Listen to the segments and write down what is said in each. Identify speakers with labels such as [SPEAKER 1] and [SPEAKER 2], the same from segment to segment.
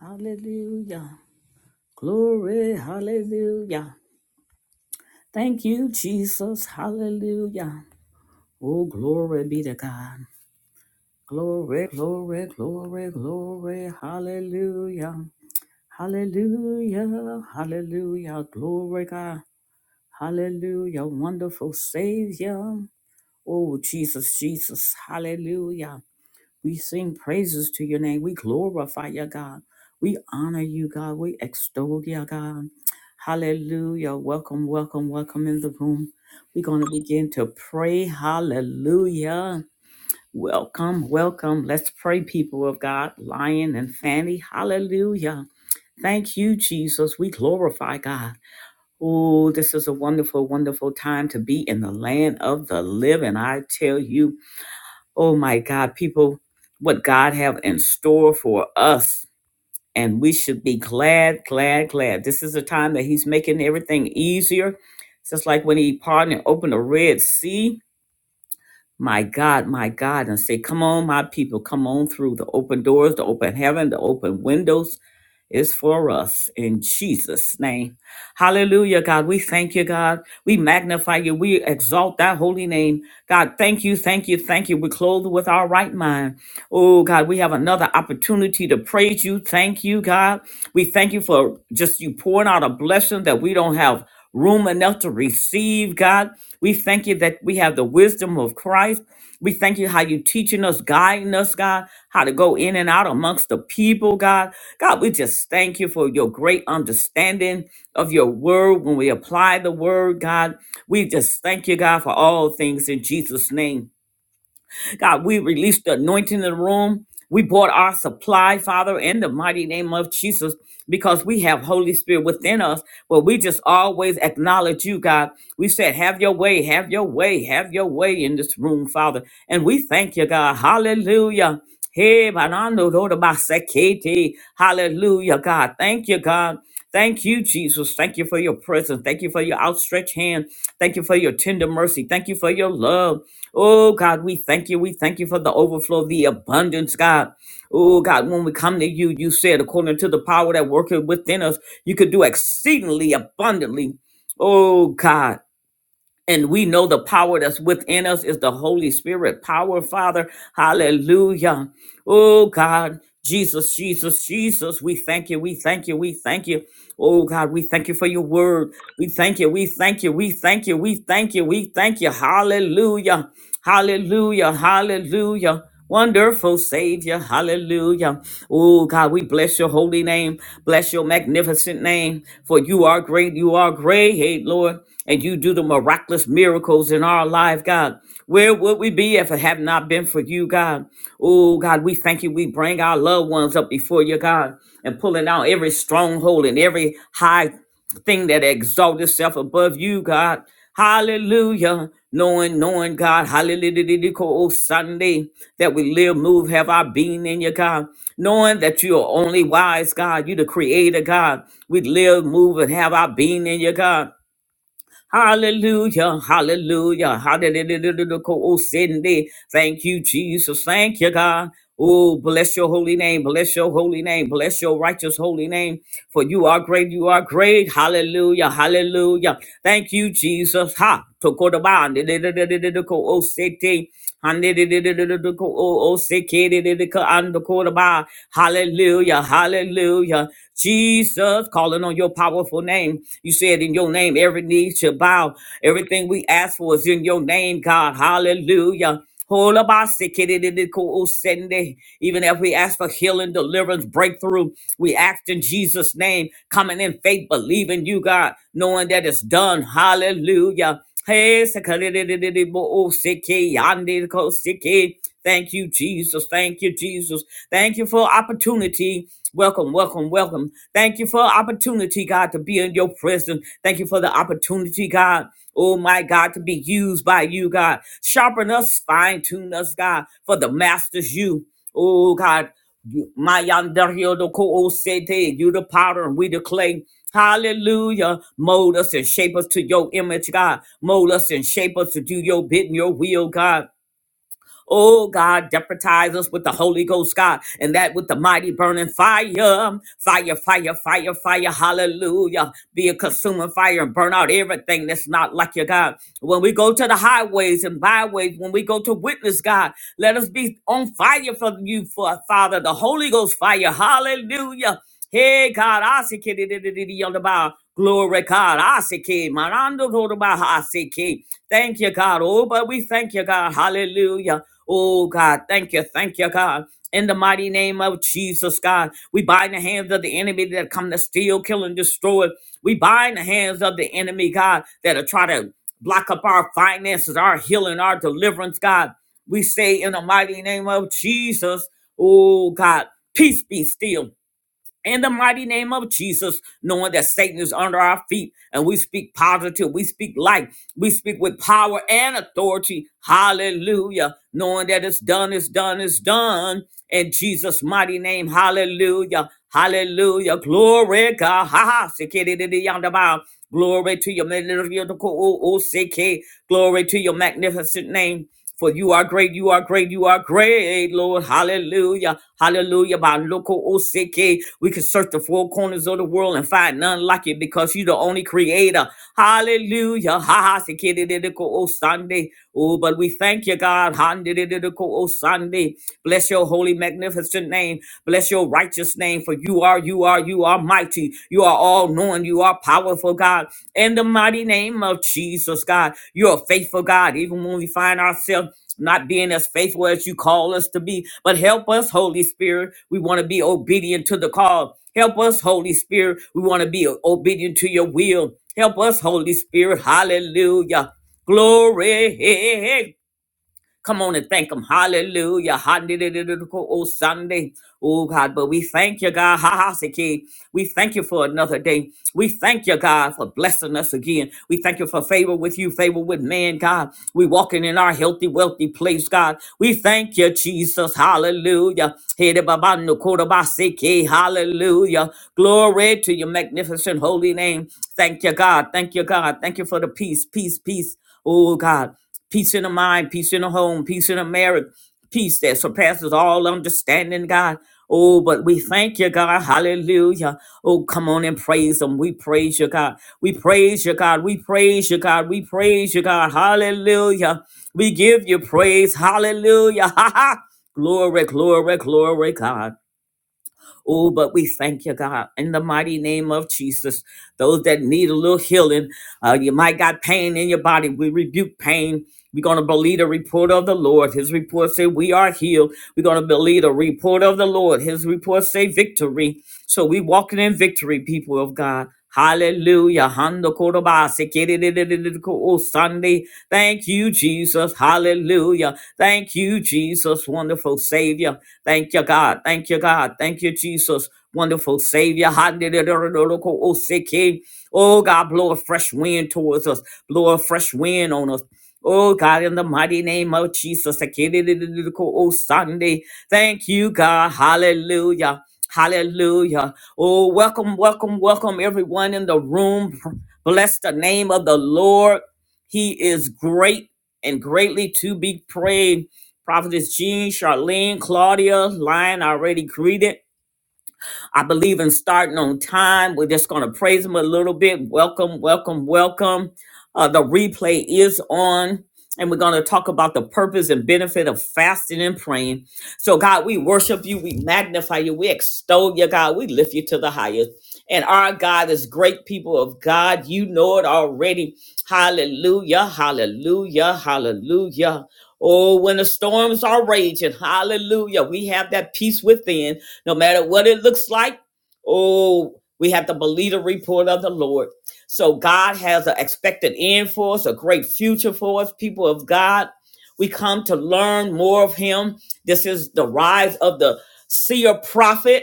[SPEAKER 1] Hallelujah. Glory. Hallelujah. Thank you, Jesus. Hallelujah. Oh, glory be to God. Glory, glory, glory, glory. Hallelujah. Hallelujah. Hallelujah. Glory, God. Hallelujah. Wonderful Savior. Oh, Jesus, Jesus. Hallelujah. We sing praises to your name. We glorify your God. We honor you, God. We extol your God. Hallelujah. Welcome, welcome, welcome in the room. We're going to begin to pray. Hallelujah. Welcome, welcome. Let's pray, people of God, Lion and Fanny. Hallelujah. Thank you, Jesus. We glorify God. Oh, this is a wonderful, wonderful time to be in the land of the living. I tell you, oh my God, people, what God have in store for us. And we should be glad, glad, glad. This is a time that He's making everything easier. It's just like when He parted and opened the Red Sea my God, my God, and say, Come on, my people, come on through the open doors, the open heaven, the open windows is for us in Jesus' name. Hallelujah, God. We thank you, God. We magnify you. We exalt that holy name. God, thank you, thank you, thank you. We're clothed with our right mind. Oh, God, we have another opportunity to praise you. Thank you, God. We thank you for just you pouring out a blessing that we don't have room enough to receive, God. We thank you that we have the wisdom of Christ. We thank you how you teaching us, guiding us, God, how to go in and out amongst the people, God. God, we just thank you for your great understanding of your word when we apply the word, God. We just thank you, God, for all things in Jesus' name. God, we release the anointing in the room. We bought our supply, Father, in the mighty name of Jesus, because we have Holy Spirit within us. But we just always acknowledge you, God. We said, Have your way, have your way, have your way in this room, Father. And we thank you, God. Hallelujah. Hey, banano do de basekete. Hallelujah, God. Thank you, God. Thank you, Jesus. Thank you for your presence. Thank you for your outstretched hand. Thank you for your tender mercy. Thank you for your love. Oh God, we thank you. We thank you for the overflow, the abundance, God. Oh God, when we come to you, you said, according to the power that worketh within us, you could do exceedingly abundantly. Oh God. And we know the power that's within us is the Holy Spirit power, Father. Hallelujah. Oh God, Jesus, Jesus, Jesus, we thank you, we thank you, we thank you. Oh God, we thank you for your word. We thank you, we thank you, we thank you, we thank you, we thank you. Hallelujah, hallelujah, hallelujah. Wonderful Savior, hallelujah. Oh God, we bless your holy name, bless your magnificent name, for you are great, you are great, Lord, and you do the miraculous miracles in our life, God. Where would we be if it had not been for you, God? Oh, God, we thank you. We bring our loved ones up before you, God, and pulling out every stronghold and every high thing that exalts itself above you, God. Hallelujah. Knowing, knowing, God, hallelujah, oh Sunday, that we live, move, have our being in you, God. Knowing that you are only wise, God. You the creator, God. We live, move, and have our being in you, God Hallelujah. Hallelujah. Hallelujah. Thank you, Jesus. Thank you, God. Oh, bless your holy name. Bless your holy name. Bless your righteous holy name. For you are great. You are great. Hallelujah. Hallelujah. Thank you, Jesus. Ha. Tokodabande. Hallelujah, hallelujah. Jesus, calling on your powerful name. You said in your name, every knee shall bow. Everything we ask for is in your name, God. Hallelujah. Holabasikidididikoosende. Even if we ask for healing, deliverance, breakthrough, we ask in Jesus' name, coming in faith, believing you, God, knowing that it's done. Hallelujah. Hey, sakalidididi bo o siki, yandi ko Thank you, Jesus. Thank you, Jesus. Thank you for opportunity. Welcome, welcome, welcome. Thank you for opportunity, God, to be in your presence. Thank you for the opportunity, God. Oh my God, to be used by you, God. Sharpen us, fine tune us, God, for the master's you. Oh God, Mayandariodokoosete, you the powder and we the clay. Hallelujah. Mold us and shape us to your image, God. Mold us and shape us to do your bidding, your will, God. Oh God, deputize us with the Holy Ghost, God, and that with the mighty burning fire, fire, fire, fire, fire, hallelujah. Be a consuming fire and burn out everything that's not like your God. When we go to the highways and byways, when we go to witness, God, let us be on fire for you, for Father, the Holy Ghost fire, hallelujah. Hey God, I see on the bow. Glory God. Asiki. Marando Rodobaha Asiki. Thank you, God. Oh, but we thank you, God. Hallelujah. Oh, God. Thank you. Thank you, God. In the mighty name of Jesus, God, we bind the hands of the enemy that come to steal, kill, and destroy. We bind the hands of the enemy, God, that are trying to block up our finances, our healing, our deliverance, God. We say in the mighty name of Jesus, oh God, peace be still in the mighty name of Jesus, knowing that Satan is under our feet and we speak positive, we speak light, we speak with power and authority. Hallelujah. Knowing that it's done, it's done, it's done in Jesus' mighty name. Hallelujah. Hallelujah. Glory, God. Ha ha. Sikididi yonder bow. Glory to your magnificent, glory to your magnificent name. For you are great, you are great, you are great, Lord. Hallelujah. Hallelujah. By local OCK, we can search the four corners of the world and find none like you because you're the only creator. Hallelujah. Ha ha sekedididiko o Sunday. Oh, but we thank you, God. Handidididiko o Sunday. Bless your holy, magnificent name. Bless your righteous name. For you are, you are, you are mighty. You are all knowing. You are powerful, God. In the mighty name of Jesus, God, you're faithful God. Even when we find ourselves not being as faithful as you call us to be, but help us, Holy Spirit. We want to be obedient to the call. Help us, Holy Spirit. We want to be obedient to your will. Help us, Holy Spirit. Hallelujah. Glory. Come on and thank Him. Hallelujah. Hallelujah. Oh, Sunday. Oh, God. But we thank you, God. Ha ha. We thank you for another day. We thank you, God, for blessing us again. We thank you for favor with you, favor with man, God. We walking in our healthy, wealthy place, God. We thank you, Jesus. Hallelujah. Hede babando koda baseke. Hallelujah. Glory to your magnificent holy name. Thank you, God. Thank you, God. Thank you for the peace, peace, peace. Oh, God. Peace in the mind, peace in the home, peace in the marriage, peace that surpasses all understanding, God. Oh, but we thank you, God. Hallelujah. Oh, come on and praise Him. We praise you, God. We praise you, God. We praise you, God. We praise you, God. Hallelujah. We give you praise. Hallelujah. Ha ha. Glory, glory, glory, God. Oh, but we thank you, God, in the mighty name of Jesus. Those that need a little healing, uh, you might got pain in your body. We rebuke pain. We're going to believe the report of the Lord. His report say we are healed. We're going to believe the report of the Lord. His report say victory. So we walking in victory, people of God. Hallelujah. Hando korobase, kidididididiko, Oh, Sunday. Thank you, Jesus. Hallelujah. Thank you, Jesus. Wonderful Savior. Thank you, God. Thank you, God. Thank you, Jesus. Wonderful Savior. o Oh, God, blow a fresh wind towards us. Blow a fresh wind on us. Oh, God, in the mighty name of Jesus. ha ki o san Thank you, God. Hallelujah. Hallelujah. Oh, welcome, welcome, welcome, everyone in the room. Bless the name of the Lord. He is great and greatly to be praised. Prophetess Jean, Charlene, Claudia, Lion I already greeted. I believe in starting on time. We're just going to praise him a little bit. Welcome, welcome, welcome. Uh, the replay is on. And we're going to talk about the purpose and benefit of fasting and praying. So, God, we worship you. We magnify you. We extol you, God. We lift you to the highest. And our God is great, people of God. You know it already. Hallelujah, hallelujah, hallelujah. Oh, when the storms are raging, hallelujah, we have that peace within no matter what it looks like, oh, we have to believe the report of the Lord. So God has an expected end for us, a great future for us, people of God. We come to learn more of Him. This is the rise of the seer prophet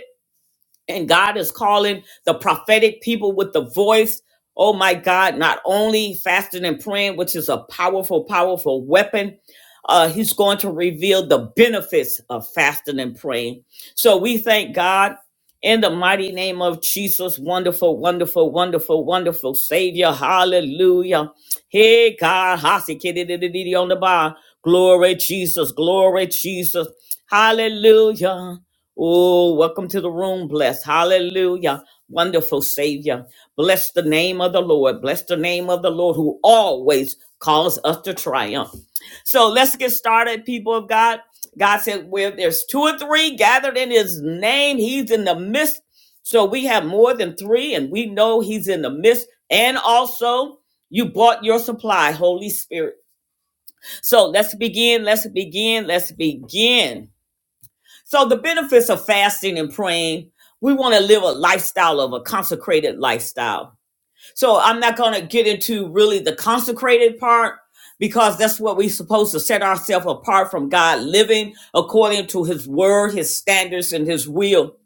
[SPEAKER 1] and God is calling the prophetic people with the voice. Oh my God, not only fasting and praying, which is a powerful, powerful weapon, uh, He's going to reveal the benefits of fasting and praying. So we thank God in the mighty name of Jesus, wonderful, wonderful, wonderful, wonderful Savior. Hallelujah. Hey, God, Hasi-kidi-di-di-di-di on the bar. Glory, Jesus, glory, Jesus. Hallelujah. Oh, welcome to the room, bless. Hallelujah. Wonderful Savior. Bless the name of the Lord. Bless the name of the Lord who always calls us to triumph. So let's get started, people of God. God said, where there's two or three gathered in his name, he's in the midst. So we have more than three, and we know he's in the midst. And also, you bought your supply, Holy Spirit. So let's begin, let's begin, let's begin. So the benefits of fasting and praying, we want to live a lifestyle of a consecrated lifestyle. So I'm not going to get into really the consecrated part because that's what we're supposed to set ourselves apart from God, living according to his word, his standards, and his will.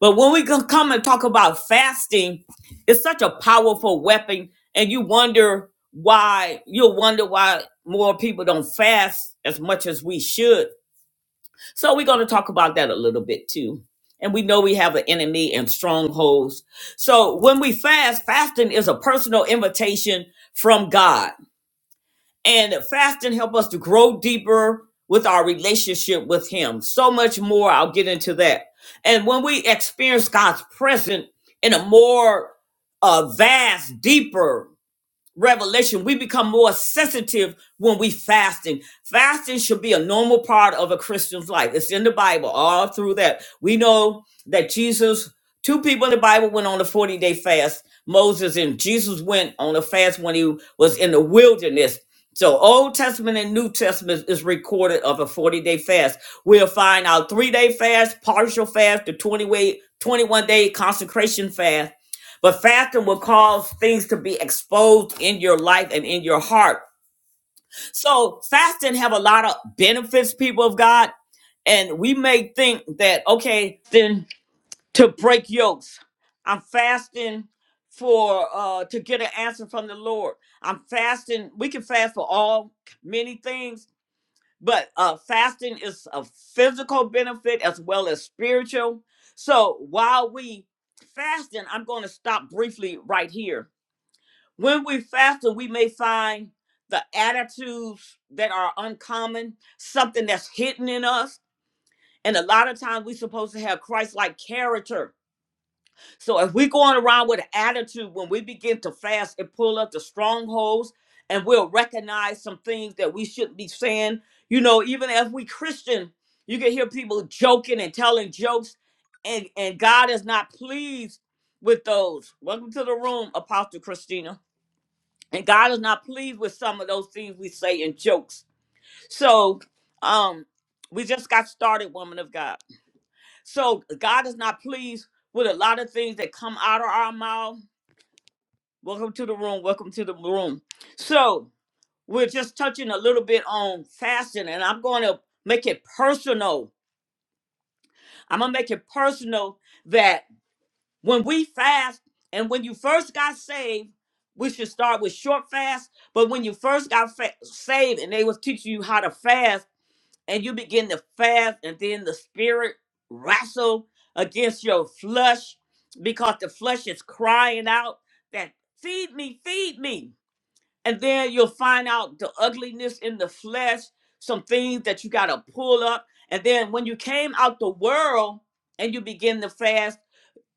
[SPEAKER 1] But when we come and talk about fasting, it's such a powerful weapon. And you wonder why, you'll wonder why more people don't fast as much as we should so we're going to talk about that a little bit too. And we know we have an enemy and strongholds. So when we fast, fasting is a personal invitation from God. And fasting help us to grow deeper with our relationship with him. So much more. I'll get into that. And when we experience God's presence in a more uh, vast, deeper revelation, we become more sensitive when we fasting. Fasting should be a normal part of a Christian's life. It's in the Bible, all through that. We know that Jesus, two people in the Bible went on a 40 day fast. Moses and Jesus went on a fast when he was in the wilderness. So Old Testament and New Testament is recorded of a 40 day fast. We'll find our three day fast, partial fast, the 20 way, 21 day consecration fast but fasting will cause things to be exposed in your life and in your heart. So fasting have a lot of benefits, people of God. And we may think that, okay, then to break yokes, I'm fasting for uh to get an answer from the Lord. I'm fasting, we can fast for all many things, but uh fasting is a physical benefit as well as spiritual. So while we fasting, I'm going to stop briefly right here when we fast, we may find the attitudes that are uncommon, something that's hidden in us. And a lot of times we're supposed to have Christ like character. So if we're going around with an attitude, when we begin to fast, it pull up the strongholds and we'll recognize some things that we shouldn't be saying. You know, even as we Christian, you can hear people joking and telling jokes, and, and God is not pleased with those. Welcome to the room, Apostle Christina and God is not pleased with some of those things we say in jokes. So, um, we just got started, woman of God. So God is not pleased with a lot of things that come out of our mouth. Welcome to the room. Welcome to the room. So we're just touching a little bit on fasting, and I'm going to make it personal. I'm gonna make it personal that. When we fast, and when you first got saved, we should start with short fast. But when you first got fa- saved, and they was teaching you how to fast, and you begin to fast, and then the spirit wrestle against your flesh because the flesh is crying out that feed me, feed me. And then you'll find out the ugliness in the flesh, some things that you got to pull up. And then when you came out the world and you begin to fast,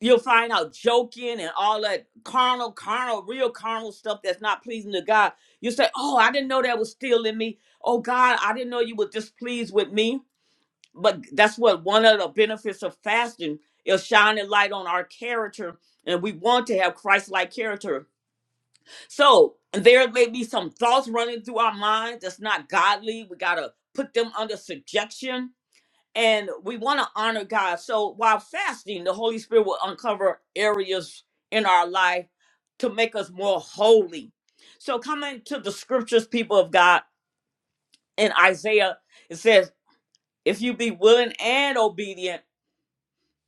[SPEAKER 1] You'll find out joking and all that carnal, carnal, real carnal stuff that's not pleasing to God. You say, Oh, I didn't know that was still in me. Oh, God, I didn't know you were displeased with me. But that's what one of the benefits of fasting is shining light on our character. And we want to have Christ like character. So there may be some thoughts running through our mind that's not godly. We got to put them under subjection and we want to honor God. So while fasting, the Holy Spirit will uncover areas in our life to make us more holy. So coming to the scriptures, people of God, in Isaiah, it says, if you be willing and obedient,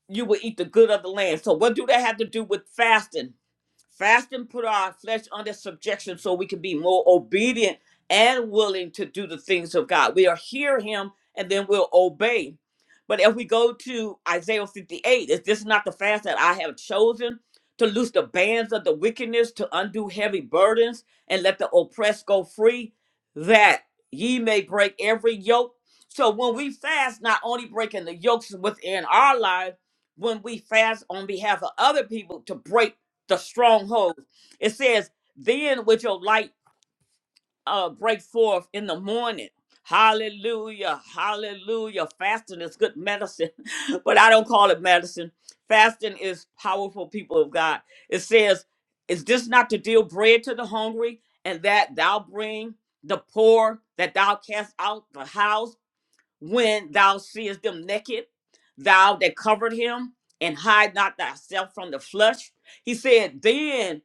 [SPEAKER 1] you will eat the good of the land. So what do that have to do with fasting? Fast and put our flesh under subjection so we can be more obedient and willing to do the things of God. We'll hear him and then we'll obey. But if we go to Isaiah 58, is this not the fast that I have chosen to loose the bands of the wickedness, to undo heavy burdens, and let the oppressed go free, that ye may break every yoke? So when we fast, not only breaking the yokes within our lives, when we fast on behalf of other people to break the stronghold. It says, then with your light uh break forth in the morning. Hallelujah. Hallelujah. Fasting is good medicine, but I don't call it medicine. Fasting is powerful, people of God. It says, Is this not to deal bread to the hungry, and that thou bring the poor, that thou cast out the house?" when thou seest them naked, thou that covered him, and hide not thyself from the flesh. He said, Then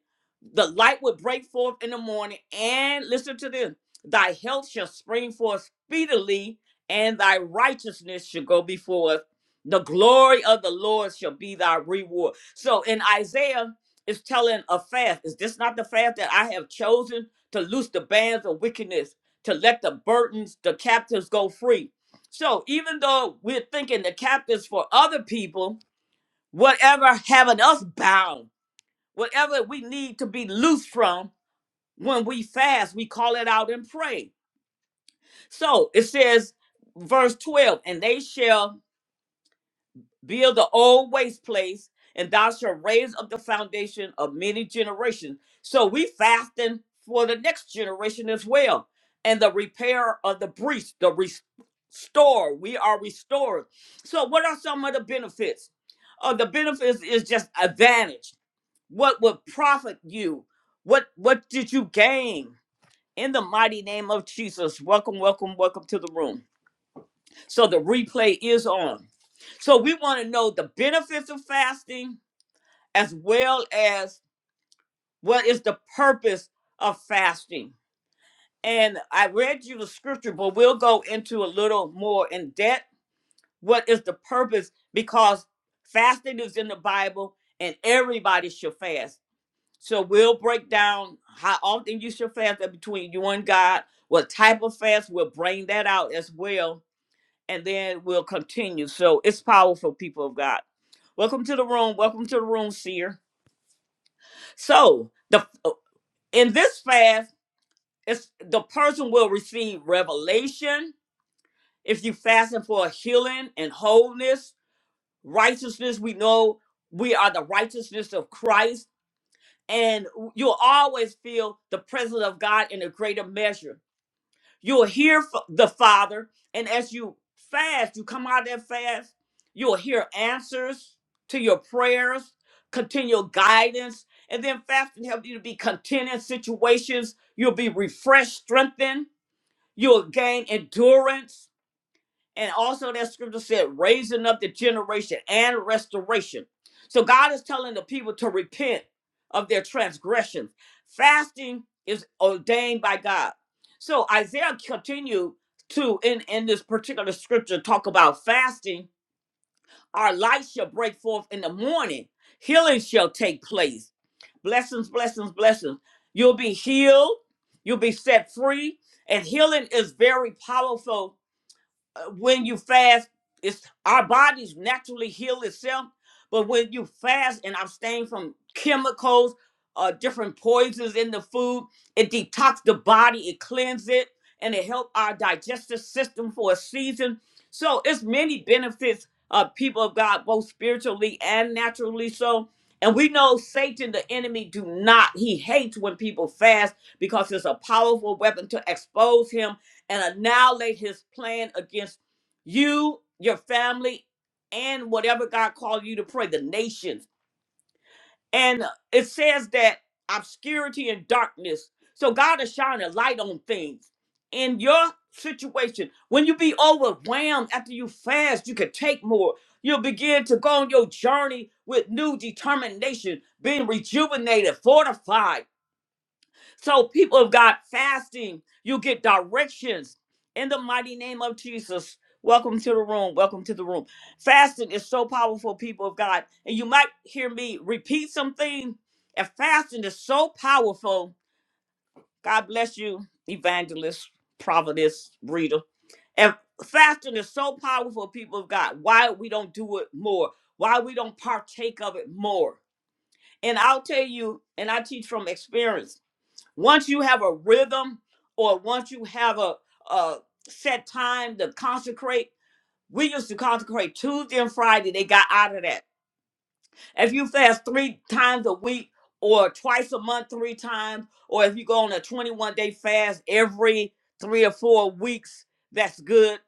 [SPEAKER 1] the light would break forth in the morning, and listen to this thy health shall spring forth speedily, and thy righteousness shall go before us. The glory of the Lord shall be thy reward. So in Isaiah, it's telling a fast. Is this not the fast that I have chosen to loose the bands of wickedness, to let the burdens, the captives go free? So even though we're thinking the captives for other people, whatever having us bound, whatever we need to be loose from, when we fast, we call it out and pray. So it says, verse 12, and they shall build the old waste place, and thou shalt raise up the foundation of many generations. So we fasting for the next generation as well. And the repair of the breach, the restore. We are restored. So what are some of the benefits? Uh, the benefits is just advantage. What would profit you? What what did you gain? In the mighty name of Jesus, welcome, welcome, welcome to the room. So the replay is on. So we want to know the benefits of fasting as well as what is the purpose of fasting. And I read you the scripture, but we'll go into a little more in depth. What is the purpose? Because fasting is in the Bible and everybody should fast. So we'll break down how often you should fast uh, between you and God, what type of fast, we'll bring that out as well and then we'll continue. So it's powerful, people of God. Welcome to the room. Welcome to the room, seer. So the uh, in this fast, it's the person will receive revelation. If you fasting for healing and wholeness, righteousness, we know we are the righteousness of Christ, and you'll always feel the presence of God in a greater measure. You'll hear f- the Father, and as you fast, you come out of that fast, you'll hear answers to your prayers, continual guidance, and then fasting helps you to be content in situations. You'll be refreshed, strengthened. You'll gain endurance and also that scripture said, raising up the generation and restoration. So God is telling the people to repent of their transgressions. Fasting is ordained by God. So Isaiah continued to in, in this particular scripture talk about fasting. Our light shall break forth in the morning. Healing shall take place. Blessings, blessings, blessings. You'll be healed. You'll be set free. And healing is very powerful uh, when you fast, it's our bodies naturally heal itself. But when you fast and abstain from chemicals, uh, different poisons in the food, it detox the body, it cleanses it, and it help our digestive system for a season. So it's many benefits Uh, people of God, both spiritually and naturally. So, and we know Satan, the enemy, do not. He hates when people fast because it's a powerful weapon to expose him and annihilate his plan against you, your family, and whatever God called you to pray, the nations. And it says that obscurity and darkness. So God is shining a light on things. In your situation, when you be overwhelmed after you fast, you can take more. You'll begin to go on your journey with new determination, being rejuvenated, fortified so, people of God, fasting, you get directions in the mighty name of Jesus. Welcome to the room. Welcome to the room. Fasting is so powerful, people of God. And you might hear me repeat something. And fasting is so powerful. God bless you, evangelist, prophetess, reader. And fasting is so powerful, people of God. Why we don't do it more? Why we don't partake of it more? And I'll tell you, and I teach from experience once you have a rhythm or once you have a, a set time to consecrate, we used to consecrate Tuesday and Friday. They got out of that. If you fast three times a week or twice a month, three times, or if you go on a 21 day fast every three or four weeks, that's good.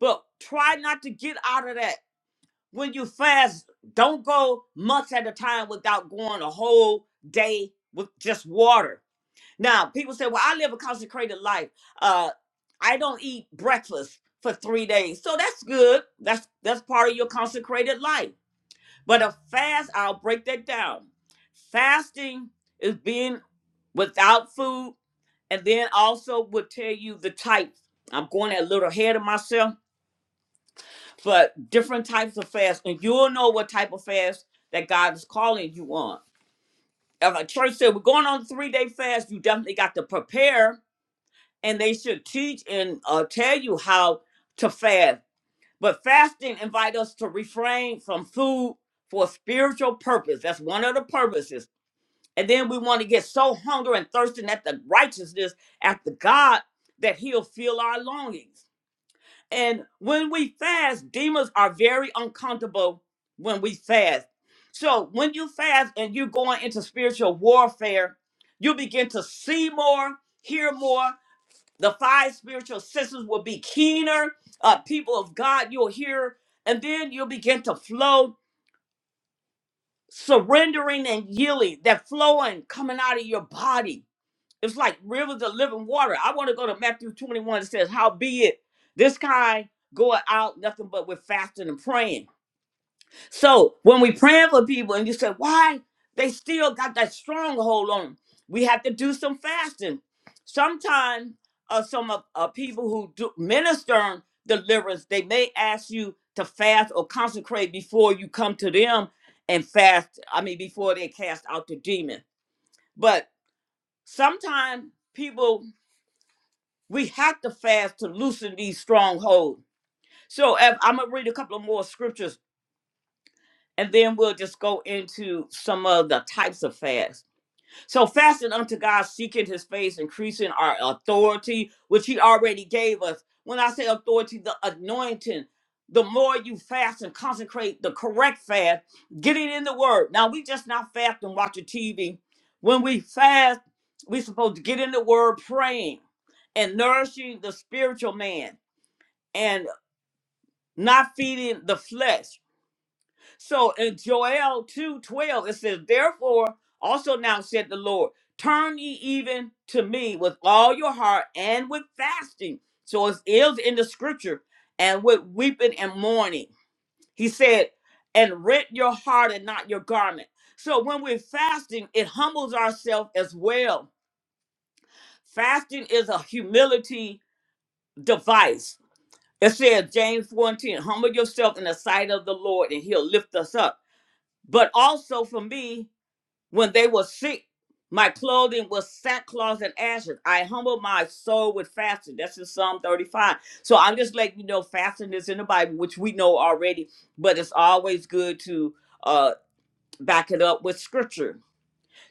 [SPEAKER 1] But try not to get out of that. When you fast, don't go months at a time without going a whole day with just water now, people say, well, I live a consecrated life. Uh, I don't eat breakfast for three days. So that's good. That's that's part of your consecrated life. But a fast, I'll break that down. Fasting is being without food, and then also will tell you the type. I'm going a little ahead of myself, but different types of fast, and you'll know what type of fast that God is calling you on. If a church said we're going on a three-day fast, you definitely got to prepare and they should teach and uh, tell you how to fast. But fasting invite us to refrain from food for a spiritual purpose. That's one of the purposes. And then we want to get so hungry and thirsting at the righteousness after God that He'll fill our longings. And when we fast, demons are very uncomfortable when we fast. So when you fast and you're going into spiritual warfare, you begin to see more, hear more, the five spiritual senses will be keener. Uh, people of God, you'll hear, and then you'll begin to flow, surrendering and yielding, that flowing coming out of your body. It's like rivers of living water. I want to go to Matthew 21. It says, How be it, this kind goeth out nothing but with fasting and praying. So when we praying for people and you say, why they still got that stronghold on 'em," we have to do some fasting. Sometimes uh, some of uh, people who do minister deliverance, they may ask you to fast or consecrate before you come to them and fast, I mean, before they cast out the demon. But sometimes people, we have to fast to loosen these strongholds. So if, I'm going to read a couple of more scriptures and then we'll just go into some of the types of fast. So fasting unto God, seeking his face, increasing our authority, which he already gave us. When I say authority, the anointing, the more you fast and consecrate the correct fast, get it in the word. Now we just not fast and watching TV. When we fast, we supposed to get in the word praying and nourishing the spiritual man and not feeding the flesh. So in Joel two twelve it says, Therefore, also now said the Lord, turn ye even to me with all your heart and with fasting. So it is in the scripture, and with weeping and mourning. He said, and rent your heart and not your garment. So when we're fasting, it humbles ourselves as well. Fasting is a humility device. It says, James 4 and 10, humble yourself in the sight of the Lord, and he'll lift us up. But also for me, When they were sick, my clothing was sackcloth and ashes. I humbled my soul with fasting. That's in Psalm 35. So I'm just letting you know fasting is in the Bible, which we know already, but it's always good to uh, back it up with scripture.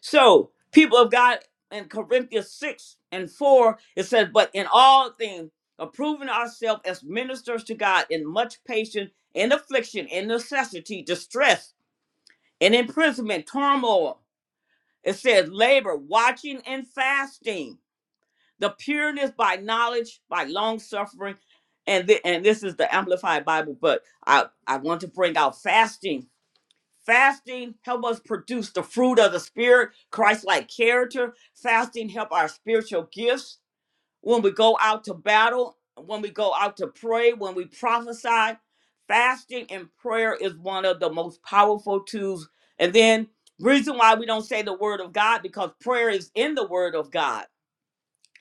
[SPEAKER 1] So, people of God, in Corinthians 6 and 4, it says, But in all things, approving ourselves as ministers to God in much patience, in affliction, in necessity, distress, in imprisonment, turmoil. It says labor, watching and fasting, the pureness by knowledge, by long suffering, and thi- and this is the Amplified Bible. But I I want to bring out fasting. Fasting help us produce the fruit of the spirit, Christ-like character. Fasting help our spiritual gifts when we go out to battle, when we go out to pray, when we prophesy. Fasting and prayer is one of the most powerful tools. And then reason why we don't say the word of God because prayer is in the word of God.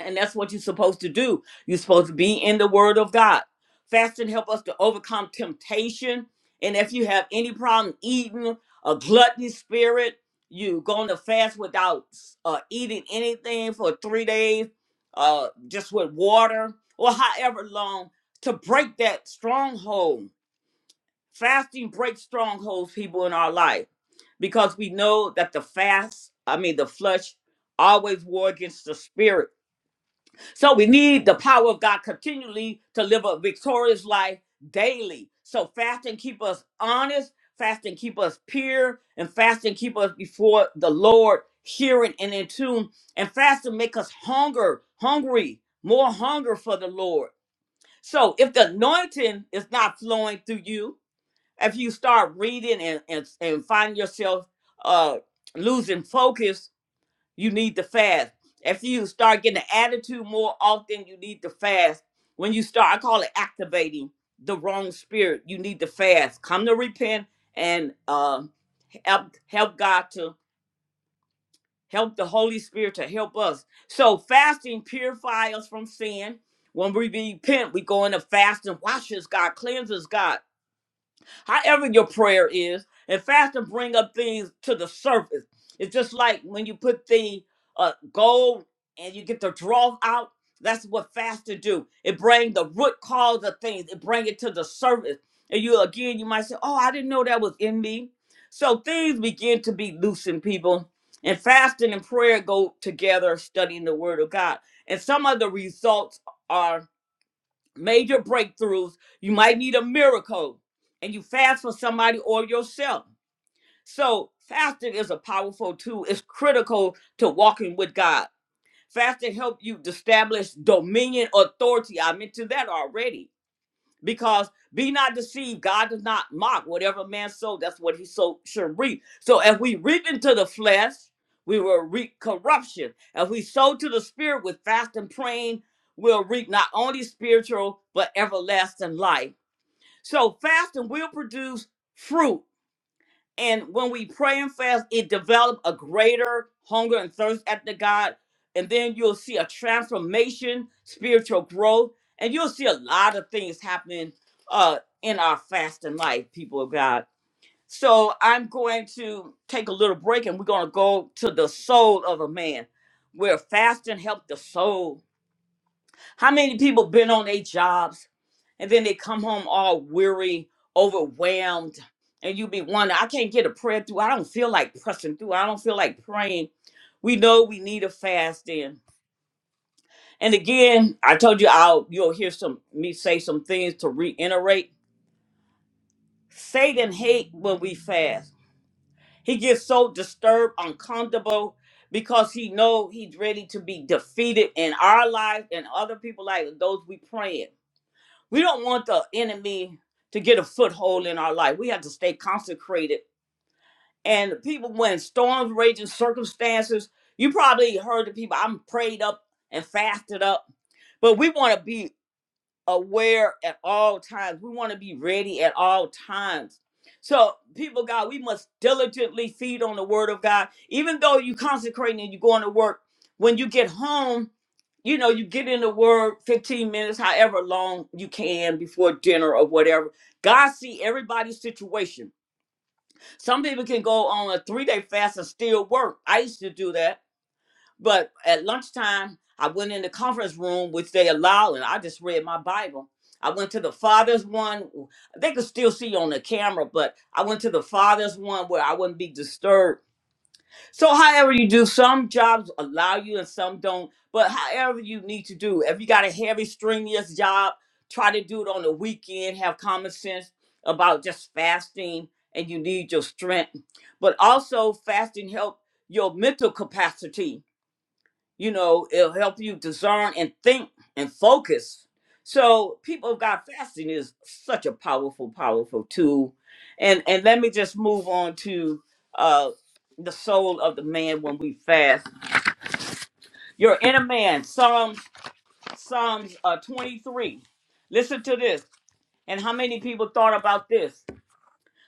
[SPEAKER 1] And that's what you're supposed to do. You're supposed to be in the Word of God. Fasting help us to overcome temptation. And if you have any problem eating a gluttony spirit, you going to fast without uh, eating anything for three days, uh, just with water or however long to break that stronghold. Fasting breaks strongholds, people in our life, because we know that the fast, I mean the flesh, always war against the spirit so we need the power of God continually to live a victorious life daily. So fasting keep us honest, fasting keep us pure, and fasting keep us before the Lord, hearing and in tune. And fasting make us hunger, hungry, more hunger for the Lord. So if the anointing is not flowing through you, if you start reading and and, and find yourself uh losing focus you need to fast. After you start getting the attitude more often, you need to fast. When you start, I call it activating the wrong spirit. You need to fast. Come to repent and uh, help help God to help the Holy Spirit to help us. So fasting purifies us from sin. When we repent, we go into fasting, washes God, cleanses God however your prayer is. And fasting bring up things to the surface. It's just like when you put the uh, gold and you get the draw out. That's what fasting do. It bring the root cause of things. It bring it to the surface. And you again, you might say, "Oh, I didn't know that was in me." So things begin to be loosened, people. And fasting and prayer go together, studying the Word of God. And some of the results are major breakthroughs. You might need a miracle and you fast for somebody or yourself. So fasting is a powerful tool. It's critical to walking with God. Fasting helps you to establish dominion authority. I mentioned that already because be not deceived god does not mock whatever man sow that's what he so should reap so if we reap into the flesh we will reap corruption if we sow to the spirit with fast and praying we'll reap not only spiritual but everlasting life so fasting will produce fruit and when we pray and fast, it develop a greater hunger and thirst after God. And then you'll see a transformation, spiritual growth, and you'll see a lot of things happening uh, in our fasting life, people of God. So I'm going to take a little break and we're going to go to the soul of a man where fasting helped the soul how many people been on their jobs and then they come home all weary, overwhelmed, and you be wondering, I can't get a prayer through. I don't feel like pressing through. I don't feel like praying. We know we need a fast in. And again, I told you I'll you'll hear some me say some things to reiterate. Satan hate when we fast. He gets so disturbed, uncomfortable, because he know he's ready to be defeated in our life and other people like those we praying. We don't want the enemy to get a foothold in our life. We have to stay consecrated. And people, when storms raging, circumstances, you probably heard the people, I'm prayed up and fasted up. But we want to be aware at all times. We want to be ready at all times. So, people, of God, we must diligently feed on the word of God. Even though you consecrate and you're going to work, when you get home, you know, you get in the word 15 minutes, however long you can before dinner or whatever. God see everybody's situation. Some people can go on a three-day fast and still work. I used to do that. But at lunchtime, I went in the conference room, which they allow, and I just read my Bible. I went to the father's one. They could still see on the camera, but I went to the father's one where I wouldn't be disturbed so, however you do, some jobs allow you and some don't. But however you need to do, if you got a heavy, strenuous job, try to do it on the weekend. Have common sense about just fasting, and you need your strength. But also, fasting help your mental capacity you know it'll help you discern and think and focus so people of god fasting is such a powerful powerful tool and and let me just move on to uh the soul of the man when we fast your inner man psalms psalms uh 23 listen to this and how many people thought about this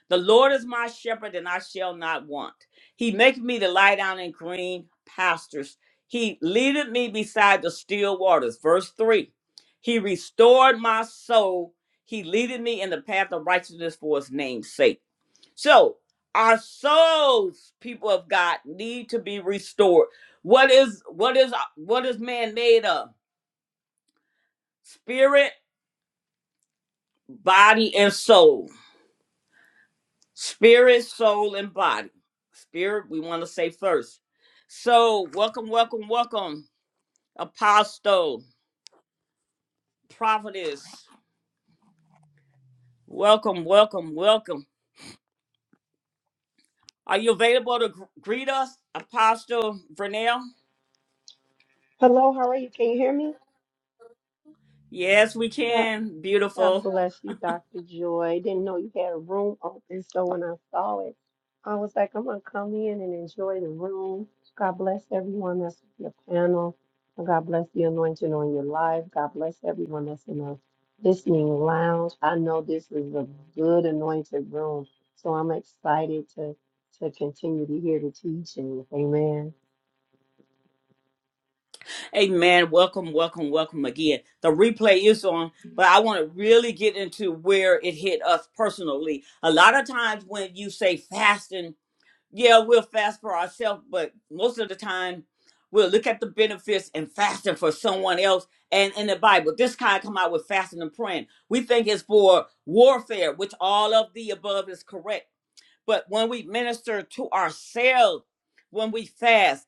[SPEAKER 1] the Lord is my shepherd, and I shall not want. He maketh me to lie down in green pastures. He leadeth me beside the still waters. Verse 3 He restored my soul. He leadeth me in the path of righteousness for his name's sake. So, our souls, people of God, need to be restored. What is what is what is man made of? Spirit, body, and soul Spirit, soul, and body. Spirit, we want to say first. So, welcome, welcome, welcome, Apostle, Prophetess. Welcome, welcome, welcome. Are you available to gr- greet us, Apostle Vernell?
[SPEAKER 2] Hello, how are you? Can you hear me?
[SPEAKER 1] Yes, we
[SPEAKER 2] God,
[SPEAKER 1] can.
[SPEAKER 2] God
[SPEAKER 1] Beautiful.
[SPEAKER 2] bless you, Dr. Joy. Didn't know you had a room open, so when I saw it, I was like, I'm gonna come in and enjoy the room. God bless everyone that's on your panel. And God bless the anointing on your life. God bless everyone that's in the listening lounge. I know this is a good anointed room, so I'm excited to to continue to hear the teaching. Amen.
[SPEAKER 1] Amen. Welcome, welcome, welcome again. The replay is on, but I want to really get into where it hit us personally. A lot of times when you say fasting, yeah, we'll fast for ourselves, but most of the time we'll look at the benefits and fasting for someone else. And in the Bible, this kind come out with fasting and praying. We think it's for warfare, which all of the above is correct. But when we minister to ourselves, when we fast,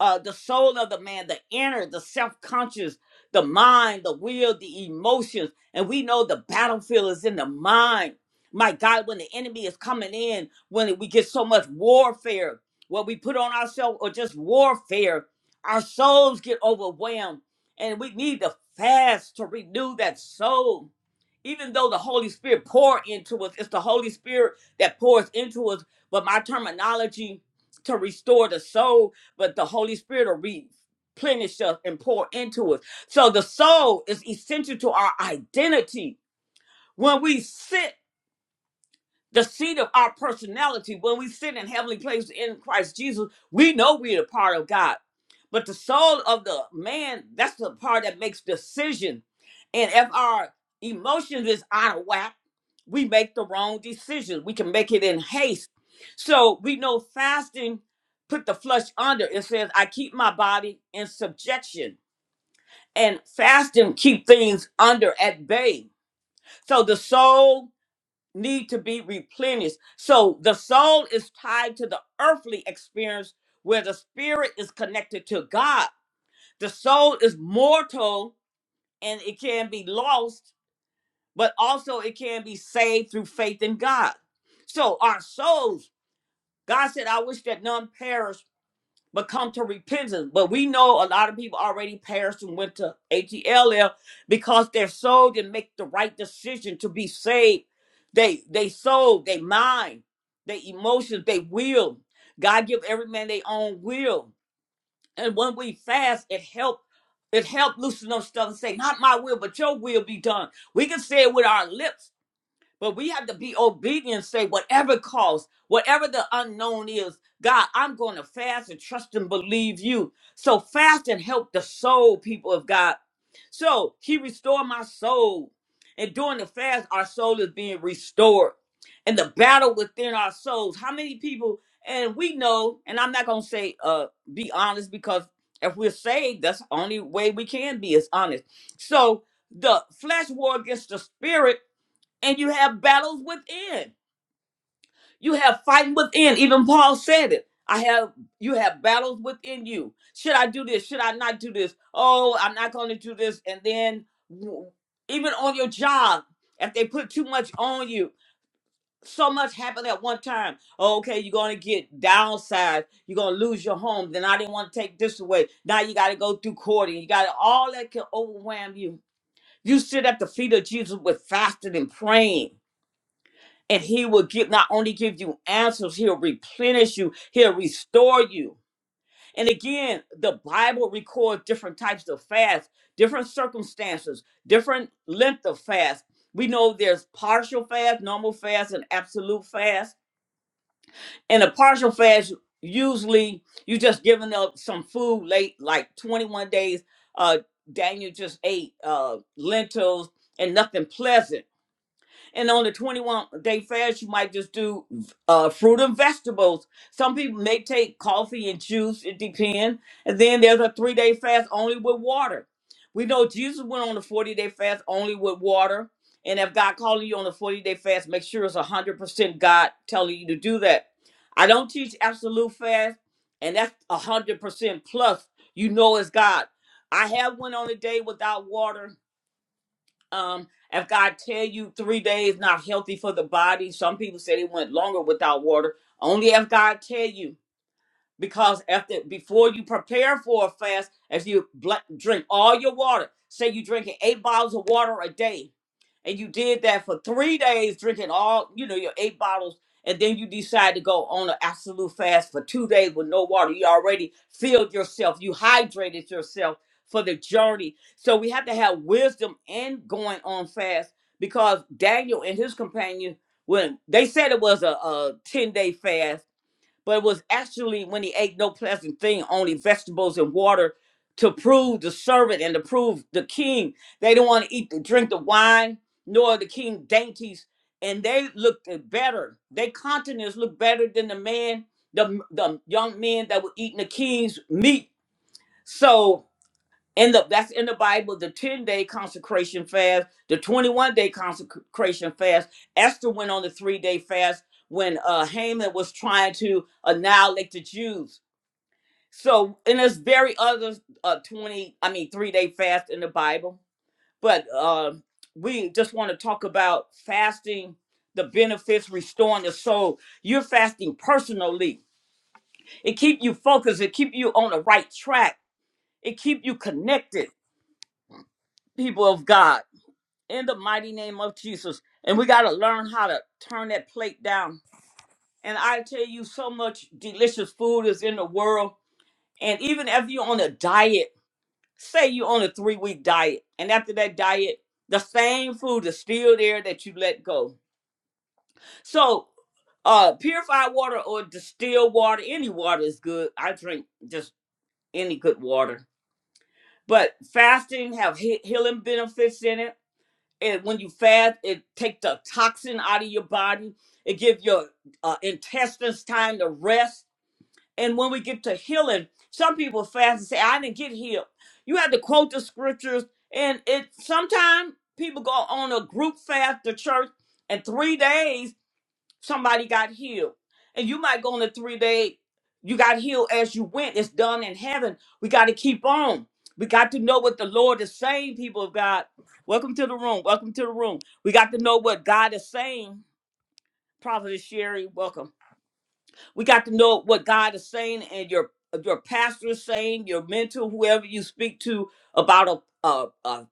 [SPEAKER 1] uh, the soul of the man, the inner, the self-conscious, the mind, the will, the emotions. And we know the battlefield is in the mind. My God, when the enemy is coming in, when we get so much warfare, what we put on ourselves or just warfare, our souls get overwhelmed. And we need to fast to renew that soul. Even though the Holy Spirit pour into us, it's the Holy Spirit that pours into us. But my terminology to restore the soul but the Holy Spirit will replenish us and pour into us. So the soul is essential to our identity. When we sit the seat of our personality when we sit in heavenly places in Christ Jesus, we know we're a part of God. But the soul of the man, that's the part that makes decision. And if our emotions is out of whack, we make the wrong decisions. We can make it in haste. So we know fasting put the flesh under. It says, I keep my body in subjection. And fasting keep things under at bay. So the soul need to be replenished. So the soul is tied to the earthly experience where the spirit is connected to God. The soul is mortal and it can be lost, but also it can be saved through faith in God. So our souls, God said, I wish that none perish, but come to repentance. But we know a lot of people already perished and went to ATLL because their soul didn't make the right decision to be saved. They they soul, they mind, they emotions, they will. God give every man their own will. And when we fast, it help it help loosen up stuff and say, not my will, but your will be done. We can say it with our lips, but we have to be obedient, say, whatever cost, whatever the unknown is, God, I'm going to fast and trust and believe you. So fast and help the soul, people of God. So he restored my soul. And during the fast, our soul is being restored. And the battle within our souls. How many people, and we know, and I'm not going to say, uh, be honest, because if we're saved, that's the only way we can be is honest. So the flesh war against the spirit and you have battles within. You have fighting within. Even Paul said it. I have you have battles within you. Should I do this? Should I not do this? Oh, I'm not going to do this. And then w- even on your job, if they put too much on you, so much happened at one time. Oh, Okay, you're going to get downsized. You're going to lose your home. Then I didn't want to take this away. Now you got to go through courting. You got all that can overwhelm you. You sit at the feet of Jesus with fasting and praying and he will give not only give you answers he'll replenish you he'll restore you and again the bible records different types of fasts different circumstances different length of fast we know there's partial fast normal fast and absolute fast and a partial fast usually you just giving up some food late like 21 days uh daniel just ate uh lentils and nothing pleasant and on the 21 day fast, you might just do uh, fruit and vegetables. Some people may take coffee and juice, it depends. And then there's a three day fast only with water. We know Jesus went on a 40 day fast only with water. And if God calling you on a 40 day fast, make sure it's 100% God telling you to do that. I don't teach absolute fast, and that's 100% plus. You know it's God. I have went on a day without water um, if God tell you three days not healthy for the body, some people say they went longer without water. Only if God tell you, because after before you prepare for a fast, if you bl- drink all your water, say you drinking eight bottles of water a day, and you did that for three days, drinking all, you know, your eight bottles, and then you decide to go on an absolute fast for two days with no water, you already filled yourself, you hydrated yourself for the journey. So we have to have wisdom in going on fast because Daniel and his companions when they said it was a, a 10 day fast, but it was actually when he ate no pleasant thing, only vegetables and water, to prove the servant and to prove the king. They didn't want to eat the drink the wine, nor the king dainties, and they looked better. Their countenance looked better than the man, the the young men that were eating the king's meat. So in the that's in the Bible, the 10-day consecration fast, the 21-day consecration fast. Esther went on the three-day fast when uh Haman was trying to annihilate the Jews. So, and there's very other uh 20, I mean three-day fast in the Bible. But uh, we just want to talk about fasting, the benefits, restoring the soul. You're fasting personally. It keep you focused, it keep you on the right track, it keep you connected, people of God in the mighty name of Jesus. And we got to learn how to turn that plate down. And I tell you, so much delicious food is in the world. And even if you're on a diet, say you're on a three week diet, and after that diet, the same food is still there that you let go. So, uh, purified water or distilled water, any water is good. I drink just any good water. But fasting have he- healing benefits in it and when you fast, it take the toxin out of your body. It give your uh, intestines time to rest. And when we get to healing, some people fast and say, "I didn't get healed." You have to quote the scriptures, and it sometimes people go on a group fast to church, and three days somebody got healed. And you might go on a three day, you got healed as you went. It's done in heaven. We got to keep on. We got to know what the Lord is saying, people of God. Welcome to the room. Welcome to the room. We got to know what God is saying. Prophet Sherry, welcome. We got to know what God is saying and your your pastor is saying, your mentor, whoever you speak to about a, a, a,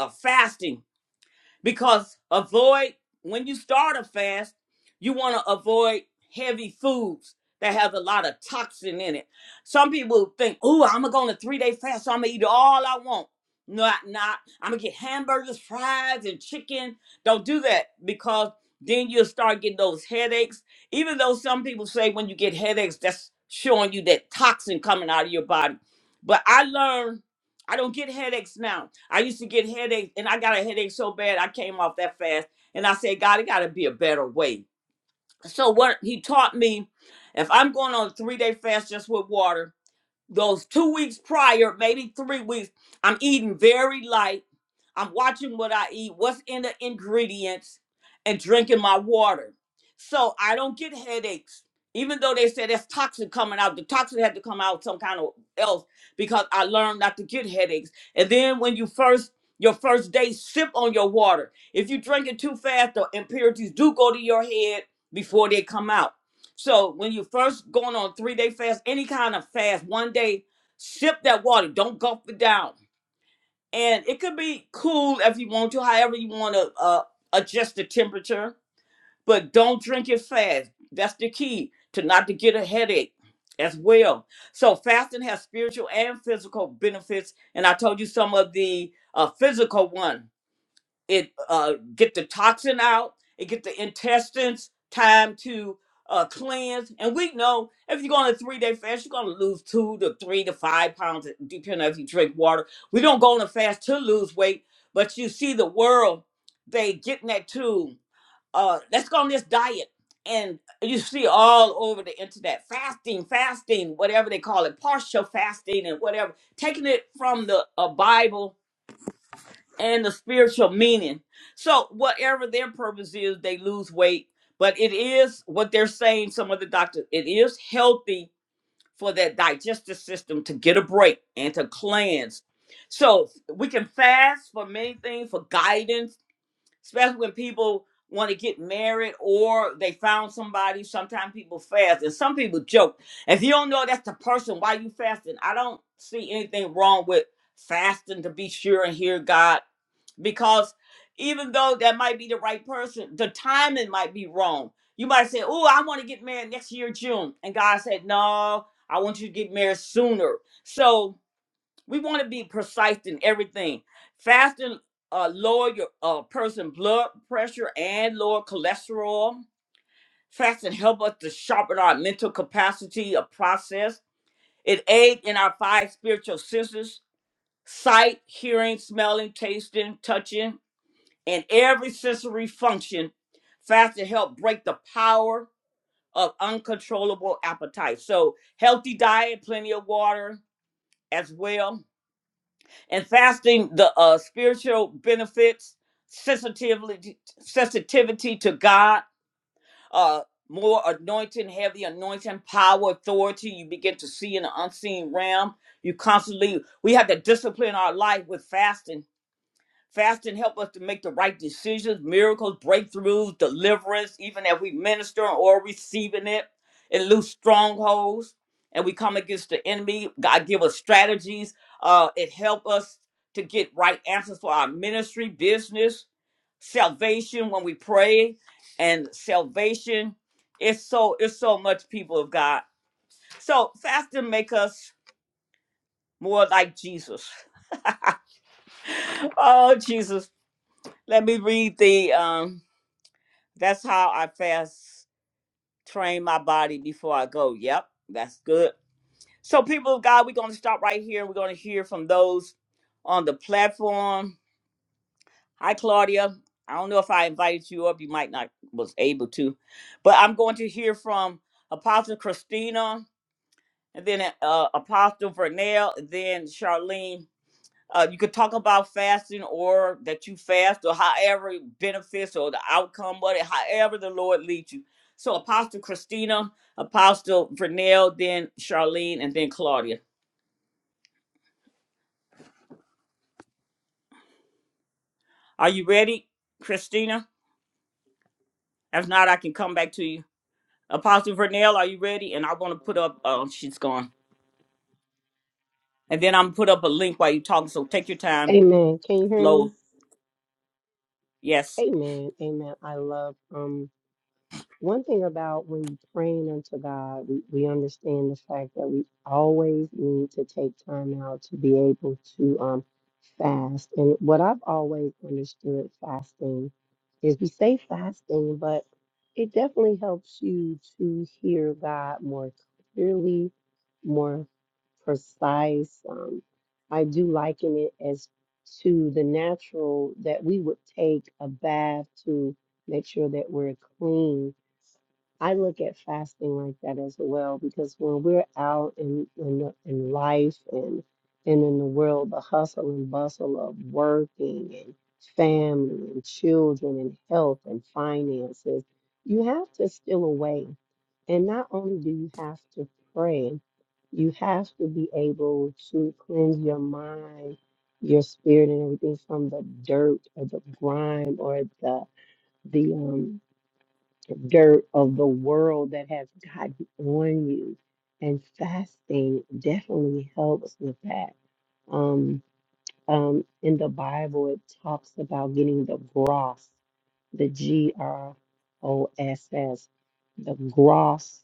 [SPEAKER 1] a fasting because avoid when you start a fast you want to avoid heavy foods that have a lot of toxin in it some people think oh i'm gonna go on a three-day fast so i'm gonna eat all i want not not i'm gonna get hamburgers fries and chicken don't do that because then you'll start getting those headaches even though some people say when you get headaches that's showing you that toxin coming out of your body but i learned i don't get headaches now I used to get headaches, and I got a headache so bad I came off that fast. And I said, God, it got to be a better way. So what he taught me, if I'm going on a three day fast just with water, those two weeks prior, maybe three weeks, I'm eating very light. I'm watching what I eat, what's in the ingredients, and drinking my water. So I don't get headaches. Even though they said that's toxin coming out, the toxin had to come out some kind of else because I learned not to get headaches. And then when you first your first day sip on your water. If you drink it too fast, the impurities do go to your head before they come out. So when you first going on three day fast, any kind of fast, one day, sip that water. Don't gulp it down. And it could be cool if you want to, however you want to uh, adjust the temperature. But don't drink it fast. That's the key to not to get a headache as well. So fasting has spiritual and physical benefits. And I told you some of the uh, physical one it uh, get the toxin out it get the intestines time to uh, cleanse and we know if you go on a three day fast you're going to lose two to three to five pounds eh, depending on if you drink water we don't go on a fast to lose weight but you see the world they getting that too uh, let's go on this diet and you see all over the internet fasting fasting whatever they call it partial fasting and whatever taking it from the uh, bible and the spiritual meaning. So whatever their purpose is, they lose weight. But it is what they're saying, some of the doctors, it is healthy for that digestive system to get a break and to cleanse. So we can fast for many things, for guidance, especially when people want to get married or they found somebody. Sometimes people fast. And some people joke, if you don't know that's the person, why you fasting? I don't see anything wrong with fasting to be sure and hear God because even though that might be the right person, the timing might be wrong. You might say, "Oh, I want to get married next year June," and God said, "No, I want you to get married sooner." So we want to be precise in everything. Fasting uh, lower your uh, person blood pressure and lower cholesterol. Fasting help us to sharpen our mental capacity of process. It aid in our five spiritual senses: sight, hearing, smelling, tasting, touching, in every sensory function. Fasting help break the power of uncontrollable appetite. So healthy diet, plenty of water as well, and fasting the uh, spiritual benefits, sensitivity, sensitivity to God, uh, more anointing, heavy anointing, power, authority. You begin to see in the unseen realm. You constantly we have to discipline our life with fasting Fasting help us to make the right decisions, miracles, breakthroughs, deliverance, even as we minister or receiving it. It loose strongholds and we come against the enemy. God give us strategies. Uh, it help us to get right answers for our ministry, business, salvation when we pray and salvation. It's so it's so much people of God. So fasting make us more like Jesus. oh Jesus let me read the um that's how I fast train my body before I go. Yep, that's good. So people of God, we're gonna stop right here and we're gonna hear from those on the platform. Hi Claudia. I don't know if I invited you up, you might not was able to, but I'm going to hear from Apostle Christina and then uh, Apostle Vernell, and then Charlene Uh, you could talk about fasting or that you fast or however it benefits or the outcome of it, however the Lord leads you. So Apostle Christina, Apostle Vernell, then Charlene, and then Claudia. Are you ready, Christina? If not, I can come back to you. Apostle Vernell, are you ready? And I want to put up, oh, she's gone. And then I'm put up a link while you're talking. So take your time,
[SPEAKER 2] Amen. Can you hear
[SPEAKER 1] flow.
[SPEAKER 2] me?
[SPEAKER 1] Yes.
[SPEAKER 2] Amen. Amen. I love um One thing about when you're praying unto God, we, we understand the fact that we always need to take time out to be able to um, fast. And what I've always understood fasting is we say fasting, but it definitely helps you to hear God more clearly, more precise. Um, I do liken it as to the natural that we would take a bath to make sure that we're clean I look at fasting like that as well because when we're out in in, the- in life and and in the world, the hustle and bustle of working and family and children and health and finances, you have to steal away. And not only do you have to pray, you have to be able to cleanse your mind, your spirit, and everything from the dirt or the grime or the the um dirt of the world that has gotten on you. And fasting definitely helps with that. Um, um, in the Bible, it talks about getting the gross, the G R O S S, the gross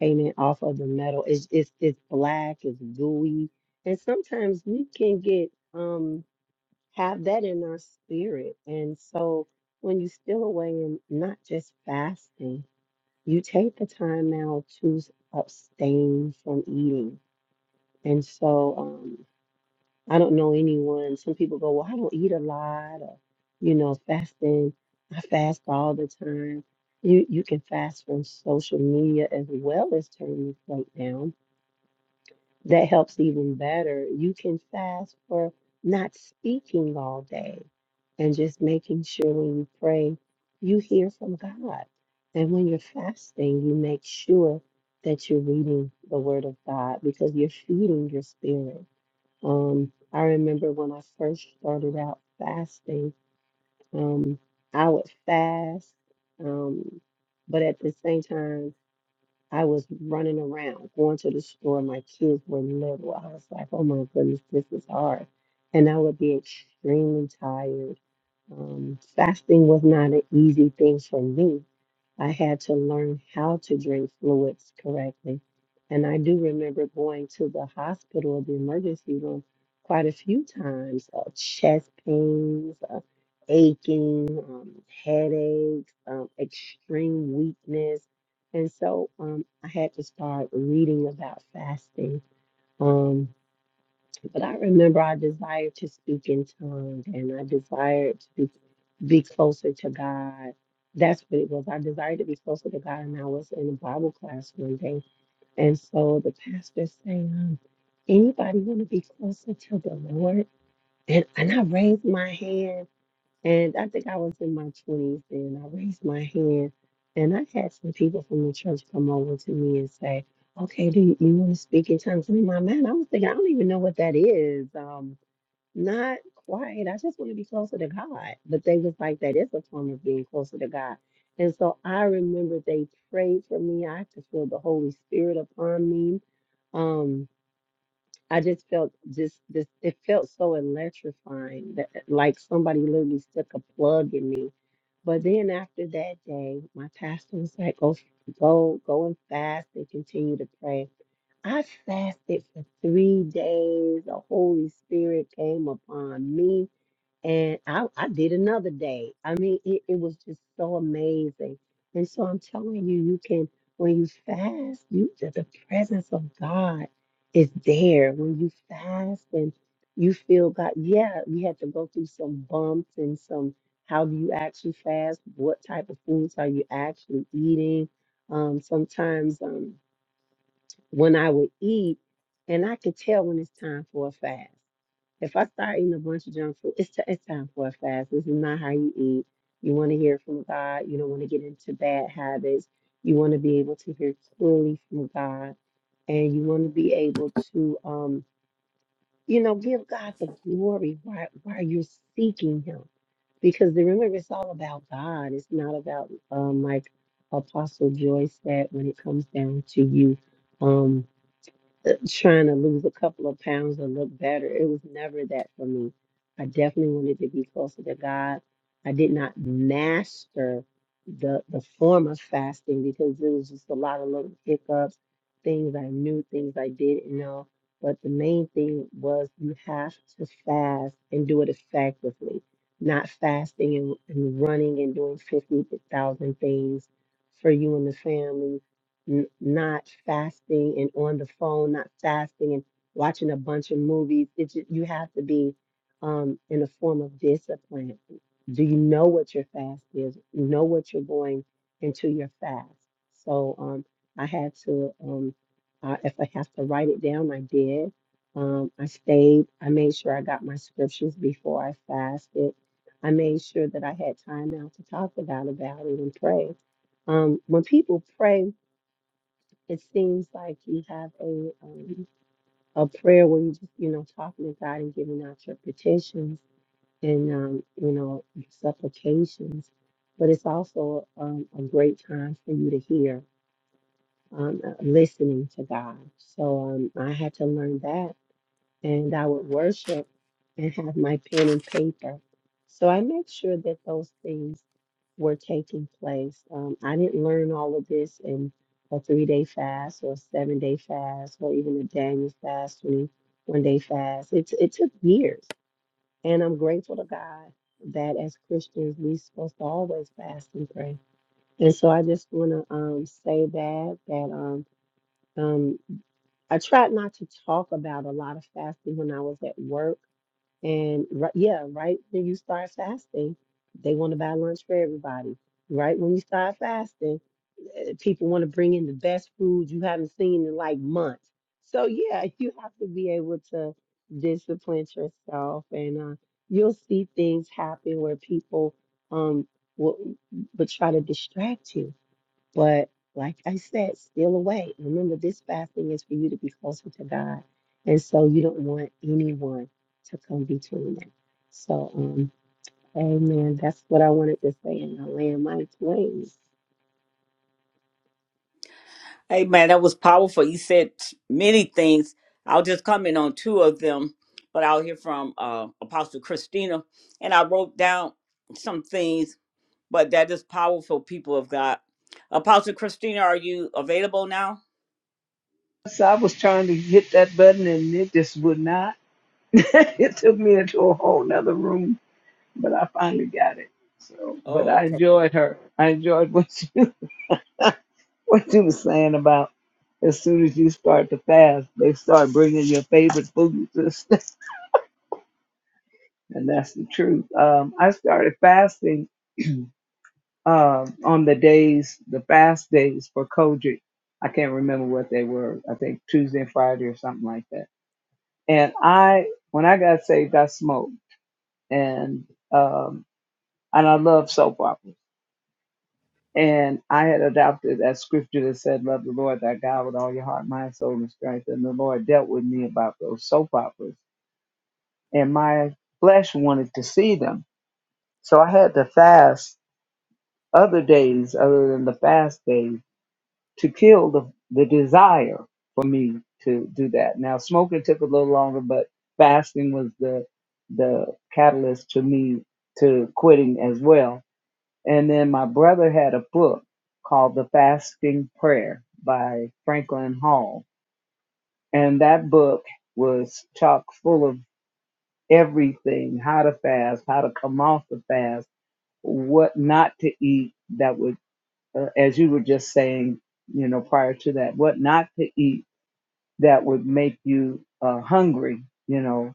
[SPEAKER 2] payment off of the metal. It's, it's, it's black, it's gooey. And sometimes we can get, um, have that in our spirit. And so when you steal away and not just fasting, you take the time now to abstain from eating. And so um, I don't know anyone, some people go, well, I don't eat a lot or, you know, fasting, I fast all the time. You, you can fast from social media as well as turning your plate down that helps even better. You can fast for not speaking all day and just making sure when you pray, you hear from God. And when you're fasting, you make sure that you're reading the Word of God because you're feeding your spirit. Um, I remember when I first started out fasting, um, I would fast, um, but at the same time, I was running around, going to the store. My kids were little. I was like, oh my goodness, this is hard. And I would be extremely tired. Um, fasting was not an easy thing for me. I had to learn how to drink fluids correctly. And I do remember going to the hospital, or the emergency room, quite a few times uh, chest pains, uh, aching, um, headaches, um, extreme weakness and so um, I had to start reading about fasting. Um, but I remember I desired to speak in tongues and I desired to be, be closer to God. That's what it was. I desired to be closer to God, and I was in a Bible class one day. And so the pastor saying, um, anybody want to be closer to the Lord? And, and I raised my hand and I think I was in my 20s then. I raised my hand and I had some people from the church come over to me and say, Okay, do you, you want to speak in tongues? And in my mind, I was thinking, I don't even know what that is. Um, not quite. I just want to be closer to God. But they was like, That is a form of being closer to God. And so I remember they prayed for me. I could feel the Holy Spirit upon me. Um, I just felt just this it felt so electrifying that eh, like somebody literally stuck a plug in me. But then after that day, my pastor was like, Go go go and fast and continue to pray. I fasted for three days. The Holy Spirit came upon me. And I, I did another day. I mean, it, it was just so amazing. And so I'm telling you, you can, when you fast, you the the presence of God is there. When you fast and you feel God, yeah, we had to go through some bumps and some how do you actually fast? What type of foods are you actually eating? Um, sometimes um, when I would eat, and I could tell when it's time for a fast. If I start eating a bunch of junk food, it's, t- it's time for a fast. This is not how you eat. You want to hear from God. You don't want to get into bad habits. You want to be able to hear clearly from God. And you want to be able to, um, you know, give God the glory while, while you're seeking Him. Because remember, it's all about God. It's not about, um, like Apostle Joyce said, when it comes down to you. Um, trying to lose a couple of pounds or look better. It was never that for me. I definitely wanted to be closer to God. I did not master the the form of fasting because it was just a lot of little hiccups, things I knew, things I didn't know. But the main thing was you have to fast and do it effectively, not fasting and, and running and doing 50,000 things for you and the family n- not fasting and on the phone, not fasting and watching a bunch of movies. It's just, you have to be um, in a form of discipline. Do you know what your fast is? Know what you're going into your fast. So um, I had to, um, I, if I have to write it down, I did. Um, I stayed. I made sure I got my scriptures before I fasted. I made sure that I had time out to talk about about it and pray um, when people pray it seems like you have a um, a prayer where you just you know talking to God and giving out your petitions and um, you know your supplications, but it's also um, a great time for you to hear um, uh, listening to God. So um, I had to learn that and I would worship and have my pen and paper. So I made sure that those things were taking place. Um, I didn't learn all of this in a three day fast or a seven day fast or even a Daniel fast, 21 day fast. It, it took years. And I'm grateful to God that as Christians, we're supposed to always fast and pray. And so I just want to um, say that, that um, um, I tried not to talk about a lot of fasting when I was at work and right, yeah, right when you start fasting, they want to buy lunch for everybody. Right when you start fasting, eh, people want to bring in the best food you haven't seen in like months. So yeah, you have to be able to discipline yourself, and uh, you'll see things happen where people um will, will try to distract you but like I said, steal away. Remember, this fasting is for you to be closer to God. And so you don't want anyone to come between that. So, um, amen. That's what I wanted to say. And I land my plane.
[SPEAKER 1] Hey man, that was powerful. You said many things. I'll just comment on two of them, but I'll hear from uh, Apostle Christina. And I wrote down some things, but that is powerful, people of God. Apostle Christina, are you available now?
[SPEAKER 3] So I was trying to hit that button and it just would not. it took me into a whole nother room, but I finally got it. So, but
[SPEAKER 1] Oh,
[SPEAKER 3] I
[SPEAKER 1] okay.
[SPEAKER 3] enjoyed her. I enjoyed what you what you were saying about as soon as you start to fast, they start bringing your favorite foods, to stuff, and that's the truth. Um, I started fasting um on the days, the fast days for Kojic. I can't remember what they were. I think Tuesday and Friday or something like that And I, when I got saved, I smoked, and um, and I love soap operas. And I had adopted that scripture that said, "Love the Lord thy God with all your heart, mind, soul, and strength." And the Lord dealt with me about those soap operas, and my flesh wanted to see them, so I had to fast other days other than the fast days to kill the the desire for me to do that. Now smoking took a little longer, but fasting was the the catalyst to me to quitting as well. And then my brother had a book called The Fasting Prayer by Franklin Hall. And that book was chock full of everything, how to fast, how to come off the fast, what not to eat that would uh, as you were just saying, you know, prior to that, what not to eat that would make you uh, hungry, you know,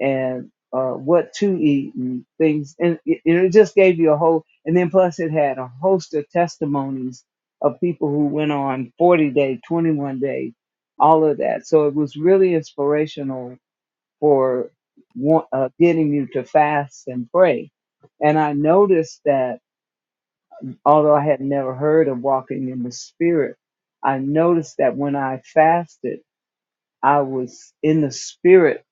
[SPEAKER 3] and uh, what to eat and things. And it, it just gave you a whole, and then plus it had a host of testimonies of people who went on 40 day, 21 day, all of that. So it was really inspirational for wa- uh, getting you to fast and pray. And I noticed that although I had never heard of walking in the spirit, I noticed that when I fasted, I was in the spirit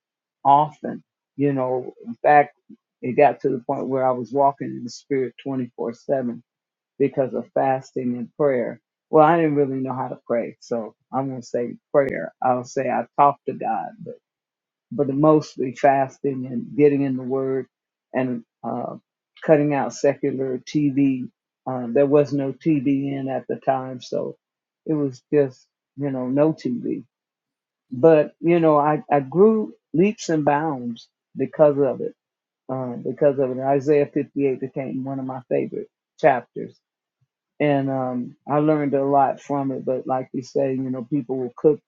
[SPEAKER 3] often. You know, in fact, it got to the point where I was walking in the spirit 24 7 because of fasting and prayer. Well, I didn't really know how to pray, so I'm going to say prayer. I'll say I talked to God, but, but mostly fasting and getting in the Word and uh, cutting out secular TV. Uh, there was no TV in at the time, so it was just, you know, no TV but you know I, I grew leaps and bounds because of it um, because of it isaiah 58 became one of my favorite chapters and um, i learned a lot from it but like you say you know people will cook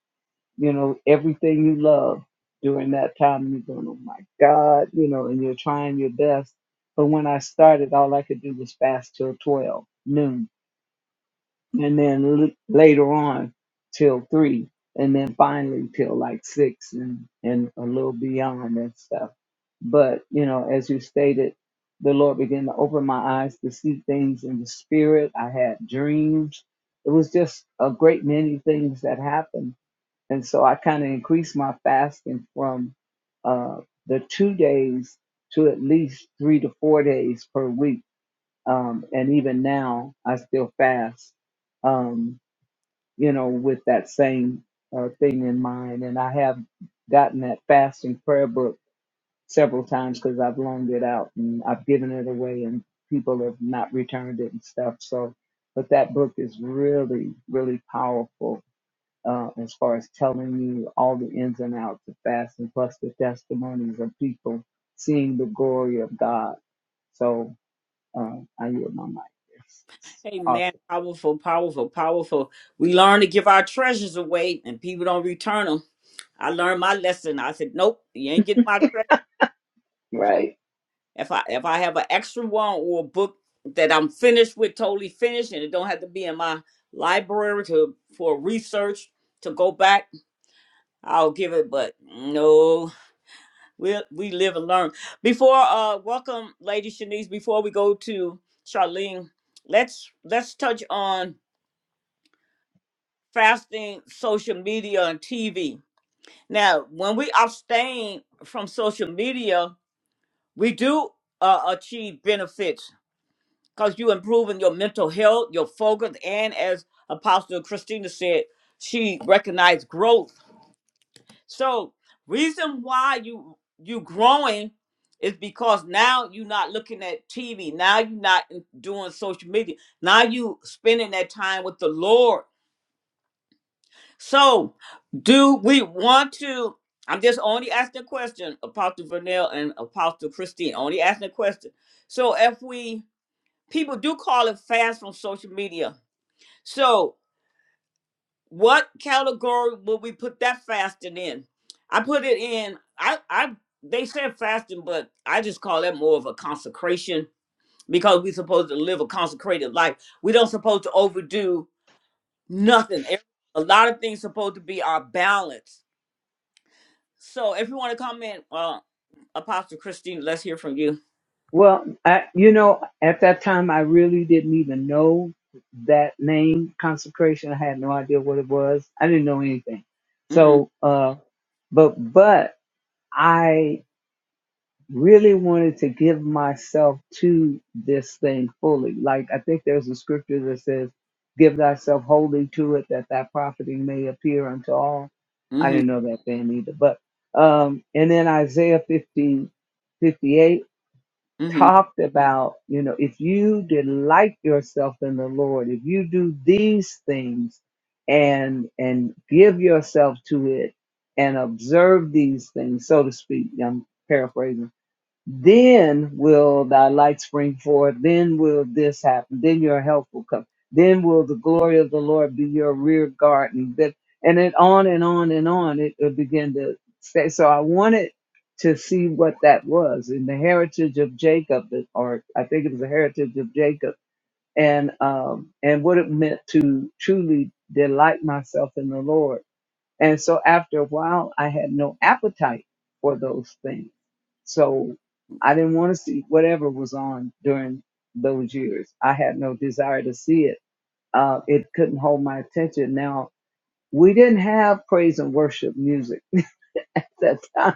[SPEAKER 3] you know everything you love during that time and you're going oh my god you know and you're trying your best but when i started all i could do was fast till 12 noon and then l- later on till three, and then finally till like six and, and a little beyond and stuff. But, you know, as you stated, the Lord began to open my eyes to see things in the spirit. I had dreams. It was just a great many things that happened. And so I kind of increased my fasting from uh, the two days to at least three to four days per week um, and even now I still fast, um, you know, with that same uh, thing in mind. And I have gotten that fasting prayer book several times because I've loaned it out and I've given it away, and people have not returned it and stuff. So, but that book is really, really powerful. Uh, as far as telling you all the ins and outs of fasting, plus the testimonies of people seeing the glory of God. So um, I yield my mic. It's, it's
[SPEAKER 1] Amen.
[SPEAKER 3] awesome.
[SPEAKER 1] Powerful, powerful, powerful. We learn to give our treasures away and people don't return them. I learned my lesson. I said, nope, you ain't getting my treasure.
[SPEAKER 3] Right.
[SPEAKER 1] If I if I have an extra one or a book that I'm finished with, totally finished, and it don't have to be in my library to for research to go back, I'll give it. But no, we we live and learn. Before uh, welcome, Lady Shanice. Before we go to Charlene, let's let's touch on fasting, social media, and TV. Now, when we abstain from social media, we do uh, achieve benefits because you improving your mental health, your focus, and as Apostle Christina said, she recognized growth. So reason why you you growing is because now you're not looking at TV. Now you're not in- doing social media. Now you spending that time with the Lord. So do we want to? I'm just only asking a question, Apostle Vernell and Apostle Christine. Only asking a question. So if we people do call it fast from social media, So, what category would we put that fasting in? I put it in. I, I, they said fasting, but I just call that more of a consecration because we're supposed to live a consecrated life. We don't supposed to overdo nothing. Every- A lot of things supposed to be our balance. So, if you want to comment, uh, Apostle Christine, let's hear from you.
[SPEAKER 3] Well, I, you know, at that time, I really didn't even know that name, consecration. I had no idea what it was. I didn't know anything.
[SPEAKER 1] hmm
[SPEAKER 3] So, uh, but, but I really wanted to give myself to this thing fully. Like I think there's a scripture that says, "Give thyself wholly to it, that thy profiting may appear unto all." I
[SPEAKER 1] hmm
[SPEAKER 3] didn't know that thing either, but um, and then Isaiah 50, fifty-eight
[SPEAKER 1] hmm
[SPEAKER 3] talked about, you know, if you delight yourself in the Lord, if you do these things and and give yourself to it and observe these things, so to speak. I'm paraphrasing then will thy light spring forth. Then will this happen. Then your help will come. Then will the glory of the Lord be your rear garden. That and it on and on and on. It will begin to say. So I wanted to see what that was in the heritage of Jacob, or I think it was the heritage of Jacob, and um, and what it meant to truly delight myself in the Lord and so after a while, I had no appetite for those things. So I didn't want to see whatever was on during those years. I had no desire to see it. Uh, it couldn't hold my attention. Now, we didn't have praise and worship music at that time.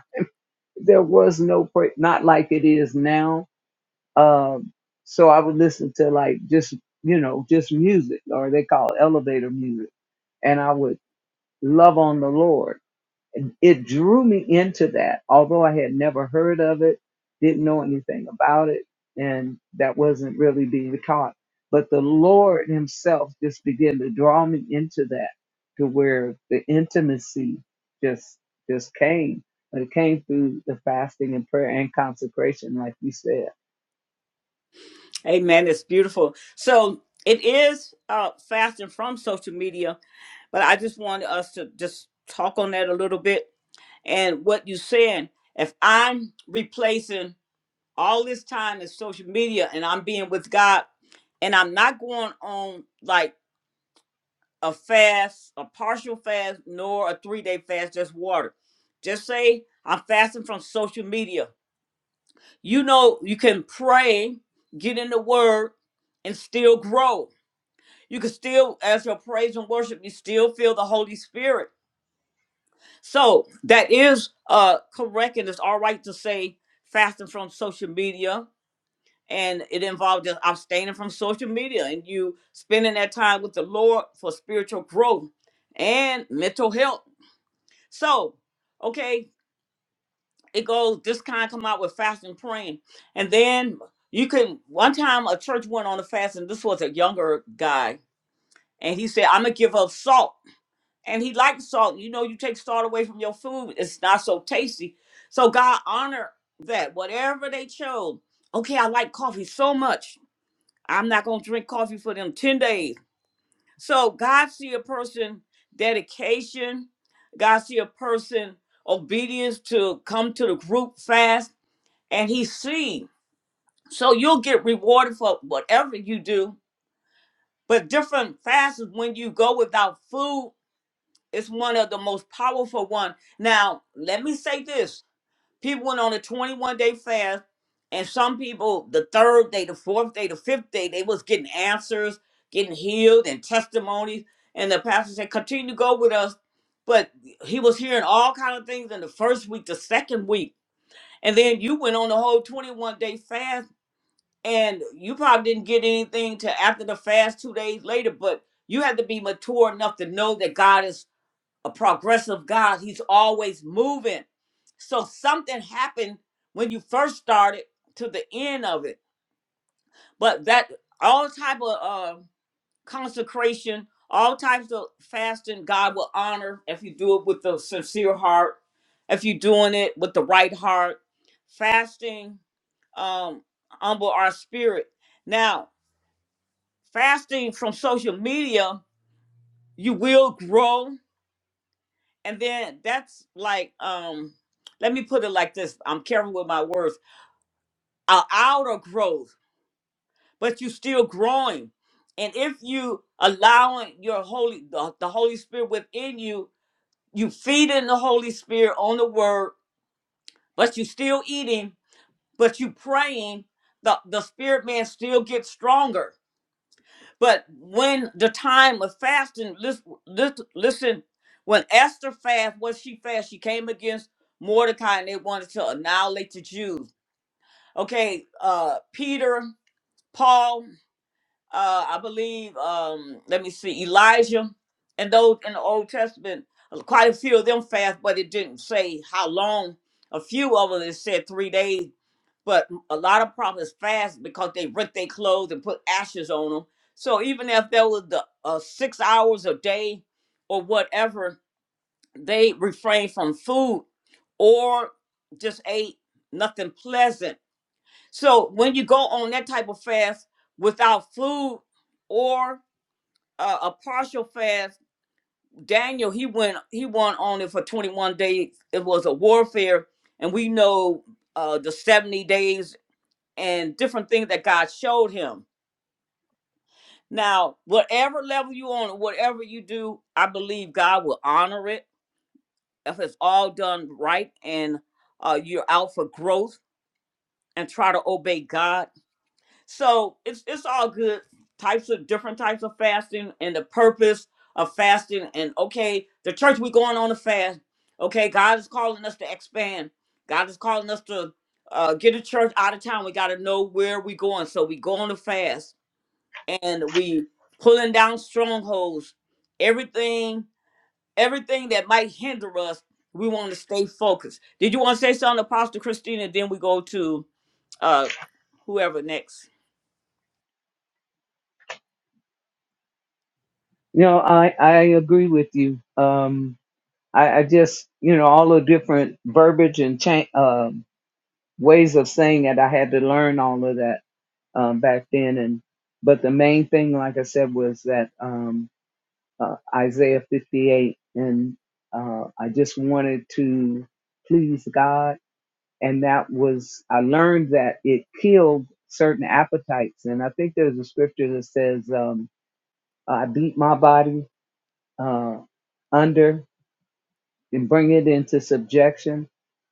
[SPEAKER 3] There was no praise, not like it is now. Um, so I would listen to like just, you know, just music or they call it elevator music. And I would love on the Lord it drew me into that, although I had never heard of it, didn't know anything about it, and that wasn't really being taught. But the Lord Himself just began to draw me into that, to where the intimacy just just came. But it came through the fasting and prayer and consecration, like you said.
[SPEAKER 1] Amen. It's beautiful. So, it is uh, fasting from social media but I just wanted us to just talk on that a little bit. And what you saying, if I'm replacing all this time in social media and I'm being with God and I'm not going on like a fast, a partial fast, nor a three day fast, just water. Just say I'm fasting from social media. You know, you can pray, get in the word, and still grow. You can still, as your praise and worship, you still feel the Holy Spirit So that is uh correct, and it's all right to say fasting from social media, and it involves just abstaining from social media and you spending that time with the Lord for spiritual growth and mental health. So, okay, it goes this kind come out with fasting praying, and then you can one time a church went on a fast, and this was a younger guy, and he said, "I'm gonna give up salt." and he likes salt. You know, you take salt away from your food, it's not so tasty. So God honor that whatever they chose. Okay, I like coffee so much. I'm not gonna drink coffee for them 10 days. So God see a person dedication, God see a person obedience to come to the group fast, and he see. So you'll get rewarded for whatever you do. But different fasts is when you go without food It's one of the most powerful one. Now, let me say this. People went on a 21 day fast, and some people, the third day, the fourth day, the fifth day, they was getting answers, getting healed, and testimonies. And the pastor said, continue to go with us. But he was hearing all kind of things in the first week, the second week. And then you went on the whole 21 day fast, and you probably didn't get anything to after the fast two days later, but you have to be mature enough to know that God is a progressive God. He's always moving. So something happened when you first started to the end of it. But that all type of uh, consecration, all types of fasting, God will honor if you do it with the sincere heart, if you're doing it with the right heart. Fasting um, humble our spirit. Now, fasting from social media, you will grow and then that's like um let me put it like this i'm careful with my words a outer growth but you're still growing and if you allowing your holy the, the holy spirit within you you feeding the holy spirit on the word but you still eating but you praying the, the spirit man still gets stronger But when the time of fasting, listen, listen when Esther fast, what she fast, she came against Mordecai and they wanted to annihilate the Jews. Okay, uh, Peter, Paul, uh i believe um let me see elijah and those in the old testament uh, quite a few of them fast but it didn't say how long a few of them it said three days but a lot of prophets fast because they rent their clothes and put ashes on them so even if there was the uh, six hours a day or whatever they refrained from food or just ate nothing pleasant so when you go on that type of fast without food or uh, a partial fast, Daniel he went he went on it for 21 days. It was a warfare, and we know uh, the 70 days and different things that God showed him. Now, whatever level you on, whatever you do, I believe God will honor it if it's all done right and uh, you're out for growth and try to obey God So it's it's all good types of different types of fasting and the purpose of fasting and okay, the church we going on a fast. Okay, God is calling us to expand. God is calling us to uh, get the church out of town. We got to know where we going. So we go on a fast and we pulling down strongholds. Everything, everything that might hinder us, we want to stay focused. Did you want to say something, Apostle Christina? Then we go to uh, whoever next.
[SPEAKER 3] You know, I I agree with you. Um, I, I just you know all the different verbiage and cha- um ways of saying it. I had to learn all of that um, back then. And but the main thing, like I said, was that um, uh, Isaiah 58, and uh, I just wanted to please God, and that was I learned that it killed certain appetites, and I think there's a scripture that says, um, "I beat my body uh, under." and bring it into subjection.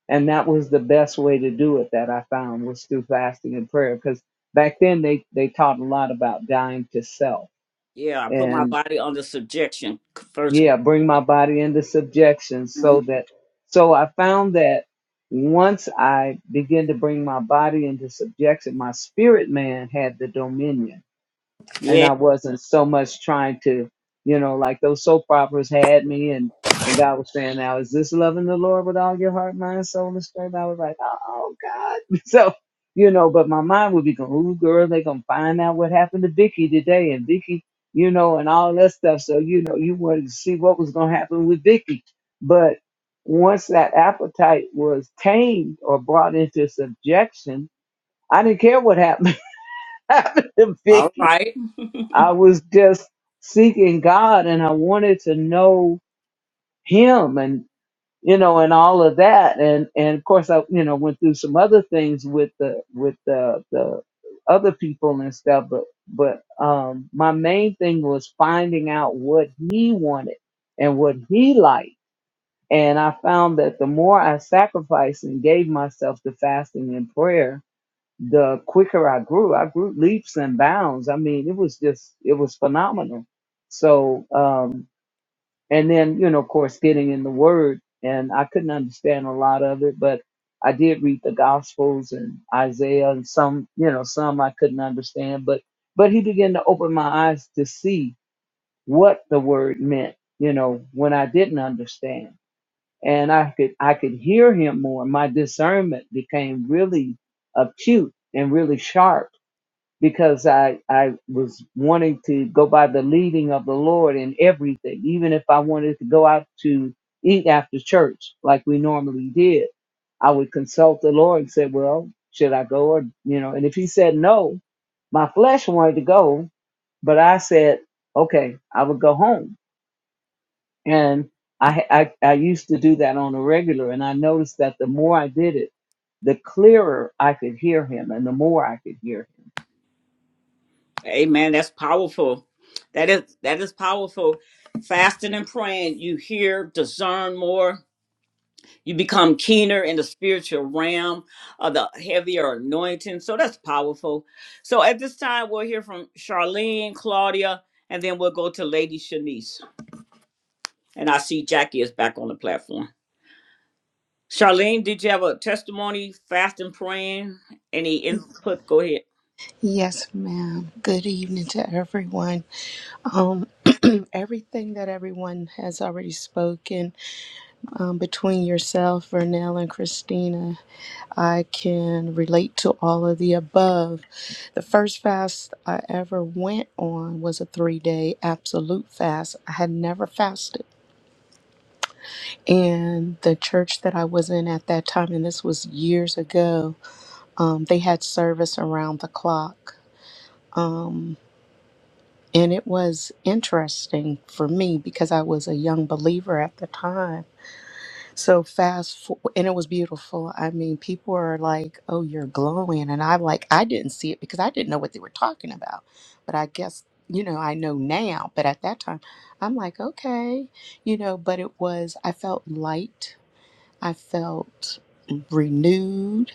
[SPEAKER 3] And that was the best way to do it that I found was through fasting and prayer. Because back then they, they taught a lot about dying to self
[SPEAKER 1] Yeah, I put my
[SPEAKER 3] and
[SPEAKER 1] body under subjection. First.
[SPEAKER 3] yeah, bring my body into subjection so
[SPEAKER 1] Mhm.
[SPEAKER 3] that, so I found that once I began to bring my body into subjection, my spirit man had the dominion and
[SPEAKER 1] Yeah.
[SPEAKER 3] I wasn't so much trying to, you know, like those soap operas had me and and God was saying, now is this loving the Lord with all your heart, mind, soul, and strength? I was like, oh God. So, you know, but my mind would be going, ooh, girl, they gonna find out what happened to Vicky today and Vicky, you know, and all that stuff. So, you know, you wanted to see what was gonna happen with Vicky. But once that appetite was tamed or brought into subjection, I didn't care what happened, happened to
[SPEAKER 1] All
[SPEAKER 3] Vicky
[SPEAKER 1] right.
[SPEAKER 3] I was just seeking God and I wanted to know him and you know and all of that and and of course I you know went through some other things with the with the the other people and stuff but but um my main thing was finding out what he wanted and what he liked and I found that the more I sacrificed and gave myself to fasting and prayer the quicker I grew, I grew leaps and bounds. I mean, it was just, it was phenomenal. So, um, and then, you know, of course, getting in the word, and I couldn't understand a lot of it, but I did read the Gospels and Isaiah and some, you know, some I couldn't understand, but, but he began to open my eyes to see what the word meant, you know, when I didn't understand. And I could, I could hear him more. My discernment became really acute and really sharp because I I was wanting to go by the leading of the Lord in everything, even if I wanted to go out to eat after church like we normally did. I would consult the Lord and say, "Well, should I go?" Or you know, and if He said no, my flesh wanted to go, but I said, "Okay, I would go home." And I I, I used to do that on a regular, and I noticed that the more I did it, the clearer I could hear Him, and the more I could hear Him.
[SPEAKER 1] Amen. That's powerful. That is that is powerful. Fasting and praying, you hear, discern more. You become keener in the spiritual realm of the heavier anointing. So that's powerful. So at this time, we'll hear from Charlene, Claudia, and then we'll go to Lady Shanice. And I see Jackie is back on the platform. Charlene, did you have a testimony, fasting, praying? Any input? Go ahead.
[SPEAKER 4] Yes, ma'am. Good evening to everyone. Um, everything that everyone has already spoken um, between yourself, Vernell, and Christina, I can relate to all of the above. The first fast I ever went on was a three day absolute fast. I had never fasted. And the church that I was in at that time, and this was years ago, um, they had service around the clock. Um, And it was interesting for me because I was a young believer at the time. So fast for, and it was beautiful. I mean, people are like, "Oh, you're glowing." And I'm like, I didn't see it because I didn't know what they were talking about. But I guess, you know, I know now, but at that time, I'm like, "Okay." You know, but it was I felt light. I felt renewed.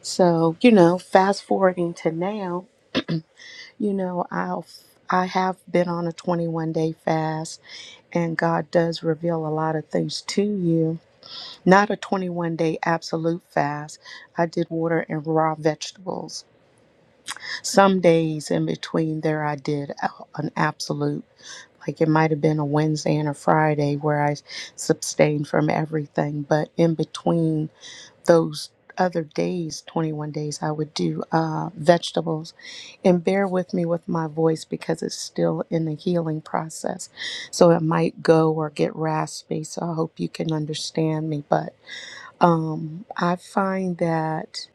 [SPEAKER 4] So, you know, fast forwarding to now, you know, I've I have been on a 21 day fast, and God does reveal a lot of things to you. Not a 21 day absolute fast. I did water and raw vegetables. Some days in between there, I did a- an absolute. Like it might have been a Wednesday and a Friday where I abstained from everything, but in between those other days, 21 days, I would do uh, vegetables. And bear with me with my voice because it's still in the healing process. So it might go or get raspy. So I hope you can understand me. But um, I find that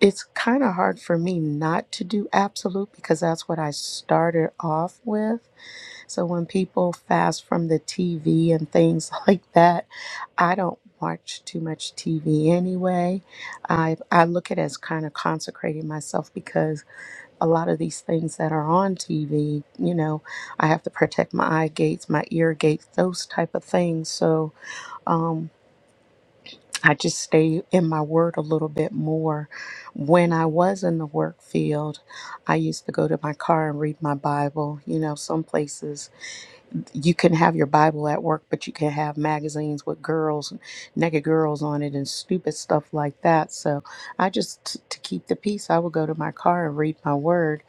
[SPEAKER 4] it's kind of hard for me not to do absolute because that's what I started off with so when people fast from the TV and things like that, I don't watch too much TV anyway. I I look at it as kind of consecrating myself because a lot of these things that are on TV, you know, I have to protect my eye gates, my ear gates, those type of things. So um I just stay in my word a little bit more. When I was in the work field, I used to go to my car and read my Bible. You know, some places you can have your Bible at work, but you can have magazines with girls, naked girls on it, and stupid stuff like that. So I just t- to keep the peace, I would go to my car and read my word.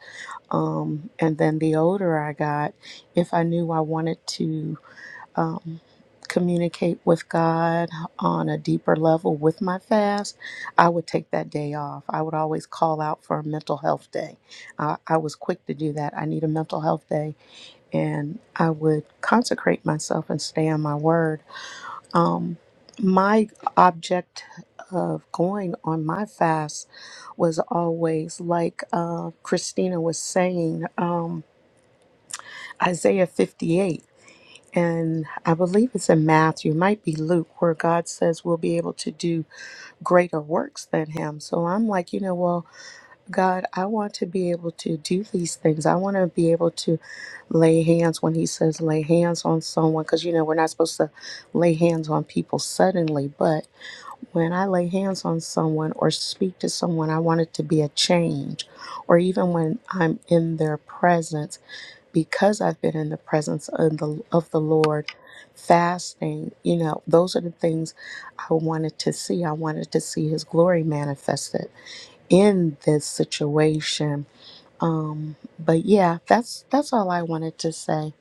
[SPEAKER 4] Um, and then the older I got, if I knew I wanted to um, communicate with God on a deeper level with my fast, I would take that day off. I would always call out for a mental health day. Uh, I was quick to do that. I need a mental health day and I would consecrate myself and stay on my word. Um, my object of going on my fast was always like uh, Christina was saying, um, Isaiah 58. And I believe it's in Matthew, might be Luke, where God says we'll be able to do greater works than him. So I'm like, you know, well, God, I want to be able to do these things. I want to be able to lay hands when He says lay hands on someone, because you know we're not supposed to lay hands on people suddenly. But when I lay hands on someone or speak to someone, I want it to be a change. Or even when I'm in their presence because I've been in the presence of the, of the Lord, fasting, you know, those are the things I wanted to see. I wanted to see His glory manifested in this situation. Um, but yeah, that's that's all I wanted to say.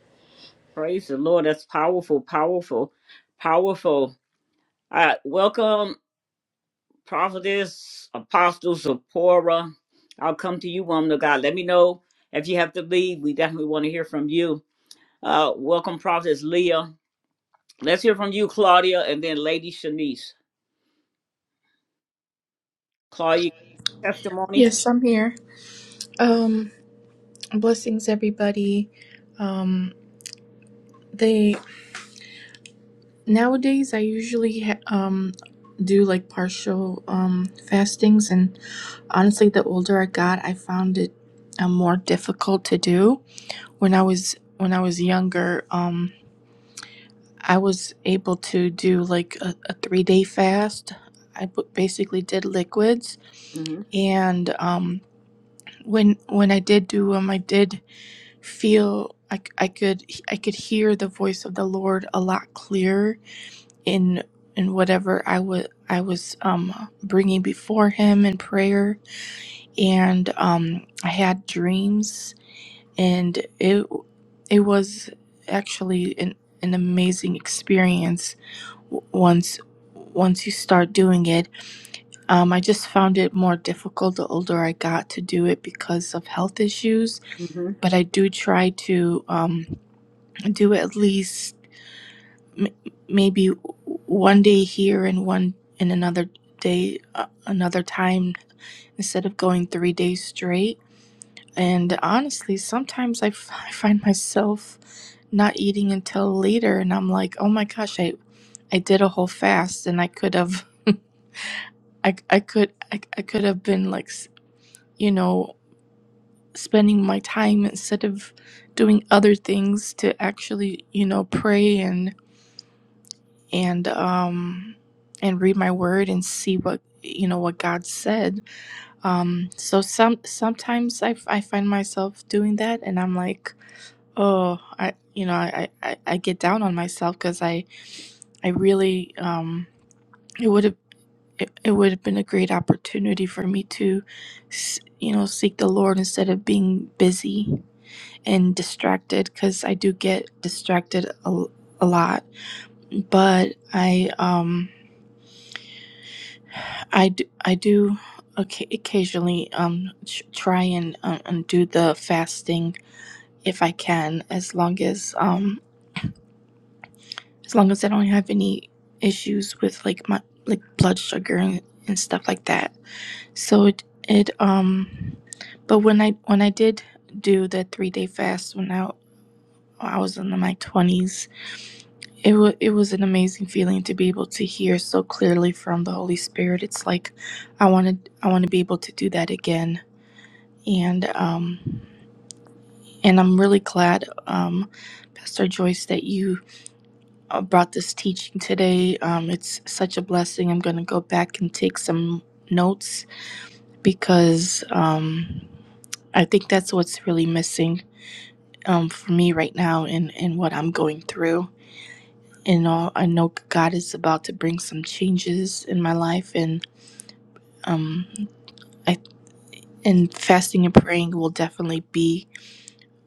[SPEAKER 1] Praise the Lord. That's powerful, powerful, powerful. Uh, welcome, prophetess, apostle, Zipporah. I'll come to you, woman of God. Let me know if you have to leave. We definitely want to hear from you. Uh, welcome, prophetess Leah. Let's hear from you, Claudia, and then Lady Shanice. Claudia, testimony.
[SPEAKER 5] Yes, I'm here. Um, blessings, everybody. Um, they nowadays I usually ha- um do like partial um fastings, and honestly, the older I got, I found it uh, more difficult to do. When I was when I was younger, um, I was able to do like a, a three day fast. I b- basically did liquids,
[SPEAKER 1] hmm
[SPEAKER 5] and um, when when I did do them, I did. feel like I could I could hear the voice of the Lord a lot clearer in in whatever I was I was um, bringing before Him in prayer, and um, I had dreams, and it it was actually an an amazing experience w- once once you start doing it um, i just found it more difficult the older i got to do it because of health issues
[SPEAKER 1] hmm
[SPEAKER 5] but I do try to. um do at least m- maybe one day here and one and another day uh, another time instead of going three days straight and honestly sometimes I, f- I find myself not eating until later and i'm like oh my gosh i i did a whole fast and i could have i, I could I, I could have been like s- you know spending my time instead of doing other things to actually you know pray and. and um and read my word and see what you know what God said. Um so some sometimes I, I find myself doing that and I'm like, oh, I you know, I I, I get down on myself cuz I I really um it would have it, it would have been a great opportunity for me to s- you know seek the Lord instead of being busy and distracted cuz I do get distracted a, a lot. But I um I do, I do occa- occasionally um ch- try and uh, and do the fasting if I can, as long as um as long as I don't have any issues with like my like blood sugar and, and stuff like that. So it it um, but when I when I did do the three day fast when I I was in my twenties, it was it was an amazing feeling to be able to hear so clearly from the Holy Spirit. It's like I wanted I want to be able to do that again and um, and I'm really glad, um, Pastor Joyce, that you uh, brought this teaching today. Um, it's such a blessing. I'm going to go back and take some notes because um, I think that's what's really missing um, for me right now in, in what I'm going through. And all, I know God is about to bring some changes in my life, and um, I and fasting and praying will definitely be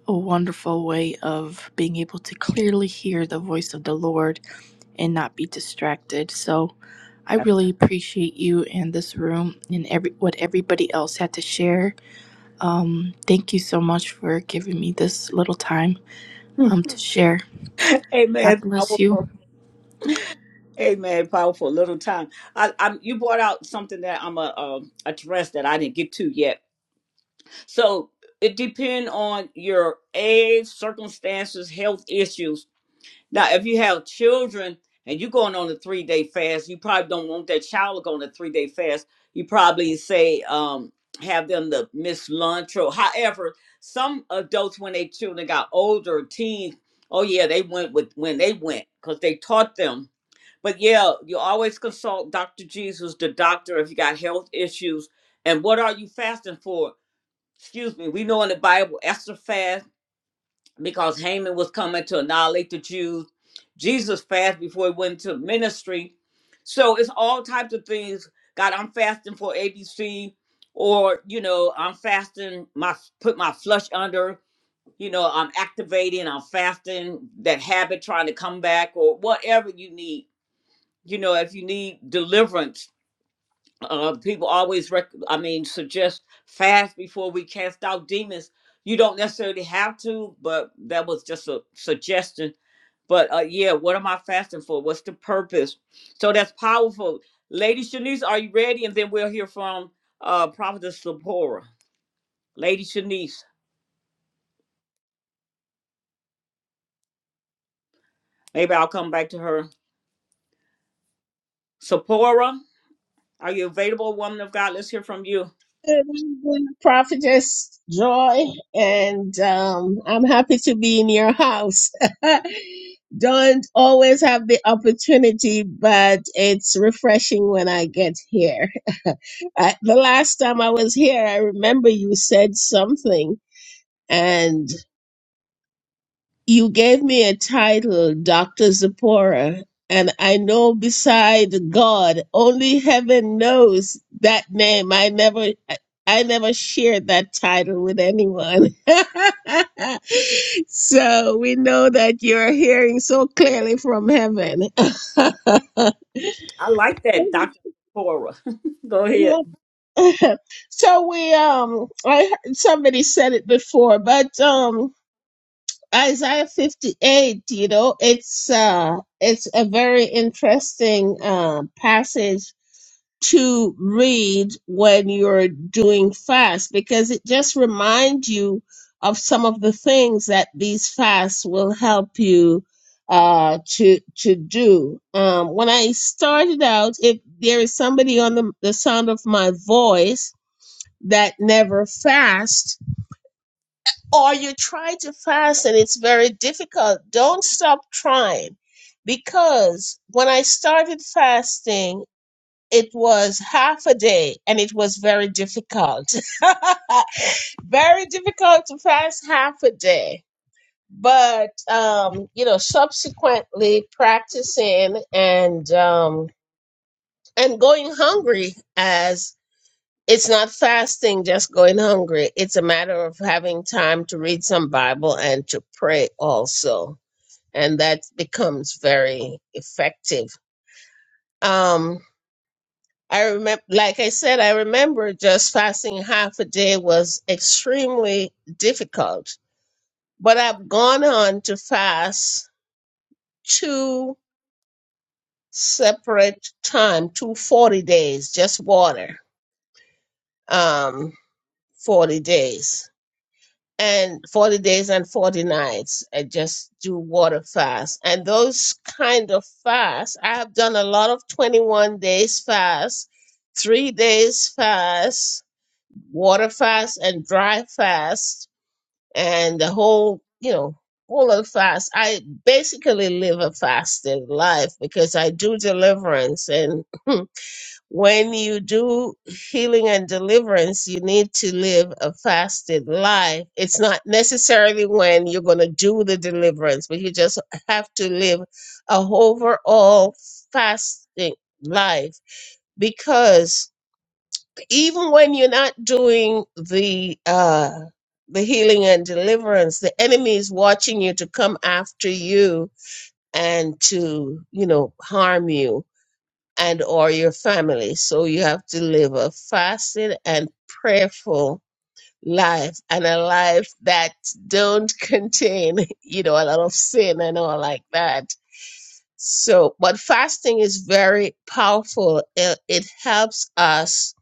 [SPEAKER 5] a wonderful way of being able to clearly hear the voice of the Lord and not be distracted. So I
[SPEAKER 1] That's,
[SPEAKER 5] really appreciate you and this room and every what everybody else had to share. Um, thank you so much for giving me this little time
[SPEAKER 1] Hmm.
[SPEAKER 5] um, to share. God
[SPEAKER 1] amen.
[SPEAKER 5] bless you.
[SPEAKER 1] Powerful. Amen. Powerful. Little time. I, I'm. You brought out something that I'm a um, address that I didn't get to yet. So it depends on your age, circumstances, health issues. Now, if you have children and you're going on a three day fast, you probably don't want that child to go on a three day fast. You probably say, um, have them to miss lunch or however. Some adults, when they children got older, teens, oh yeah, they went with when they went because they taught them. But yeah, you always consult Dr. Jesus, the doctor, if you got health issues. And what are you fasting for? Excuse me, we know in the Bible, Esther fast because Haman was coming to annihilate the Jews. Jesus fasted before he went to ministry. So it's all types of things. God, I'm fasting for ABC, or you know, I'm fasting my put my flush under. You know, I'm activating. I'm fasting that habit trying to come back, or whatever you need. You know, if you need deliverance, uh, people always rec- I mean suggest fast before we cast out demons. You don't necessarily have to, but that was just a suggestion. But uh, yeah, what am I fasting for? What's the purpose? So that's powerful. Lady Shanice, are you ready? And then we'll hear from uh, Prophetess Sapora. Lady Shanice, maybe I'll come back to her. Sapora, are you available, woman of God? Let's hear from you.
[SPEAKER 6] Prophetess Joy, and um, I'm happy to be in your house. Don't always have the opportunity, but it's refreshing when I get here. I, the last time I was here, I remember you said something, you gave me a title, Dr. Zipporah, and I know beside God, only heaven knows that name. I never I I never shared that title with anyone. so we know that you're hearing so clearly from heaven.
[SPEAKER 1] I like that, Dr. Sapora. Go ahead.
[SPEAKER 6] yeah. So we um I heard somebody said it before, but um Isaiah 58, you know, it's uh it's a very interesting uh passage to read when you're doing fast because it just reminds you of some of the things that these fasts will help you uh to to do. Um when I started out, if there is somebody on the, the sound of my voice that never fasts or you try to fast and it's very difficult, don't stop trying. Because when I started fasting, it was half a day and it was very difficult. very difficult to fast half a day. But, um, you know, subsequently practicing and, um, and going hungry as. It's not fasting, just going hungry. It's a matter of having time to read some Bible and to pray also. And that becomes very effective. Um, I remember, like I said, I remember just fasting half a day was extremely difficult. But I've gone on to fast two separate time, two forty days, just water, um, 40 days and 40 days and 40 nights and just do water fast and those kind of fasts i have done a lot of 21 days fast three days fast water fast and dry fast and the whole you know whole of fast i basically live a fasted life because i do deliverance and When you do healing and deliverance, you need to live a fasted life. It's not necessarily when you're going to do the deliverance, but you just have to live a overall fasting life because even when you're not doing the uh the healing and deliverance, the enemy is watching you to come after you and to, you know, harm you and or your family. So you have to live a fasted and prayerful life and a life that don't contain, you know, a lot of sin and all like that. So, but fasting is very powerful. It, it helps us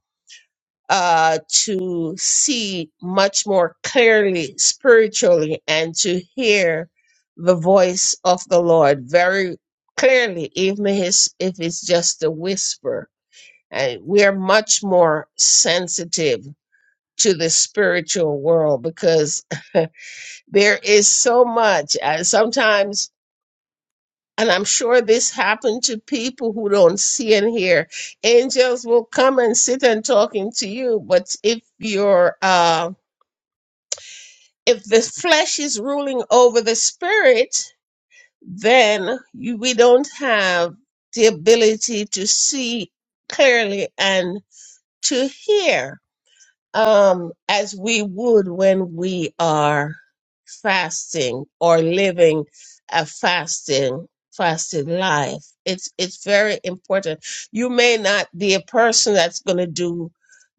[SPEAKER 6] uh, to see much more clearly spiritually and to hear the voice of the Lord very clearly, even his, if it's just a whisper uh, we are much more sensitive to the spiritual world because there is so much. Uh, sometimes, and I'm sure this happened to people who don't see and hear, angels will come and sit and talking to you. But if you're, uh, if the flesh is ruling over the spirit, then you, we don't have the ability to see clearly and to hear um, as we would when we are fasting or living a fasting fasted life. It's it's very important. You may not be a person that's going to do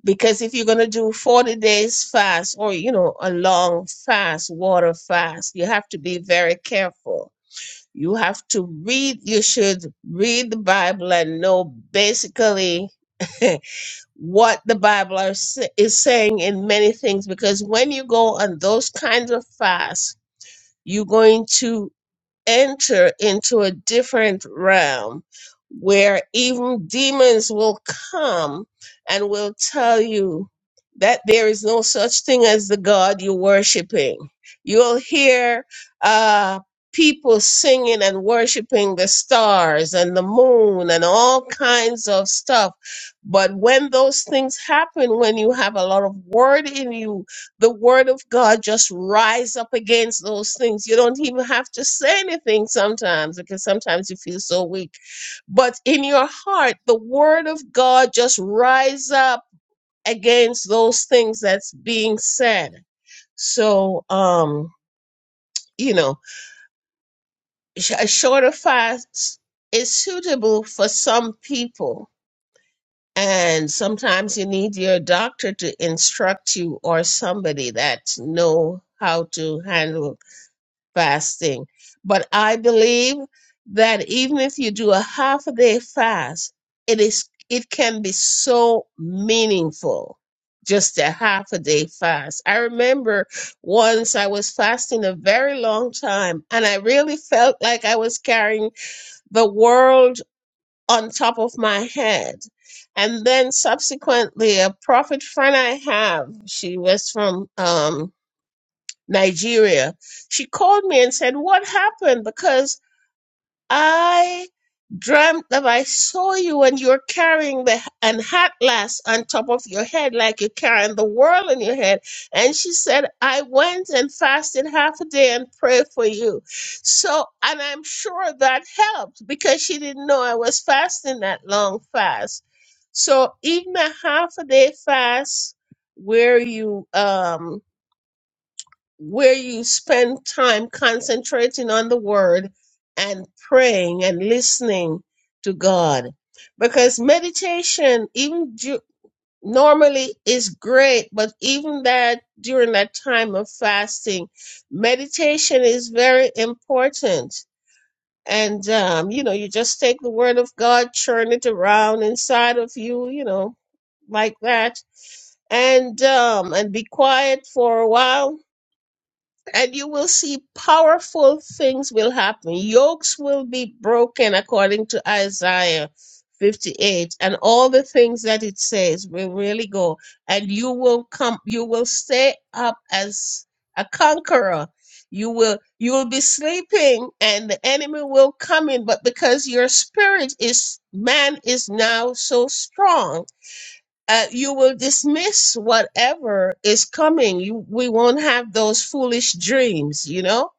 [SPEAKER 6] because if you're going to do 40 days fast or you know a long fast, water fast, you have to be very careful. You have to read you should read the Bible and know basically what the Bible are, sa- is saying in many things because when you go on those kinds of fasts, you're going to enter into a different realm where even demons will come and will tell you that there is no such thing as the God you're worshiping. You'll hear uh, people singing and worshiping the stars and the moon and all kinds of stuff. But when those things happen, when you have a lot of word in you, the word of God just rise up against those things. You don't even have to say anything sometimes because sometimes you feel so weak. But in your heart, the word of God just rise up against those things that's being said. So, um, you know, sh- a shorter fast is suitable for some people. And sometimes you need your doctor to instruct you or somebody that know how to handle fasting. But I believe that even if you do a half a day fast, it is it can be so meaningful. Just a half a day fast. I remember once I was fasting a very long time and I really felt like I was carrying the world on top of my head. And then subsequently, a prophet friend I have, she was from um, Nigeria, she called me and said, What happened? Because I dreamt that I saw you and you're carrying the an atlas on top of your head like you're carrying the world on your head. And she said, I went and fasted half a day and prayed for you. So and I'm sure that helped because she didn't know I was fasting that long fast. So even a half a day fast where you um where you spend time concentrating on the word and praying and listening to God. Because meditation, even du- normally, is great, but even that during that time of fasting, meditation is very important. And, um, you know, you just take the word of God, churn it around inside of you, you know, like that. And um and be quiet for a while and you will see powerful things will happen. Yokes will be broken according to Isaiah 58 and all the things that it says will really go and you will come you will stay up as a conqueror. You will you will be sleeping and the enemy will come in but because your spirit is man is now so strong uh, you will dismiss whatever is coming. You, we won't have those foolish dreams, you know,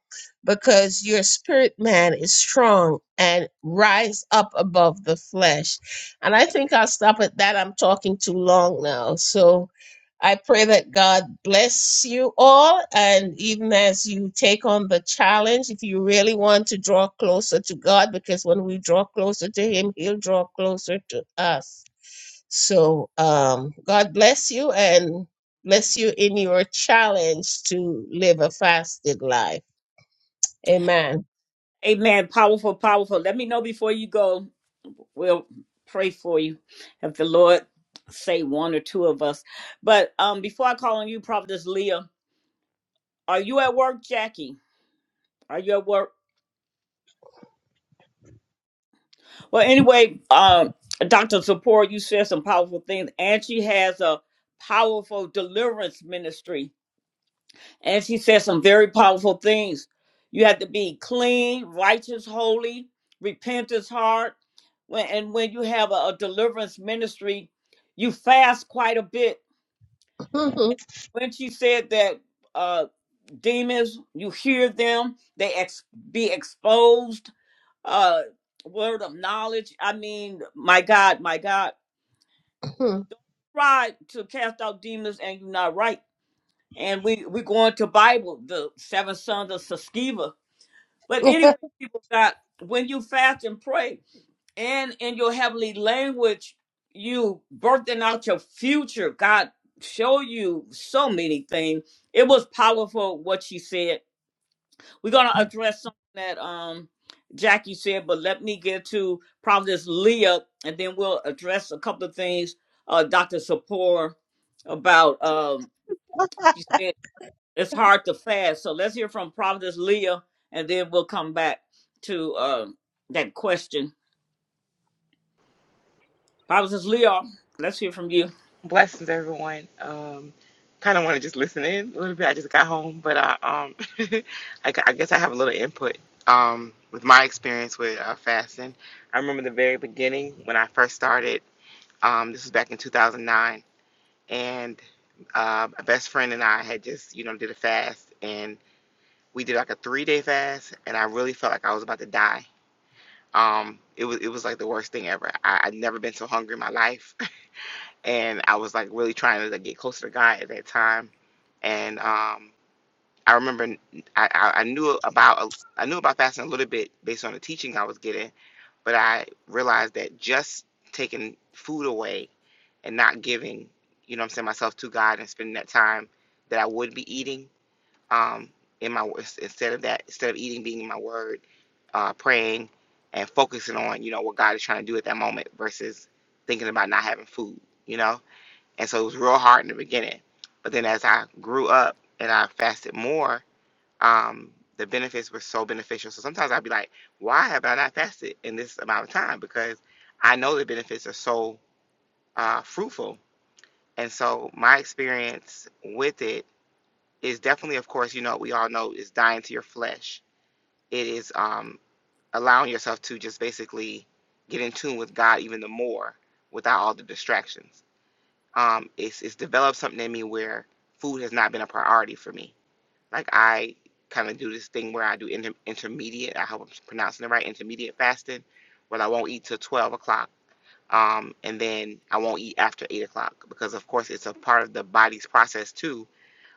[SPEAKER 6] because your spirit man is strong and rise up above the flesh. And I think I'll stop at that. I'm talking too long now. So I pray that God bless you all. And even as you take on the challenge, if you really want to draw closer to God, because when we draw closer to Him, He'll draw closer to us. So um, God bless you and bless you in your challenge to live a fasted life. Amen.
[SPEAKER 1] Amen. Powerful, powerful. Let me know before you go. we'll pray for you if the Lord say one or two of us. But um, before I call on you, Prophetess Leah, are you at work, Jackie? Are you at work? Well, anyway, um, Dr. Zipporah, you said some powerful things, and she has a powerful deliverance ministry, and she said some very powerful things. You have to be clean, righteous, holy, repentance heart. When, and when you have a a deliverance ministry, you fast quite a bit when she said that uh demons you hear them they ex- be exposed uh word of knowledge i mean my god my god try to cast out demons and you're not right and we we going to bible the seven sons of Sceva. but anyway people got when you fast and pray and in your heavenly language you birthing out your future god show you so many things it was powerful what she said We're gonna address something that um Jackie said, but let me get to Providence Leah, and then we'll address a couple of things. Uh, Dr. Sapor about um she said it's hard to fast. So let's hear from Providence Leah, and then we'll come back to uh, that question. Providence Leah, let's hear from you.
[SPEAKER 7] Blessings, everyone. Um, kind of want to just listen in a little bit. I just got home, but I, um, I, gu- I guess I have a little input um, with my experience with uh, fasting. I remember the very beginning when I first started. Um, this was back in 2009, and uh, my best friend and I had just, you know, did a fast, and we did like a three-day fast, and I really felt like I was about to die. Um, it was it was like the worst thing ever. I, I'd never been so hungry in my life and I was like really trying to like, get closer to God at that time. And um, I remember I I I knew about uh, I knew about fasting a little bit based on the teaching I was getting, but I realized that just taking food away and not giving, you know, what I'm saying myself to God and spending that time that I would be eating um, in my instead of that instead of eating being in my word, uh, praying and focusing on you know what God is trying to do at that moment versus thinking about not having food, you know and so it was real hard in the beginning. But then as I grew up and I fasted more, um, the benefits were so beneficial. So sometimes I'd be like, why have I not fasted in this amount of time? Because I know the benefits are so uh, fruitful. And so my experience with it is definitely, of course, you know, we all know is dying to your flesh. It is um, allowing yourself to just basically get in tune with God even the more without all the distractions um, it's it's developed something in me where food has not been a priority for me. Like I kind of do this thing where I do inter- intermediate. I hope I'm pronouncing it right. Intermediate fasting, where I won't eat till twelve o'clock, um, and then I won't eat after eight o'clock because, of course, it's a part of the body's process too,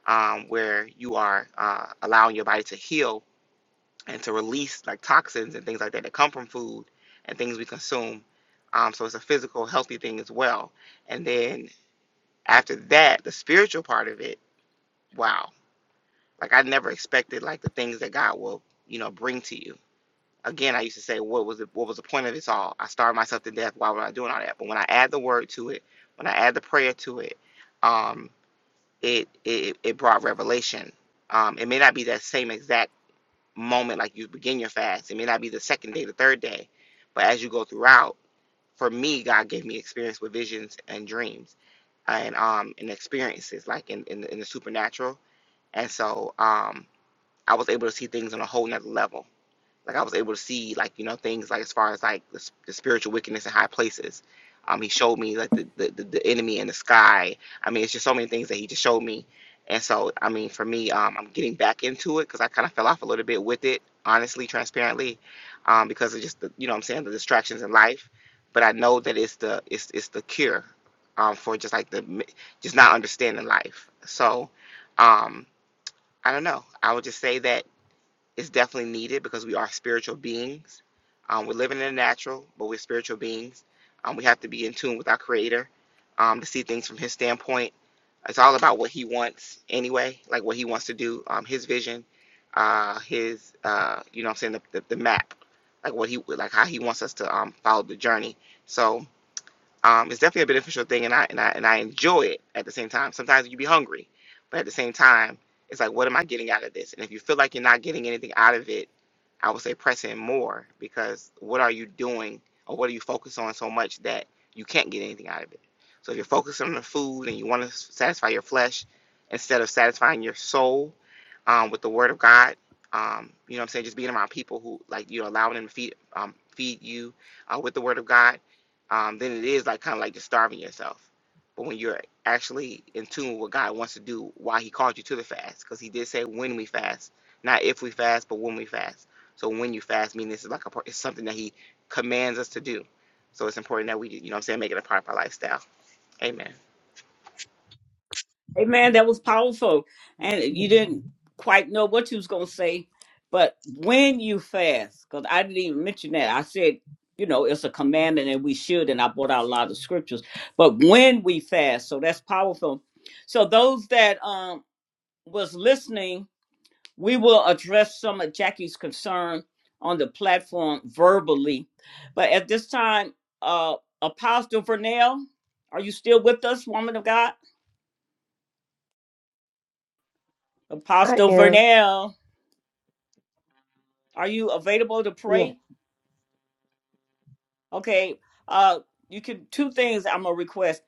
[SPEAKER 7] um, where you are uh, allowing your body to heal and to release like toxins and things like that that come from food and things we consume. Um, so it's a physical, healthy thing as well. And then after that, the spiritual part of it, wow. Like I never expected like the things that God will, you know, bring to you. Again, I used to say, what was it, what was the point of this all? I starved myself to death. Why was I doing all that? But when I add the word to it, when I add the prayer to it, um, it it, it brought revelation. Um, it may not be that same exact moment like you begin your fast. It may not be the second day, the third day, but as you go throughout, for me, God gave me experience with visions and dreams and um and experiences like in in, in the supernatural and so um i was able to see things on a whole nother level like i was able to see like you know things like as far as like the, the spiritual wickedness in high places um he showed me like the, the the enemy in the sky i mean it's just so many things that he just showed me and so i mean for me um i'm getting back into it because i kind of fell off a little bit with it honestly transparently um because of just the you know what i'm saying the distractions in life but i know that it's the it's it's the cure um for just like the just not understanding life so um I don't know. I would just say that it's definitely needed because we are spiritual beings. Um, we're living in the natural, but we're spiritual beings. Um, we have to be in tune with our Creator um, to see things from His standpoint. It's all about what He wants anyway, like what He wants to do, um, His vision, uh, His, uh, you know what I'm saying, the, the, the map, like what He, like how He wants us to um, follow the journey. So, um, it's definitely a beneficial thing, and I and I and I enjoy it at the same time. Sometimes you be hungry, but at the same time, it's like, what am I getting out of this? And if you feel like you're not getting anything out of it, I would say press in more because what are you doing or what are you focused on so much that you can't get anything out of it? So if you're focused on the food and you want to satisfy your flesh instead of satisfying your soul um, with the Word of God, um, you know what I'm saying? Just being around people who like you know allowing them to feed um, feed you uh, with the Word of God um, then it is like kind of like just starving yourself. But when you're actually in tune with what God wants to do, why He called you to the fast, because He did say when we fast, not if we fast, but when we fast. So when you fast, meaning this is like a part, it's something that He commands us to do. So it's important that we, you know, what I'm saying, make it a part of our lifestyle. Amen.
[SPEAKER 1] Amen. that was powerful. And you didn't quite know what you was gonna say, but when you fast, because I didn't even mention that. I said, you know, it's a commandment and we should, and I brought out a lot of scriptures. But when we fast, so that's powerful. So those that um was listening, we will address some of Jackie's concern on the platform verbally. But at this time, uh Apostle Vernell, are you still with us, woman of God?
[SPEAKER 2] I
[SPEAKER 1] Apostle
[SPEAKER 2] am.
[SPEAKER 1] Vernell. Are you available to
[SPEAKER 2] Yes.
[SPEAKER 1] pray? Okay. Uh, you can two things. I'm gonna request.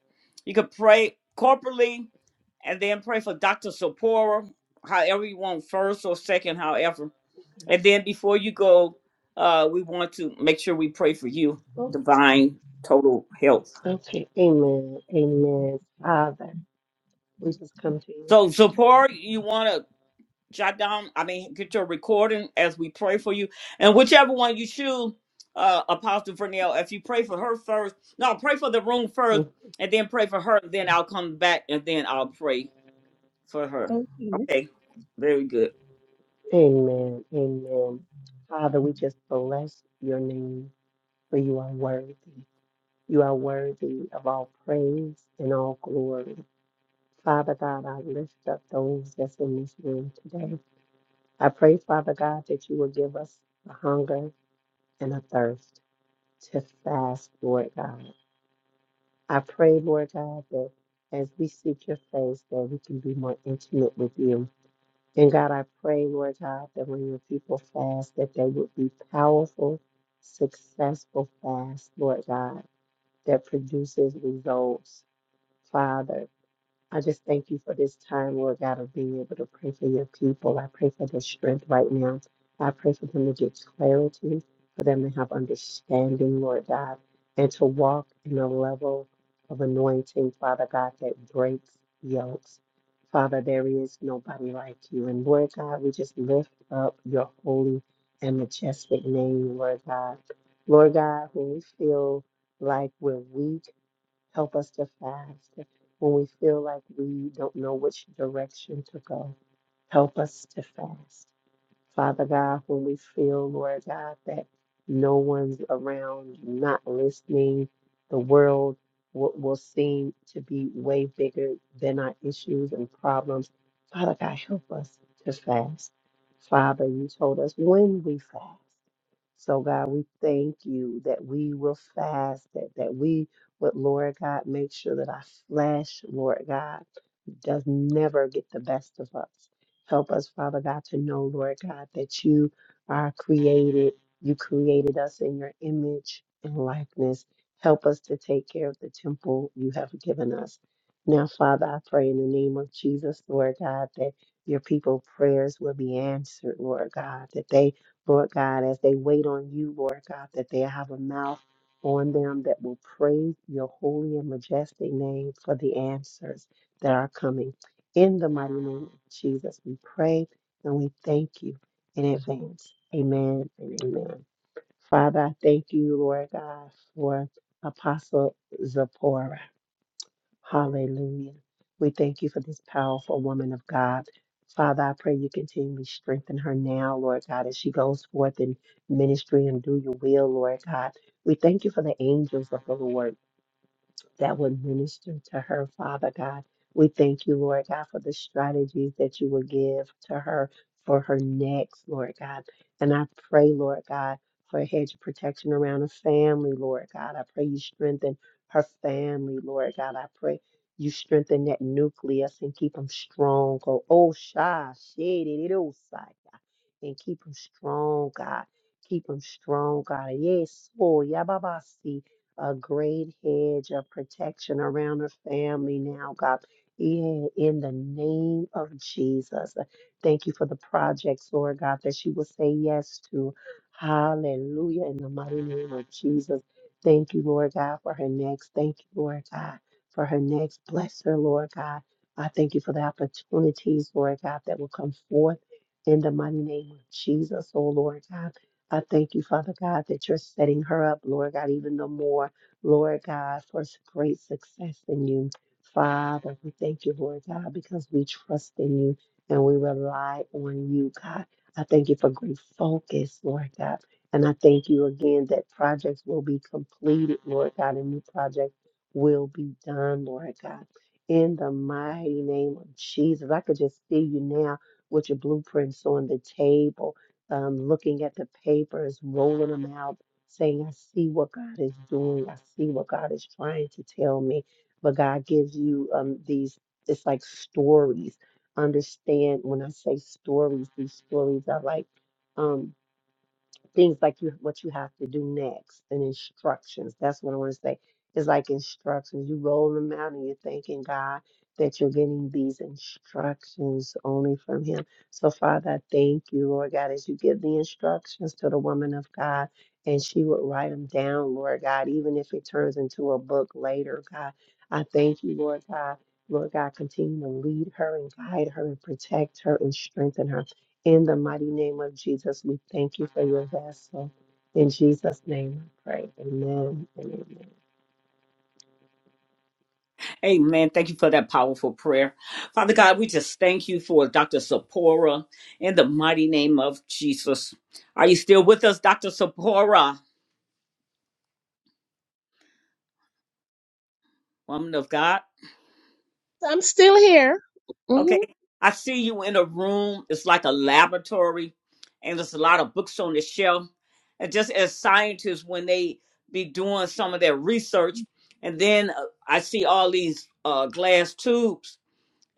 [SPEAKER 1] You can pray corporately, and then pray for Doctor Sapora, however you want, first or second, however. And then before you go, uh, we want to make sure we pray for you,
[SPEAKER 2] Oh,
[SPEAKER 1] divine total health.
[SPEAKER 2] okay. Amen. Amen. Father, we just come to you.
[SPEAKER 1] So Sapora, you want to jot down, I mean, get your recording as we pray for you. And whichever one you choose, uh, Apostle Vernell, if you pray for her first, no, pray for the room first,
[SPEAKER 2] Mm.
[SPEAKER 1] and then pray for her, then I'll come back and then I'll pray for her. Okay, very good.
[SPEAKER 2] Amen. Amen. Father, we just bless your name, for you are worthy. You are worthy of all praise and all glory. Father God, I lift up those that's in this room today. I pray, Father God, that you will give us a hunger and a thirst to fast, Lord God. I pray, Lord God, that as we seek your face, that we can be more intimate with you. And God, I pray, Lord God, that when your people fast, that they would be powerful, successful fast, Lord God, that produces results, Father. I just thank you for this time, Lord God, of being able to pray for your people. I pray for their strength right now. I pray for them to get clarity, for them to have understanding, Lord God, and to walk in a level of anointing, Father God, that breaks yokes. Father, there is nobody like you. And Lord God, we just lift up your holy and majestic name, Lord God. Lord God, when we feel like we're weak, Help us to fast when we feel like we don't know which direction to go. Help us to fast. Father God, when we feel, Lord God, that no one's around, not listening, the world will, will seem to be way bigger than our issues and problems. Father God, help us to fast. Father, you told us when we fast. So, God, we thank you that we will fast, that, that we would, Lord God, make sure that our flesh, Lord God, does never get the best of us. Help us, Father God, to know, Lord God, that you are created. You created us in your image and likeness. Help us to take care of the temple you have given us. Now, Father, I pray in the name of Jesus, Lord God, that your people prayers will be answered, Lord God, that they, Lord God, as they wait on you, Lord God, that they have a mouth on them that will praise your holy and majestic name for the answers that are coming. In the mighty name of Jesus, we pray and we thank you in advance. Amen and amen. Father, I thank you, Lord God, for Apostle Zipporah. Hallelujah. We thank you for this powerful woman of God. Father, I pray you continually strengthen her now, Lord God, as she goes forth in ministry and do your will, Lord God. We thank you for the angels of the Lord that would minister to her, Father God. We thank you, Lord God, for the strategies that you will give to her for her next, Lord God. And I pray, Lord God, for a hedge of protection around her family, Lord God. I pray you strengthen her family, Lord God. I pray you strengthen that nucleus and keep them strong. Oh, oh, shy, shady, and keep them strong, God. Keep them strong, God. Yes, Lord. Yababasi. A great hedge of protection around her family now, God. Yeah, in the name of Jesus. Thank you for the projects, Lord God, that she will say yes to. Hallelujah. In the mighty name of Jesus. Thank you, Lord God, for her next. Thank you, Lord God, for her next. Bless her, Lord God. I thank you for the opportunities, Lord God, that will come forth in the mighty name of Jesus, oh Lord God. I thank you, Father God, that you're setting her up, Lord God, even the more, Lord God, for s- great success in you. Father, we thank you, Lord God, because we trust in you and we rely on you, God. I thank you for great focus, Lord God. And I thank you again that projects will be completed, Lord God, and new projects will be done, Lord God. In the mighty name of Jesus, I could just see you now with your blueprints on the table, um, looking at the papers, rolling them out, saying, I see what God is doing. I see what God is trying to tell me. But God gives you um, these, it's like stories. Understand when I say stories, these stories are like, um, things like you what you have to do next and instructions. That's what I want to say. It's like instructions. You roll them out and you're thanking God that you're getting these instructions only from Him. So, Father, I thank you, Lord God, as you give the instructions to the woman of God and she would write them down, Lord God, even if it turns into a book later, God. I thank you, Lord God. Lord God, continue to lead her and guide her and protect her and strengthen her. In the mighty name of Jesus, we thank you for your vessel. In Jesus' name, I pray. Amen and amen.
[SPEAKER 1] Amen. Thank you for that powerful prayer. Father God, we just thank you for Dr. Sapora in the mighty name of Jesus. Are you still with us, Dr. Sapora, woman of God?
[SPEAKER 6] I'm still here.
[SPEAKER 1] Okay.
[SPEAKER 6] hmm
[SPEAKER 1] I see you in a room. It's like a laboratory, and there's a lot of books on the shelf. And just as scientists, when they be doing some of their research, and then uh, I see all these uh, glass tubes,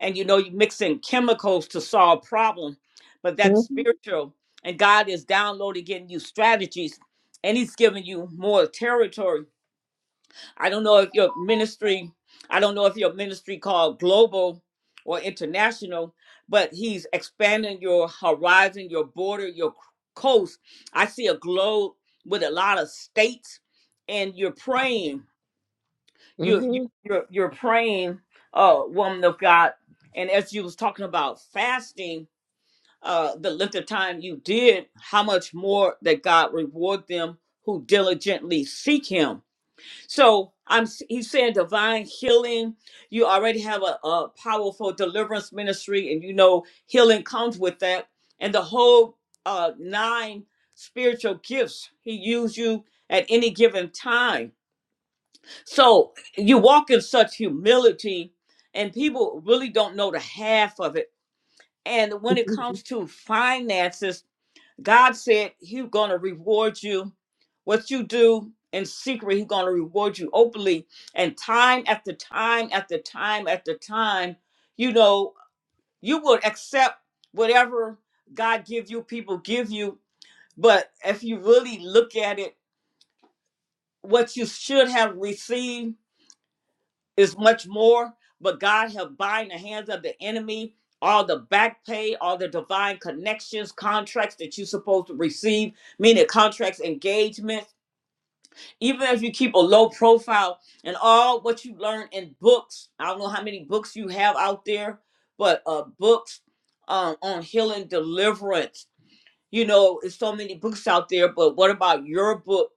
[SPEAKER 1] and you know, you mix in chemicals to solve problems, but that's
[SPEAKER 6] hmm
[SPEAKER 1] spiritual. And God is downloading, getting you strategies, and He's giving you more territory I don't know if your ministry, I don't know if your ministry called global or international, but he's expanding your horizon, your border, your coast. I see a globe with a lot of states, and you're praying. You, you you're you're praying, uh, woman of God. And as you was talking about fasting, uh, the length of time you did, how much more that God reward them who diligently seek Him so I'm he's saying divine healing. You already have a, a powerful deliverance ministry, and you know healing comes with that. And the whole uh, nine spiritual gifts he used you at any given time. So you walk in such humility, and people really don't know the half of it. And when it comes to finances, God said He's going to reward you. What you do in secret, He's going to reward you openly. And time after time after time after time, you know, you will accept whatever God give you, people give you. But if you really look at it, what you should have received it's much more, but God have bind the hands of the enemy, all the back pay, all the divine connections, contracts that you're supposed to receive, meaning contracts, engagements. Even if you keep a low profile and all what you learn in books, I don't know how many books you have out there, but uh, books um, on healing deliverance you know, it's so many books out there, but what about your book?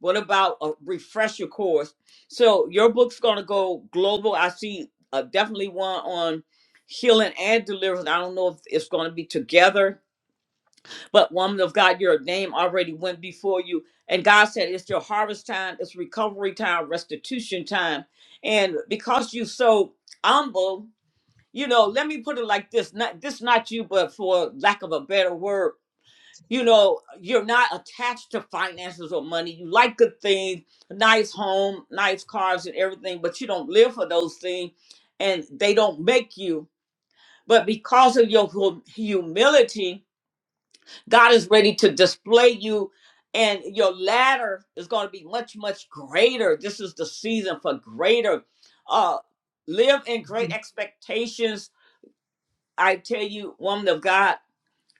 [SPEAKER 1] What about a refresher course? So your book's going to go global. I see uh, definitely one on healing and deliverance. I don't know if it's going to be together, but woman of God, your name already went before you. And God said, it's your harvest time, it's recovery time, restitution time. And because you so humble, you know, let me put it like this. Not this not you, but for lack of a better word you know, you're not attached to finances or money. You like good things, nice home, nice cars, and everything, but you don't live for those things and they don't make you. But because of your hum- humility, God is ready to display you, and your ladder is going to be much, much greater. This is the season for greater. Uh, live in great expectations. I tell you, woman of God.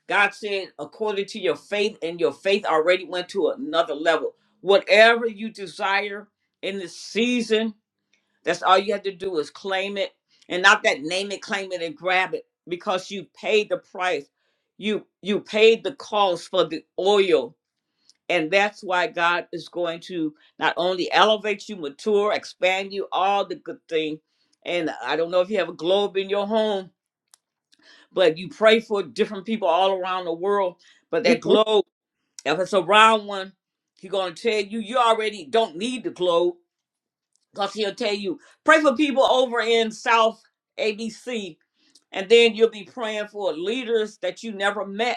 [SPEAKER 1] God said, according to your faith, and your faith already went to another level. Whatever you desire in this season, that's all you have to do is claim it and not that name it, claim it, and grab it because you paid the price. You you paid the cost for the oil. And that's why God is going to not only elevate you, mature, expand you, all the good thing. And I don't know if you have a globe in your home, but you pray for different people all around the world. But that globe, if it's a round one, he gonna tell you you already don't need the globe. Cause he'll tell you, pray for people over in South ABC, and then you'll be praying for leaders that you never met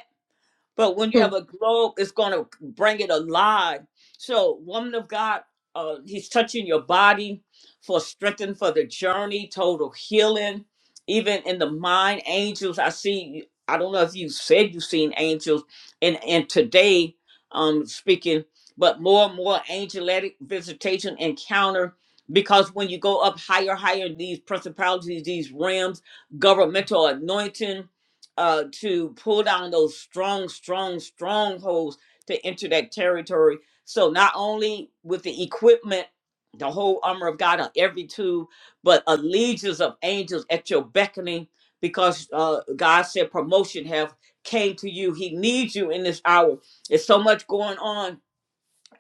[SPEAKER 1] but when you have a globe, it's going to bring it alive. So, woman of God, uh, he's touching your body for strengthening for the journey, total healing, even in the mind. Angels, I see. I don't know if you said you've seen angels, and and today, um, speaking, but more and more angelic visitation encounter. Because when you go up higher, higher, in these principalities, these realms, governmental anointing, uh, to pull down those strong, strong strongholds to enter that territory. So not only with the equipment, the whole armor of God on every tube, but a legions of angels at your beckoning, because uh, God said promotion have came to you. He needs you in this hour. There's so much going on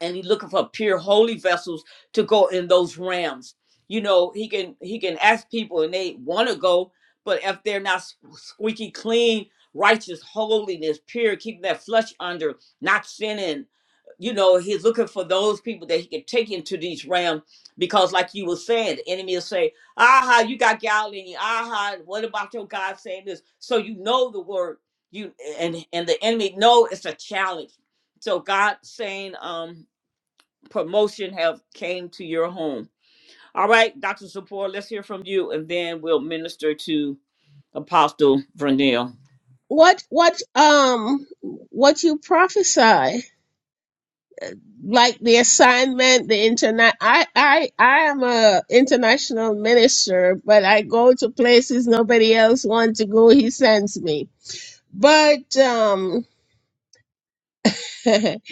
[SPEAKER 1] and he's looking for pure holy vessels to go in those realms. You know, he can he can ask people and they want to go, but if they're not s- squeaky clean, righteous, holiness, pure, keeping that flesh under, not sinning, you know, he's looking for those people that he can take into these realms because, like you were saying, the enemy will say, "Aha, you got Galilee. Aha, what about your God saying this?" So you know the word. You and and the enemy know it's a challenge. So God saying, um, promotion have came to your home. All right, Dr. Support, let's hear from you, and then we'll minister to Apostle Vernell.
[SPEAKER 6] what what um what you prophesy? like the assignment, the internet. I I I am a international minister, but I go to places nobody else wants to go. He sends me. But um, but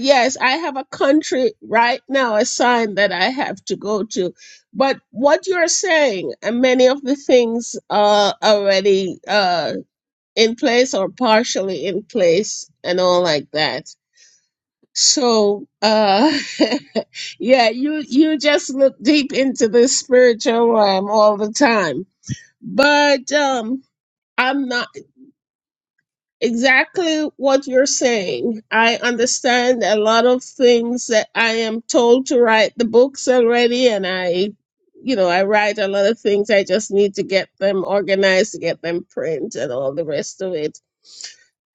[SPEAKER 6] yes, I have a country right now assigned that I have to go to. But what you're saying, and many of the things are already uh in place or partially in place, and all like that So, uh, yeah, you, you just look deep into the spiritual realm all the time. But, um, I'm not exactly what you're saying. I understand a lot of things that I am told to write the books already, and I, you know, I write a lot of things. I just need to get them organized, to get them print, and all the rest of it.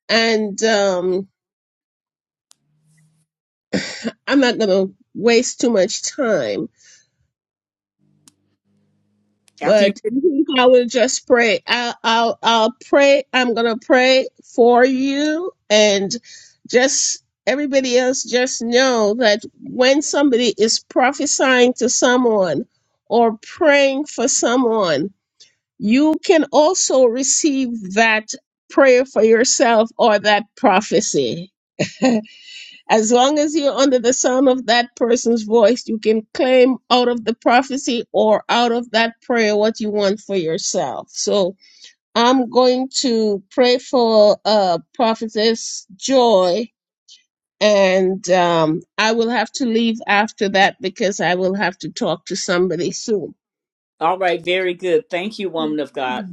[SPEAKER 6] And, um, I'm not going to waste too much time
[SPEAKER 1] After you,
[SPEAKER 6] but I think I will just pray. I'll, I'll, I'll pray. I'm going to pray for you and just everybody else just know that when somebody is prophesying to someone or praying for someone, you can also receive that prayer for yourself or that prophecy. As long as you're under the sound of that person's voice, you can claim out of the prophecy or out of that prayer what you want for yourself. So I'm going to pray for uh, Prophetess Joy, and um, I will have to leave after that because I will have to talk to somebody soon.
[SPEAKER 1] all right, very good. Thank you, woman of God,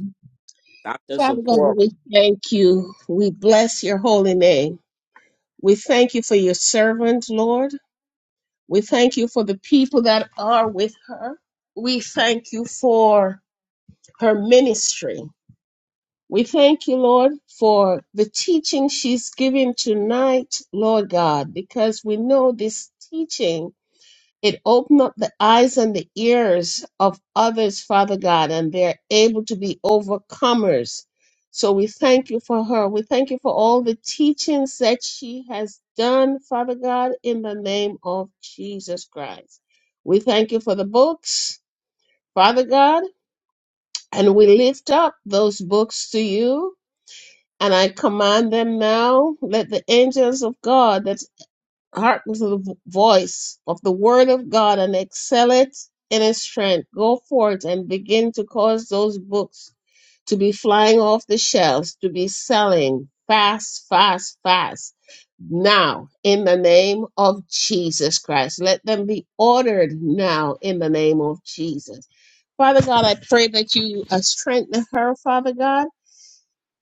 [SPEAKER 1] Dr.
[SPEAKER 6] Father God,
[SPEAKER 1] Support.
[SPEAKER 6] we thank you. We bless your holy name. We thank you for your servant, Lord. We thank you for the people that are with her. We thank you for her ministry. We thank you, Lord, for the teaching she's giving tonight, Lord God, because we know this teaching it opened up the eyes and the ears of others, Father God, and they're able to be overcomers. So we thank you for her. We thank you for all the teachings that she has done, Father God, in the name of Jesus Christ. We thank you for the books, Father God, and we lift up those books to you. And I command them now. Let the angels of God that hearken to the voice of the word of God and excel it in its strength. Go forth and begin to cause those books to be flying off the shelves, to be selling fast, fast, fast. Now, in the name of Jesus Christ, let them be ordered now in the name of Jesus. Father God, I pray that you uh, strengthen her, Father God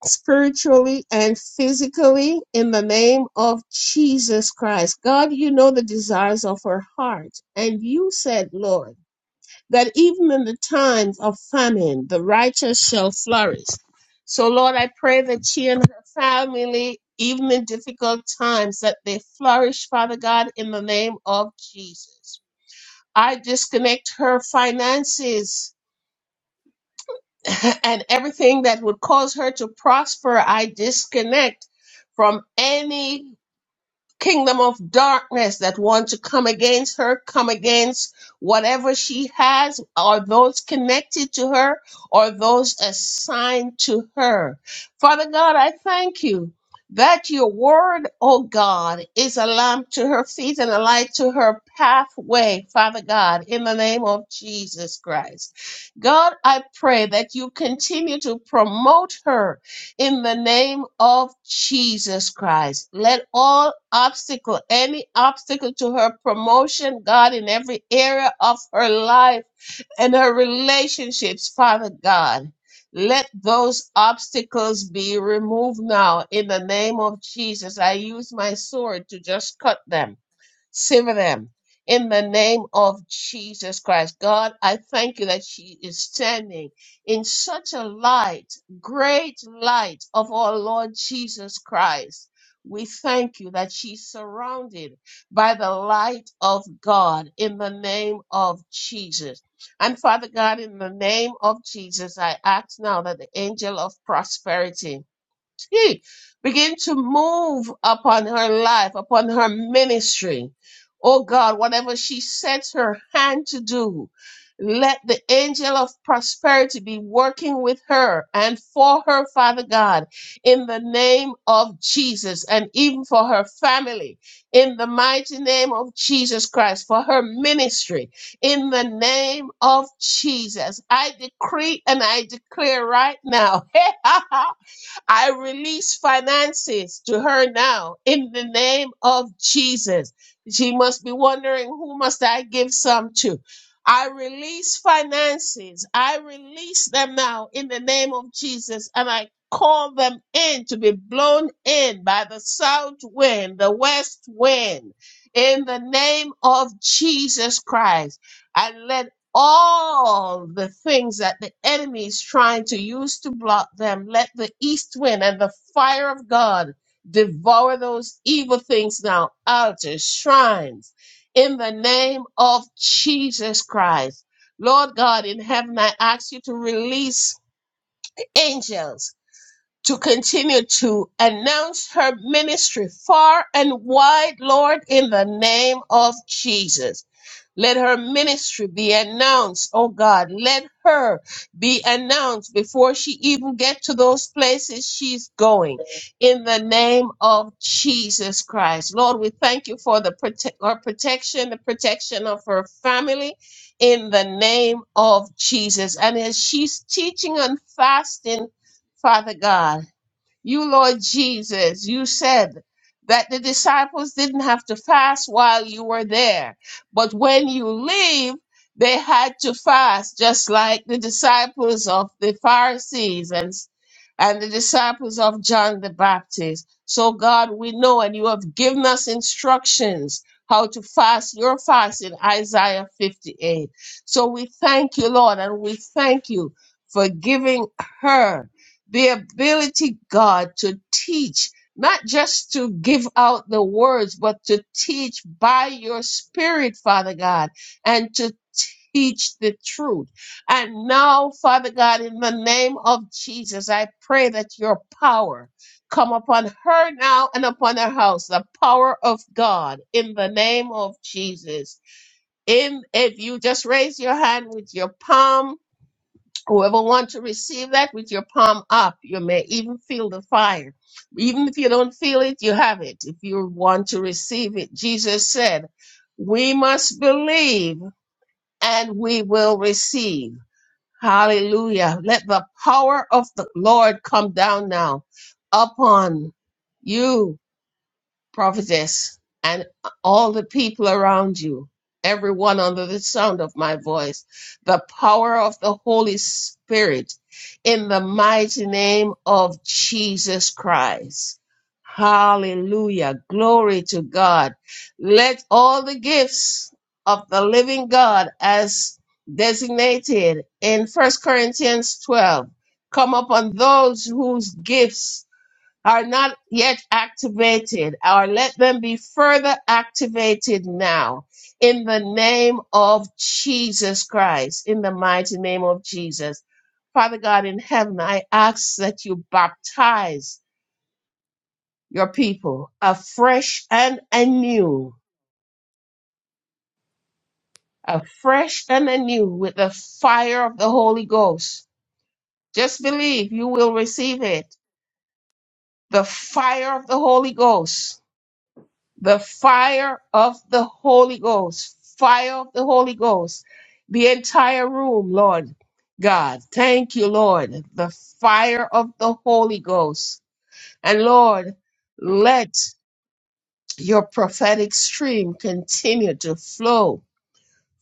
[SPEAKER 6] spiritually and physically in the name of Jesus Christ. God, you know the desires of her heart. And you said, Lord, that even in the times of famine, the righteous shall flourish. So, Lord, I pray that she and her family, even in difficult times, that they flourish, Father God, in the name of Jesus. I disconnect her finances and everything that would cause her to prosper, I disconnect from any kingdom of darkness that want to come against her, come against whatever she has, or those connected to her, or those assigned to her. Father God, I thank you that your word, oh God, is a lamp to her feet and a light to her pathway, Father God, in the name of Jesus Christ. God, I pray that you continue to promote her in the name of Jesus Christ. Let all obstacle, any obstacle to her promotion, God, in every area of her life and her relationships, Father God. Let those obstacles be removed now in the name of Jesus. I use my sword to just cut them Sever them in the name of Jesus Christ. God, I thank you that she is standing in such a light, great light of our Lord Jesus Christ. We thank you that she's surrounded by the light of God in the name of Jesus. And Father God, in the name of Jesus, I ask now that the angel of prosperity Gee, begin to move upon her life, upon her ministry. Oh God, whatever she sets her hand to do, let the angel of prosperity be working with her and for her, Father God, in the name of Jesus, and even for her family, in the mighty name of Jesus Christ, for her ministry, in the name of Jesus. I decree and I declare right now I release finances to her now in the name of Jesus. She must be wondering who must I give some to. I release finances. I release them now in the name of Jesus and I call them in to be blown in by the south wind, the west wind in the name of Jesus Christ. And let all the things that the enemy is trying to use to block them. Let the east wind and the fire of God devour those evil things now, altars, shrines, in the name of Jesus Christ. Lord God in heaven, I ask you to release angels to continue to announce her ministry far and wide, Lord, in the name of Jesus. Let her ministry be announced, oh God. Let her be announced before she even get to those places she's going. In the name of Jesus Christ. Lord, we thank you for the prote- her protection, the protection of her family in the name of Jesus. And as she's teaching on fasting, Father God. You, Lord Jesus, you said that the disciples didn't have to fast while you were there, but when you leave, they had to fast, just like the disciples of the Pharisees and and the disciples of John the Baptist. So, God, we know, and you have given us instructions how to fast your fast in Isaiah 58. So, we thank you, Lord, and we thank you for giving her the ability, God, to teach, not just to give out the words, but to teach by your spirit, Father God, and to teach the truth. And now, Father God, in the name of Jesus, I pray that your power come upon her now and upon her house, the power of God, in the name of Jesus. In, if you just raise your hand with your palm, Whoever wants to receive that with your palm up, you may even feel the fire. Even if you don't feel it, you have it. If you want to receive it, Jesus said, we must believe and we will receive. Hallelujah. Let the power of the Lord come down now upon you prophetess, and all the people around you, everyone under the sound of my voice, the power of the Holy Spirit in the mighty name of Jesus Christ. Hallelujah. Glory to God. Let all the gifts of the living God as designated in First Corinthians 12 come upon those whose gifts are not yet activated, or let them be further activated now in the name of Jesus Christ, in the mighty name of Jesus. Father God in heaven, I ask that you baptize your people afresh and anew, afresh and anew with the fire of the Holy Ghost. Just believe you will receive it. The fire of the Holy Ghost the fire of the Holy Ghost, fire of the Holy Ghost, the entire room, Lord God. Thank you, Lord, the fire of the Holy Ghost. And Lord, let your prophetic stream continue to flow,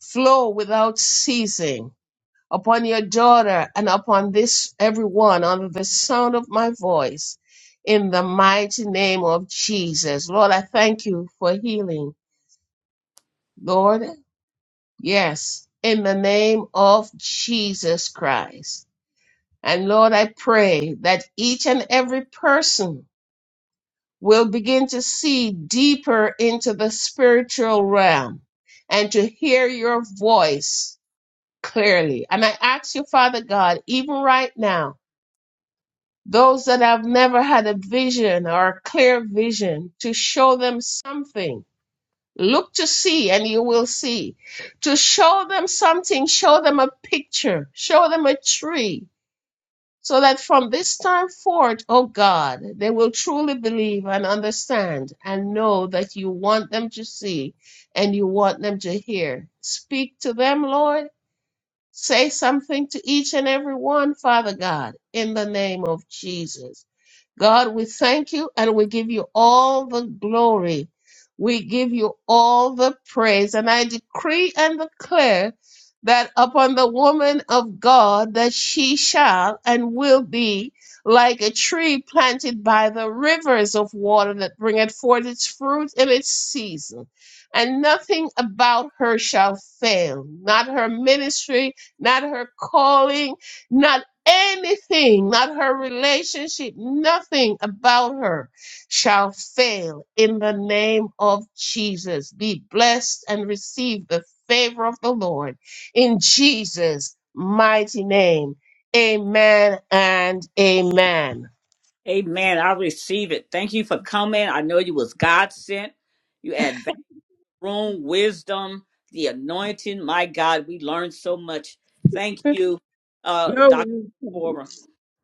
[SPEAKER 6] flow without ceasing upon your daughter and upon this everyone under the sound of my voice. In the mighty name of Jesus. Lord, I thank you for healing. Lord, yes, in the name of Jesus Christ. And Lord, I pray that each and every person will begin to see deeper into the spiritual realm and to hear your voice clearly. And I ask you, Father God, even right now, those that have never had a vision or a clear vision, to show them something Look to see, and you will see. To show them something, show them a picture, show them a tree, so that from this time forth, O God, they will truly believe and understand and know that you want them to see and you want them to hear. Speak to them, Lord. Say something to each and every one, Father God, in the name of Jesus. God, we thank you and we give you all the glory. We give you all the praise. And I decree and declare that upon the woman of God that she shall and will be like a tree planted by the rivers of water that bringeth forth its fruit in its season. And nothing about her shall fail, not her ministry, not her calling, not anything, not her relationship, nothing about her shall fail in the name of Jesus. Be blessed and receive the favor of the Lord in Jesus' mighty name. Amen and amen.
[SPEAKER 1] Amen. I receive it. Thank you for coming. I know you was God sent. You had that room, wisdom, the anointing. My God, we learned so much. Thank
[SPEAKER 6] You're
[SPEAKER 1] you, uh, Dr.
[SPEAKER 6] welcome.
[SPEAKER 1] Support.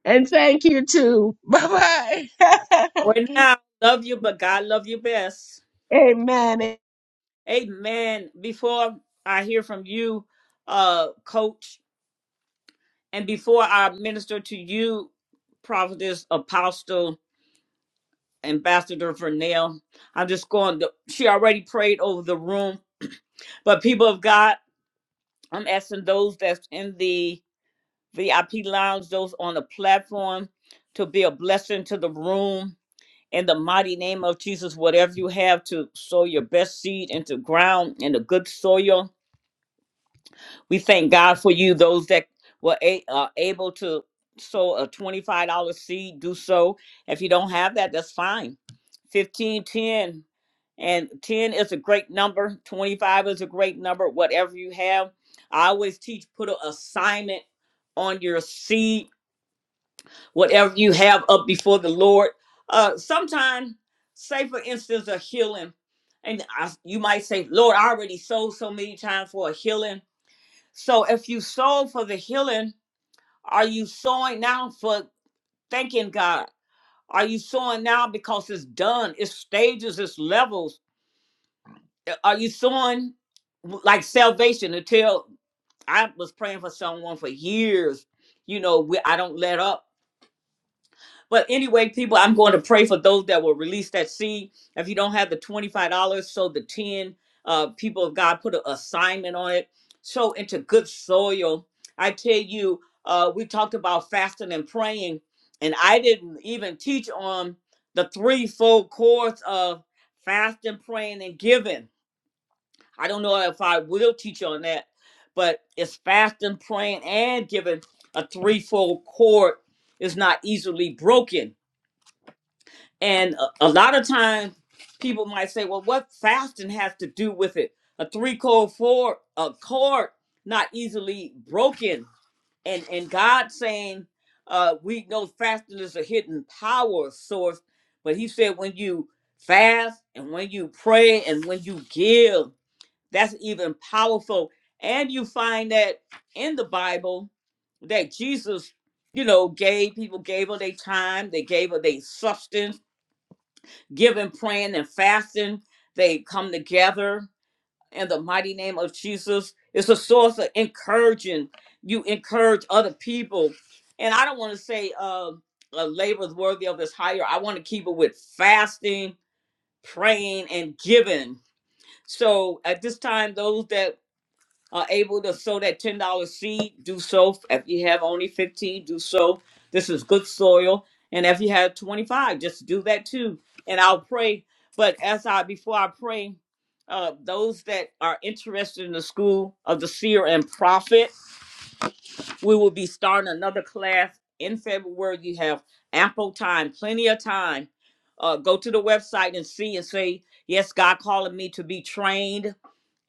[SPEAKER 6] And thank you too. Bye bye.
[SPEAKER 1] Right now, love you, but God love you best.
[SPEAKER 6] amen.
[SPEAKER 1] Amen. Before I hear from you, uh, coach, and before I minister to you, prophetess, apostle, ambassador Vernell, I'm just going to, she already prayed over the room, but people of God, I'm asking those that's in the VIP lounge, those on the platform to be a blessing to the room in the mighty name of Jesus, whatever you have to sow your best seed into ground in the good soil. We thank God for you, those that were a- uh, able to sow a $25 seed, do so. If you don't have that, that's fine. 15, 10, and 10 is a great number. 25 is a great number, whatever you have. I always teach, put an assignment on your seed whatever you have up before the Lord. Uh, sometimes, say for instance, a healing, and I, you might say, "Lord, I already sold so many times for a healing." So, if you sold for the healing, are you sowing now for thanking God? Are you sowing now because it's done? It's stages, it's levels. Are you sowing like salvation until I was praying for someone for years? You know, we, I don't let up But anyway, people, I'm going to pray for those that will release that seed. If you don't have the $25, so the 10 uh, people of God put an assignment on it. Sow into good soil. I tell you, uh, we talked about fasting and praying, and I didn't even teach on the threefold course of fasting, praying, and giving. I don't know if I will teach on that, but it's fasting, praying, and giving a threefold cord is not easily broken and a, a lot of times people might say, well, what fasting has to do with it? A three chord four a chord not easily broken. And and God saying, uh, we know fasting is a hidden power source, but he said when you fast and when you pray and when you give, that's even powerful. And you find that in the Bible that Jesus, you know, gave people gave of their time, they gave of their substance giving, praying, and fasting. They come together in the mighty name of Jesus. It's a source of encouraging. You encourage other people. And I don't want to say uh, a labor is worthy of his hire. I want to keep it with fasting, praying, and giving. So at this time, those that are able to sow that ten dollar seed, do so. If you have only fifteen, do so. This is good soil, and if you have twenty five, just do that too. And I'll pray. But as I before I pray, uh, those that are interested in the school of the seer and prophet, we will be starting another class in February. You have ample time, plenty of time. Uh, go to the website and see and say, yes, God calling me to be trained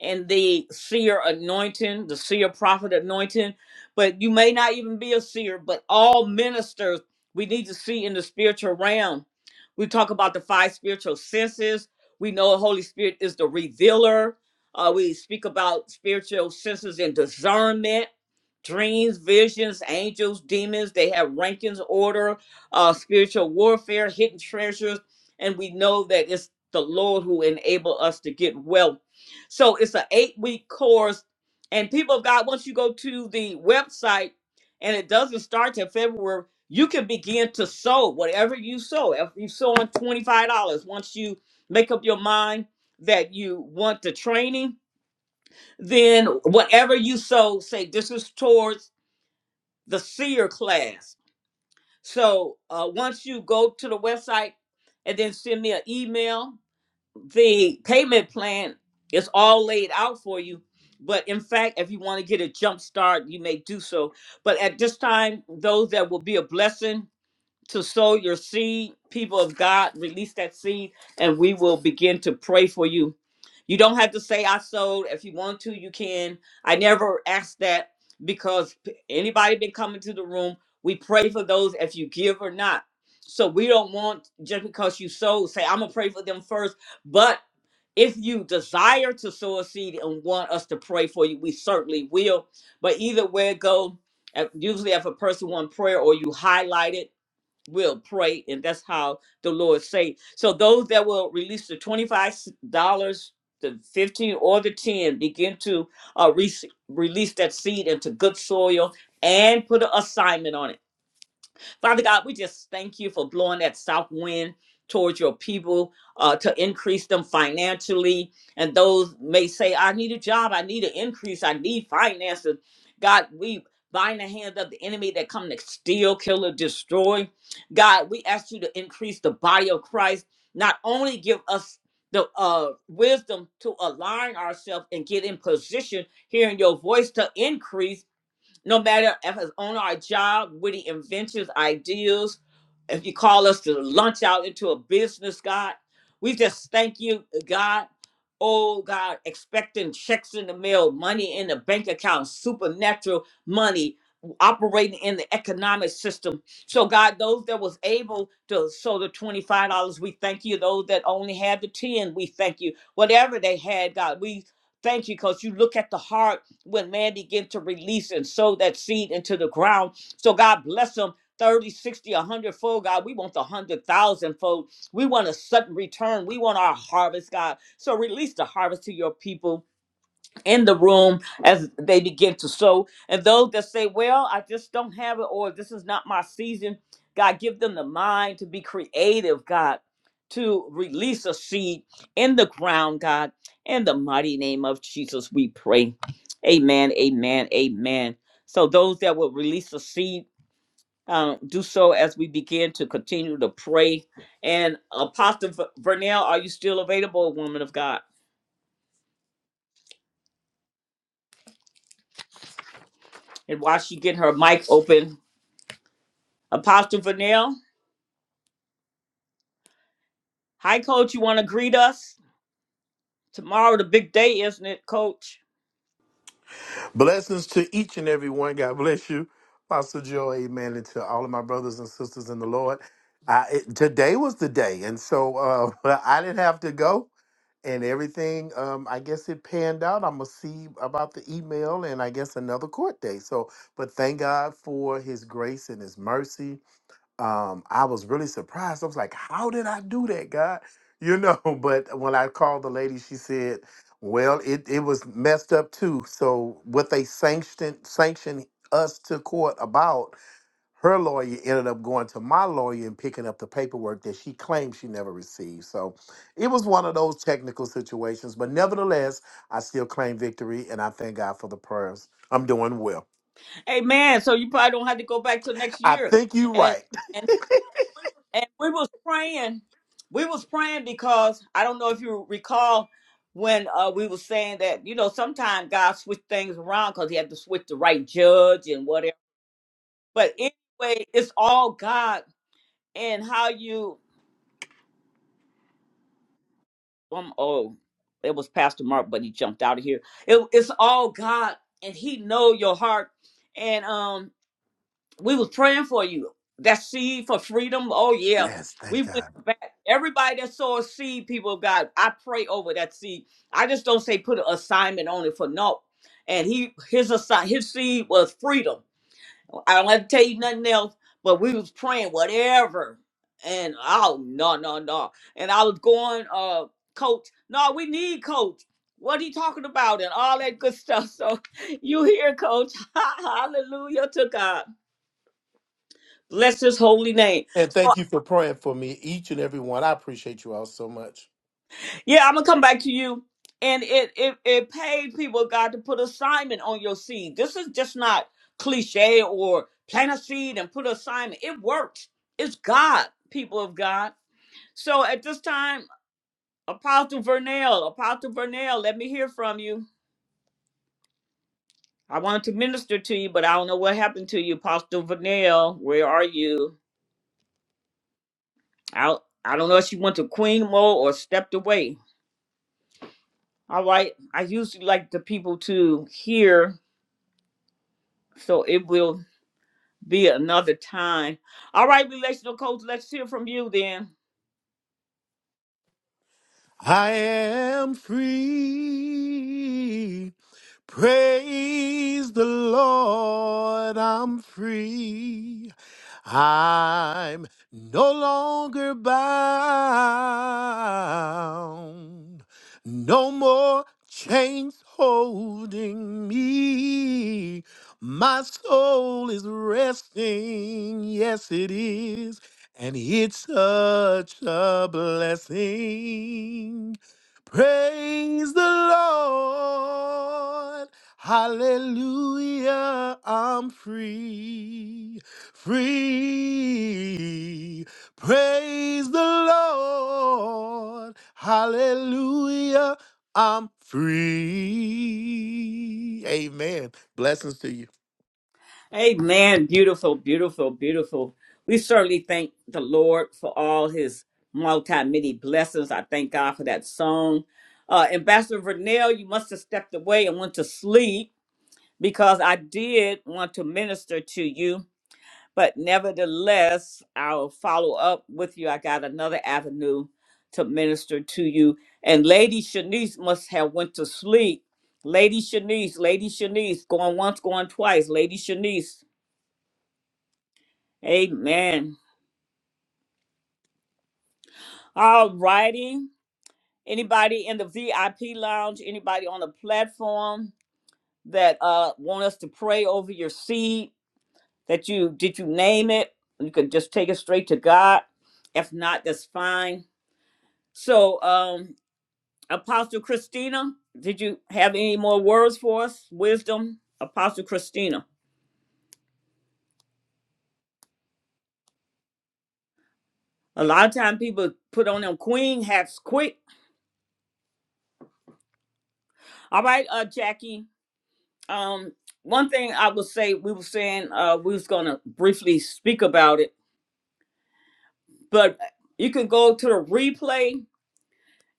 [SPEAKER 1] and the seer anointing, the seer prophet anointing. But you may not even be a seer, but all ministers we need to see in the spiritual realm. We talk about the five spiritual senses. We know the Holy Spirit is the revealer. Uh, we speak about spiritual senses and discernment, dreams, visions, angels, demons. They have rankings, order, uh, spiritual warfare, hidden treasures. And we know that it's the Lord who enable us to get wealth so it's an eight week course. And people of God, once you go to the website and it doesn't start till February, you can begin to sow whatever you sow. If you sow on $25, once you make up your mind that you want the training, then whatever you sow, say this is towards the seer class. So uh, once you go to the website and then send me an email the payment plan is all laid out for you. But in fact, if you want to get a jump start, you may do so. But at this time, those that will be a blessing to sow your seed, people of God, release that seed, and we will begin to pray for you. You don't have to say I sold. If you want to, you can. I never ask that because p- anybody been coming to the room, we pray for those if you give or not. So we don't want just because you sold, say I'm gonna pray for them first. But if you desire to sow a seed and want us to pray for you, we certainly will. But either way it go, if- usually if a person want prayer or you highlight it, will pray and that's how the lord say so those that will release the $25 the 15 or the 10 begin to uh, re- release that seed into good soil and put an assignment on it Father God, we just thank you for blowing that south wind towards your people uh, to increase them financially. And those may say, I need a job, I need an increase, I need finances. God, we bind the hands of the enemy that come to steal, kill, or destroy. God, we ask you to increase the body of Christ. Not only give us the uh, wisdom to align ourselves and get in position, hearing your voice to increase no matter if it's on our job, witty inventions, ideals if you call us to launch out into a business, God, we just thank you, God. Oh God, expecting checks in the mail, money in the bank account, supernatural money operating in the economic system. So God, those that was able to sow the $25, we thank you. Those that only had the 10, we thank you. Whatever they had, God, we thank you because you look at the heart when man begin to release and sow that seed into the ground. So God bless them 30, 60, a 100 fold, God. We want the 100,000 fold. We want a sudden return. We want our harvest, God. So release the harvest to your people in the room as they begin to sow. And those that say, Well, I just don't have it, or this is not my season, God, give them the mind to be creative, God, to release a seed in the ground, God. In the mighty name of Jesus, we pray. Amen, amen, amen. So, those that will release a seed, um, do so as we begin to continue to pray. And Apostle Vernell, are you still available, woman of God? And while she get her mic open, Apostle Vanille. Hi, Coach. You want to greet us? Tomorrow, the big day, isn't it, Coach?
[SPEAKER 8] Blessings to each and every one. God bless you, Pastor Joe. Amen. And to all of my brothers and sisters in the Lord. I, it, today was the day, and so uh, I didn't have to go, and everything. Um, I guess it panned out. I'm gonna see about the email, and I guess another court day. So, but thank God for His grace and His mercy um, I was really surprised. I was like, how did I do that, God? You know, but when I called the lady, she said, well, it, it was messed up too. So what they sanctioned sanctioned us to court about, her lawyer ended up going to my lawyer and picking up the paperwork that she claimed she never received. So it was one of those technical situations. But nevertheless, I still claim victory and I thank God for the prayers. I'm doing well.
[SPEAKER 1] Amen. So you probably don't have to go back till next
[SPEAKER 8] I
[SPEAKER 1] year.
[SPEAKER 8] think you're
[SPEAKER 1] And
[SPEAKER 8] right.
[SPEAKER 1] and and we was praying. We was praying because I don't know if you recall when uh, we was saying that you know sometimes God switch things around because He had to switch the right judge and whatever. But anyway, it's all God and how you um oh it was pastor mark but he jumped out of here it, it's all god and he know your heart and um we was praying for you that seed for freedom oh yeah
[SPEAKER 8] Yes,
[SPEAKER 1] we
[SPEAKER 8] thank
[SPEAKER 1] went
[SPEAKER 8] God.
[SPEAKER 1] back everybody that saw a seed people of god i pray over that seed i just don't say put an assignment on it for no and he his assign his seed was freedom I don't have to tell you nothing else, but we was praying whatever. And oh no, no, no. And I was going, uh, coach, no, we need coach. What he talking about and all that good stuff. So you hear, coach. Hallelujah to God. Bless his holy name.
[SPEAKER 8] And thank you for praying for me, each and every one. I appreciate you all so much.
[SPEAKER 1] Yeah, I'm gonna come back to you. And it it it paid people of God to put assignment on your seed. This is just not cliche or plant a seed and put assignment. It works. It's God, people of God. So at this time, Apostle Vernell, Apostle Vernell, let me hear from you. I wanted to minister to you, but I don't know what happened to you, Apostle Vernell. Where are you? I I don't know if she went to Queen Mo or stepped away. All right. I usually like the people to hear, so it will be another time. All right, relational coach, let's hear from you then.
[SPEAKER 8] I am free. Praise the Lord, I'm free. I'm no longer bound. No more chains holding me. My soul is resting. Yes, it is. And it's such a blessing. Praise the Lord. Hallelujah. I'm free. Free. Praise the Lord. Hallelujah. I'm free. Amen. Blessings to you.
[SPEAKER 1] Amen. Beautiful, beautiful, beautiful. We certainly thank the Lord for all his multi many blessings. I thank God for that song. Uh, Ambassador Vernell, you must have stepped away and went to sleep because I did want to minister to you. But nevertheless, I'll follow up with you. I got another avenue to minister to you. And Lady Shanice must have went to sleep. Lady Shanice, Lady Shanice, going once, going twice. Lady Shanice, Amen. All righty. Anybody in the VIP lounge, anybody on the platform that uh want us to pray over your seed that you did you name it? You could just take it straight to God. If not, that's fine. So um Apostle Christina, did you have any more words for us? Wisdom, Apostle Christina. A lot of time people put on them queen hats quick. All right, uh Jackie, Um, one thing I would say we were saying uh, we was gonna briefly speak about it, but you can go to the replay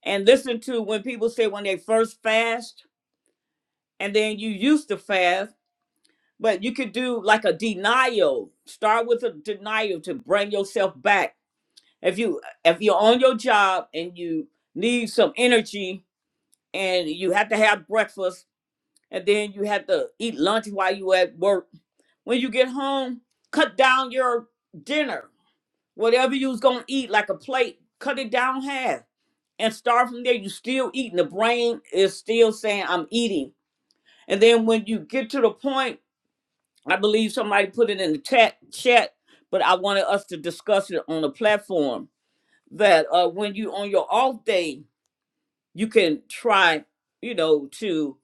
[SPEAKER 1] and listen to when people say when they first fast and then you used to fast, but you could do like a denial. Start with a denial to bring yourself back. If you if you're on your job and you need some energy and you have to have breakfast and then you have to eat lunch while you at work When you get home, cut down your dinner. Whatever you was gonna eat, like a plate, cut it down half and start from there. You still eating. The brain is still saying, I'm eating. And then when you get to the point, I believe somebody put it in the chat chat, but I wanted us to discuss it on the platform that uh when you on your off day, you can try, you know, to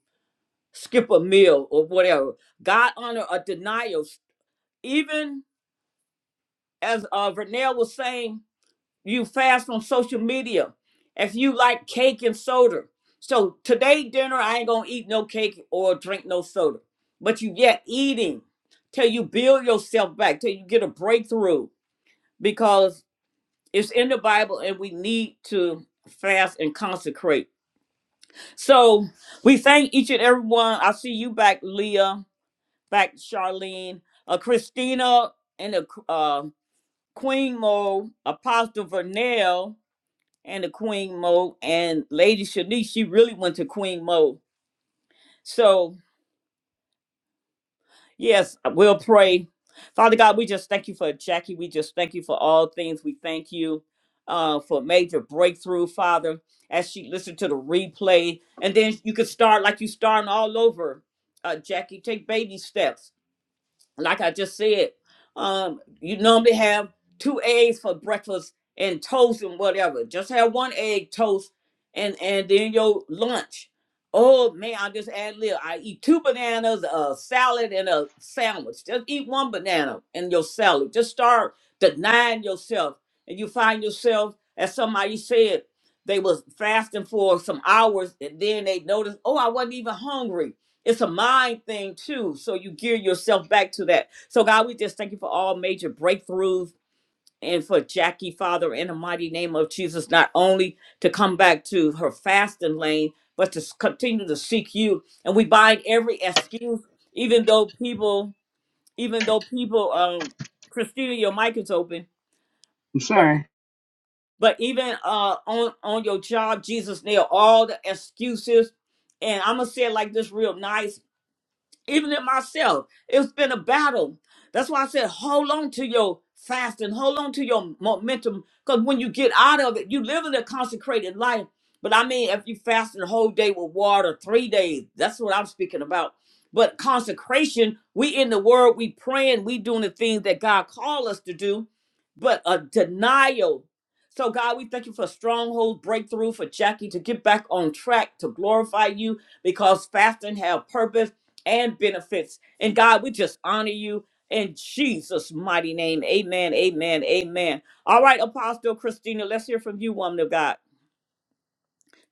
[SPEAKER 1] skip a meal or whatever. God honor a denial. Even as uh Vernell was saying, you fast on social media if you like cake and soda so today dinner i ain't gonna eat no cake or drink no soda but you yet eating till you build yourself back till you get a breakthrough because it's in the bible and we need to fast and consecrate so we thank each and every one i see you back leah back charlene uh, christina and the uh, queen Mo, apostle vernell and the Queen Mo and Lady Shanice, she really went to Queen Mo. So, yes, we'll pray. Father God, we just thank you for Jackie. We just thank you for all things. We thank you uh, for major breakthrough, Father, as she listened to the replay. And then you could start like you starting all over, uh, Jackie. Take baby steps like I just said, um, you normally have two eggs for breakfast and toast and whatever. Just have one egg toast and and then your lunch. Oh man, I just add little. I eat two bananas, a salad, and a sandwich. Just eat one banana and your salad. Just start denying yourself, and you find yourself, as somebody said, they was fasting for some hours, and then they noticed, oh, I wasn't even hungry it's a mind thing too. So you gear yourself back to that. So God, we just thank you for all major breakthroughs and for Jackie, Father, in the mighty name of Jesus, not only to come back to her fasting lane, but to s- continue to seek you. And we bind every excuse, even though people, even though people, um, Christina, your mic is open.
[SPEAKER 3] I'm
[SPEAKER 1] But
[SPEAKER 3] sorry.
[SPEAKER 1] but even uh on on your job, Jesus nail all the excuses. And I'm gonna say it like this real nice even in myself, it's been a battle. That's why I said, hold on to your fasting, hold on to your momentum, because when you get out of it, you live in a consecrated life. But I mean, if you fast the whole day with water, three days, that's what I'm speaking about. But consecration, we in the word, we praying, we doing the things that God called us to do, but a denial. So God, we thank you for stronghold breakthrough for Jackie to get back on track to glorify you because fasting have purpose and benefits. And God, we just honor you in Jesus' mighty name. Amen, amen, amen. All right, Apostle Christina, let's hear from you, woman of God.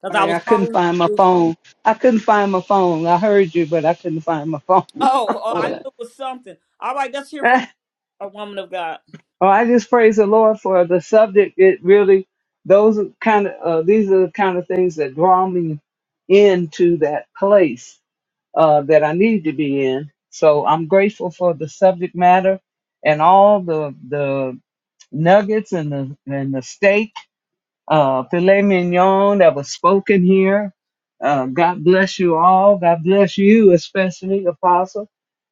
[SPEAKER 1] Because I
[SPEAKER 3] Sorry, I
[SPEAKER 1] was
[SPEAKER 3] couldn't
[SPEAKER 1] calling
[SPEAKER 3] find my
[SPEAKER 1] you.
[SPEAKER 3] phone. I couldn't find my phone. I heard you, but I couldn't find my phone.
[SPEAKER 1] Oh, oh, I knew
[SPEAKER 3] Hold
[SPEAKER 1] it was something. All right, let's hear
[SPEAKER 3] on.
[SPEAKER 1] from you, a woman of God.
[SPEAKER 3] Oh, I just praise the Lord for the subject. It really, those are kind of, uh, these are the kind of things that draw me into that place uh, that I need to be in. So I'm grateful for the subject matter and all the the nuggets and the and the steak uh, filet mignon that was spoken here. Uh, God bless you all. God bless you, especially Apostle.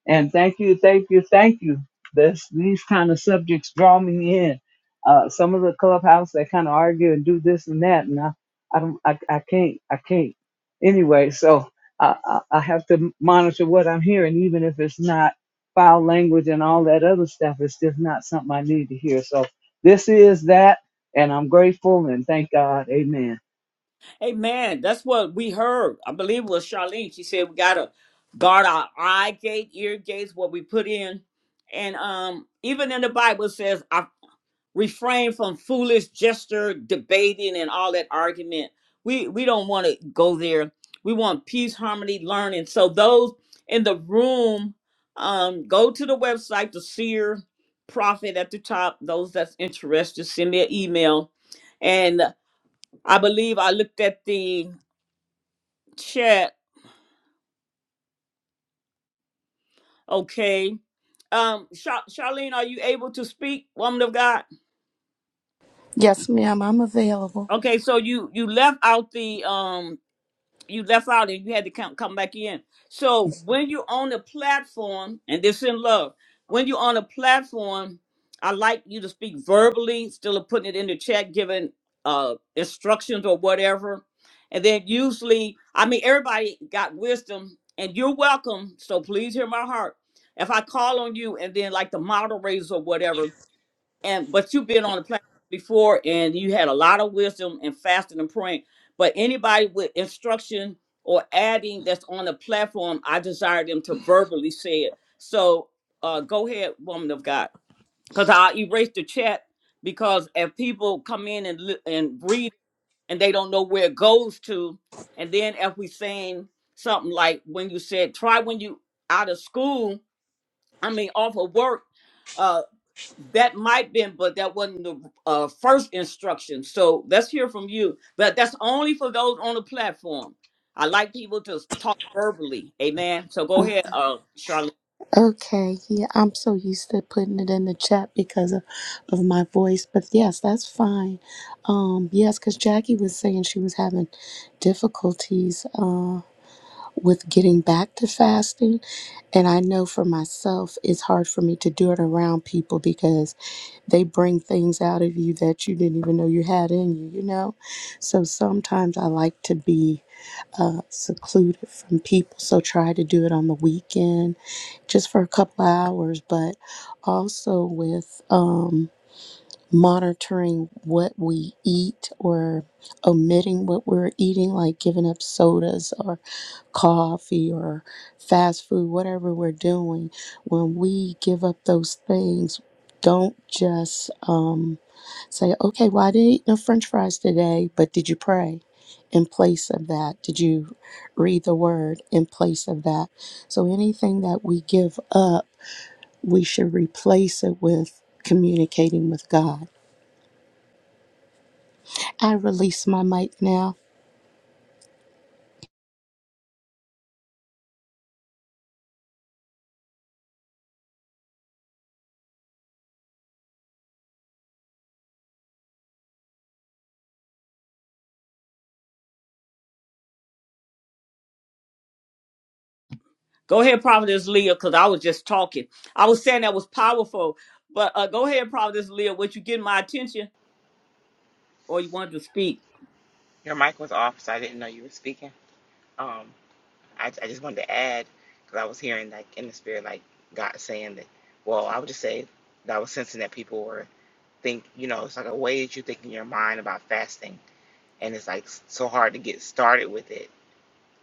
[SPEAKER 3] And thank you, thank you, thank you. This, these kind of subjects draw me in. Uh, some of the clubhouse they kind of argue and do this and that, and I, I don't, I, I can't, I can't. Anyway, so I, I, I have to monitor what I'm hearing, even if it's not foul language and all that other stuff. It's just not something I need to hear. So this is that. And I'm grateful and thank God. Amen.
[SPEAKER 1] Amen. That's what we heard. I believe it was Charlene. She said we gotta guard our eye gate, ear gates, what we put in. And um, even in the Bible it says, I refrain from foolish gesture, debating, and all that argument. We we don't want to go there. We want peace, harmony, learning. So those in the room, um, go to the website, the seer prophet at the top. Those that's interested, send me an email. And I believe I looked at the chat. Okay. Um, Char- Charlene, are you able to speak, woman of God?
[SPEAKER 4] Yes, ma'am, I'm available.
[SPEAKER 1] Okay, so you you left out the um you left out and you had to come come back in. So when you're on the platform, and this in love, when you're on a platform, I like you to speak verbally, still of putting it in the chat, giving uh instructions or whatever. And then usually, I mean, everybody got wisdom, and you're welcome. So please hear my heart. If I call on you, and then like the moderators or whatever, and but you've been on the platform before and you had a lot of wisdom and fasting and praying but anybody with instruction or adding that's on the platform i desire them to verbally say it so uh go ahead woman of god because i erase the chat because if people come in and li- and read and they don't know where it goes to and then if we saying something like when you said try when you out of school i mean off of work uh, that might been, but that wasn't the uh, first instruction. So let's hear from you. But that's only for those on the platform. I like people to talk verbally. Amen. So go ahead, uh, Charlene.
[SPEAKER 4] Okay, yeah, I'm so used to putting it in the chat because of, of my voice, but yes, that's fine. Um, yes, because Jackie was saying she was having difficulties uh, with getting back to fasting, and I know for myself it's hard for me to do it around people because they bring things out of you that you didn't even know you had in you, you know? So sometimes I like to be uh, secluded from people, so try to do it on the weekend just for a couple of hours, but also with um, monitoring what we eat or omitting what we're eating, like giving up sodas or coffee or fast food, whatever we're doing. When we give up those things, don't just um, say, okay, well, I didn't eat no french fries today, but did you pray? In place of that, did you read the word in place of that? So anything that we give up we should replace it with communicating with God. I release my mic now.
[SPEAKER 1] Go ahead, Providence Leah, because I was just talking. I was saying that was powerful. But uh, go ahead, Providence Leah. Would you get my attention or you wanted to speak?
[SPEAKER 7] Your mic was off, so I didn't know you were speaking. Um, I, I just wanted to add because I was hearing like in the spirit, like God saying that. Well, I would just say that I was sensing that people were. think you know it's like a way that you think in your mind about fasting and it's like so hard to get started with it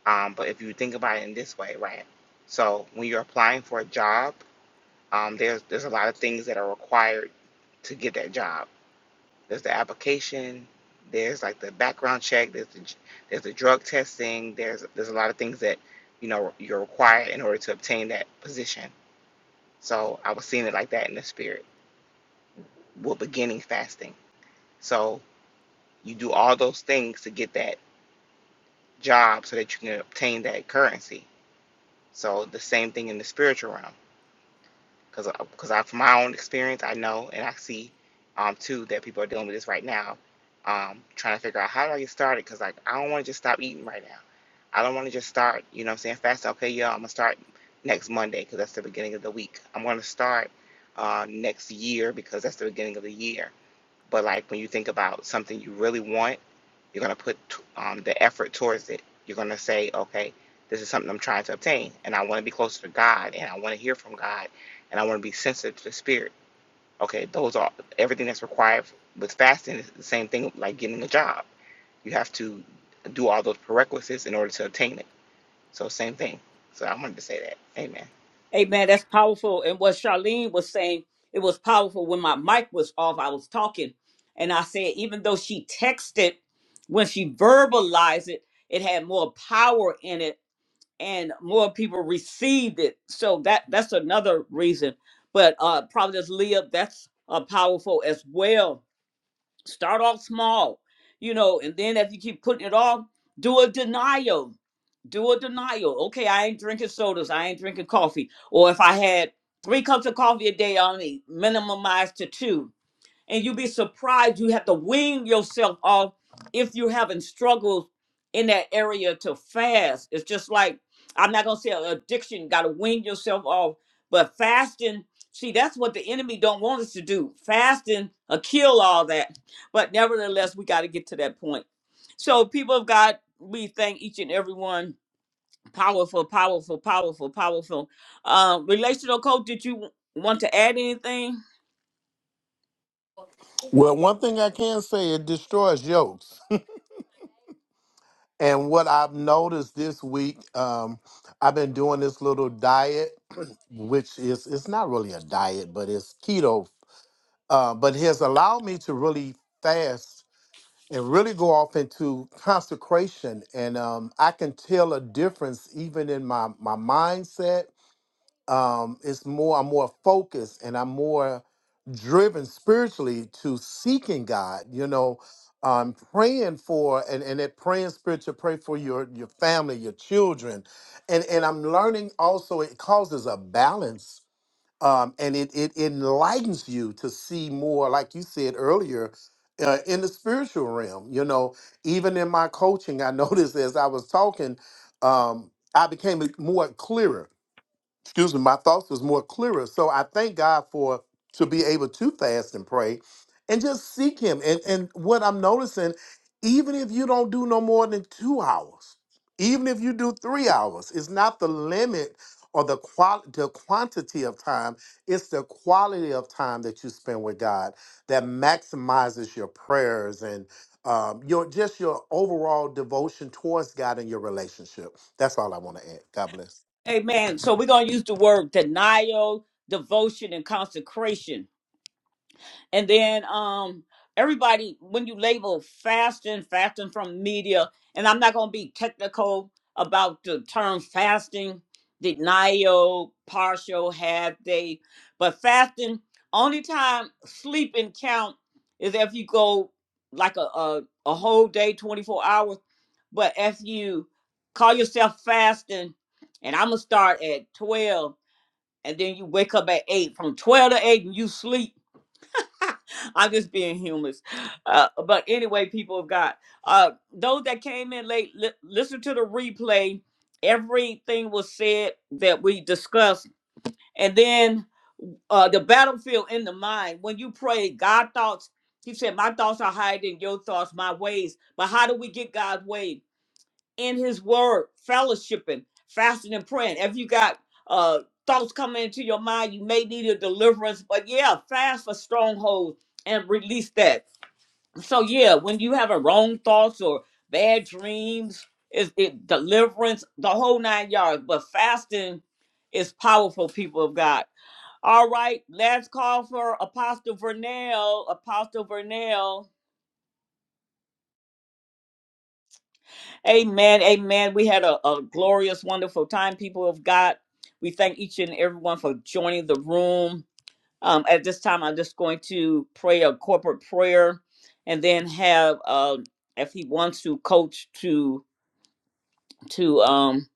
[SPEAKER 7] um, but if you think about it in this way right so when you're applying for a job um, there's there's a lot of things that are required to get that job there's the application there's like the background check there's the there's the drug testing there's there's a lot of things that you know you're required in order to obtain that position so i was seeing it like that in the spirit we beginning fasting so you do all those things to get that job so that you can obtain that currency. So the same thing in the spiritual realm, because because I, from my own experience, I know and I see um too that people are dealing with this right now, um trying to figure out how do I get started? Because like I don't want to just stop eating right now. I don't want to just start. You know, what I'm saying fast. Okay, y'all, I'm gonna start next Monday because that's the beginning of the week. I'm gonna start uh next year because that's the beginning of the year. But like when you think about something you really want you're going to put um, the effort towards it. You're going to say, okay, this is something I'm trying to obtain, and I want to be closer to God, and I want to hear from God, and I want to be sensitive to the Spirit. Okay, those are everything that's required with fasting is the same thing like getting a job. You have to do all those prerequisites in order to obtain it. So, same thing. So, I wanted to say that. Amen.
[SPEAKER 1] Amen. That's powerful. And what Charlene was saying, it was powerful when my mic was off. I was talking, and I said, even though she texted, when she verbalized it, it had more power in it, and more people received it. So that that's another reason. But uh, Providence Leah, that's uh, powerful as well Start off small, you know, and then if you keep putting it off, do a denial. Do a denial. Okay, I ain't drinking sodas. I ain't drinking coffee. Or if I had three cups of coffee a day, I only minimize to two and you'd be surprised you have to wean yourself off if you're having struggles in that area to fast it's just like i'm not gonna say addiction gotta wean yourself off but fasting see that's what the enemy don't want us to do fasting uh, kill all that but nevertheless we got to get to that point so people of god we thank each and every one. Powerful, powerful, powerful, powerful. Um, relational coach, did you w- want to add anything?
[SPEAKER 8] Well, one thing I can say, it destroys yokes. And what I've noticed this week, um, I've been doing this little diet, which is it's not really a diet, but it's keto. Uh, but it has allowed me to really fast and really go off into consecration, and um, I can tell a difference even in my my mindset um it's more i'm more focused and i'm more driven spiritually to seeking god you know i'm praying for and and that praying spirit to pray for your your family your children and and i'm learning also it causes a balance um and it it enlightens you to see more like you said earlier uh, in the spiritual realm you know even in my coaching i noticed as i was talking um i became more clearer excuse me, my thoughts was more clearer. So I thank God for to be able to fast and pray and just seek him. And and what I'm noticing, even if you don't do no more than two hours, even if you do three hours, it's not the limit or the quality the quantity of time, it's the quality of time that you spend with God that maximizes your prayers and um, your just your overall devotion towards God and your relationship. That's all I want to add. God bless.
[SPEAKER 1] Amen. So we're gonna use the word denial, devotion, and consecration. And then um everybody when you label fasting, fasting from media, and I'm not gonna be technical about the term fasting, denial, partial, half day, but fasting, only time sleeping count is if you go like a, a, a whole day, 24 hours. But if you call yourself fasting, and I'm gonna start at 12, and then you wake up at 8, from 12 to 8, and you sleep I'm just being humorous. Uh, but anyway, people of God, uh, those that came in late, li- listen to the replay. Everything was said that we discussed. And then uh, the battlefield in the mind. When you pray, God thoughts, He said, My thoughts are higher than your thoughts, my ways. But how do we get God's way? in his word, fellowshipping, fasting and praying. If you got uh thoughts coming into your mind, you may need a deliverance, but yeah, fast for strongholds and release that. So yeah, when you have a wrong thoughts or bad dreams, is it deliverance, the whole nine yards. But fasting is powerful, people of God. All right, last call for Apostle Vernell. Apostle Vernell. Amen. Amen. We had a, a glorious, wonderful time, people of God. We thank each and everyone for joining the room. Um, at this time, I'm just going to pray a corporate prayer and then have, uh, if he wants to, coach to to um,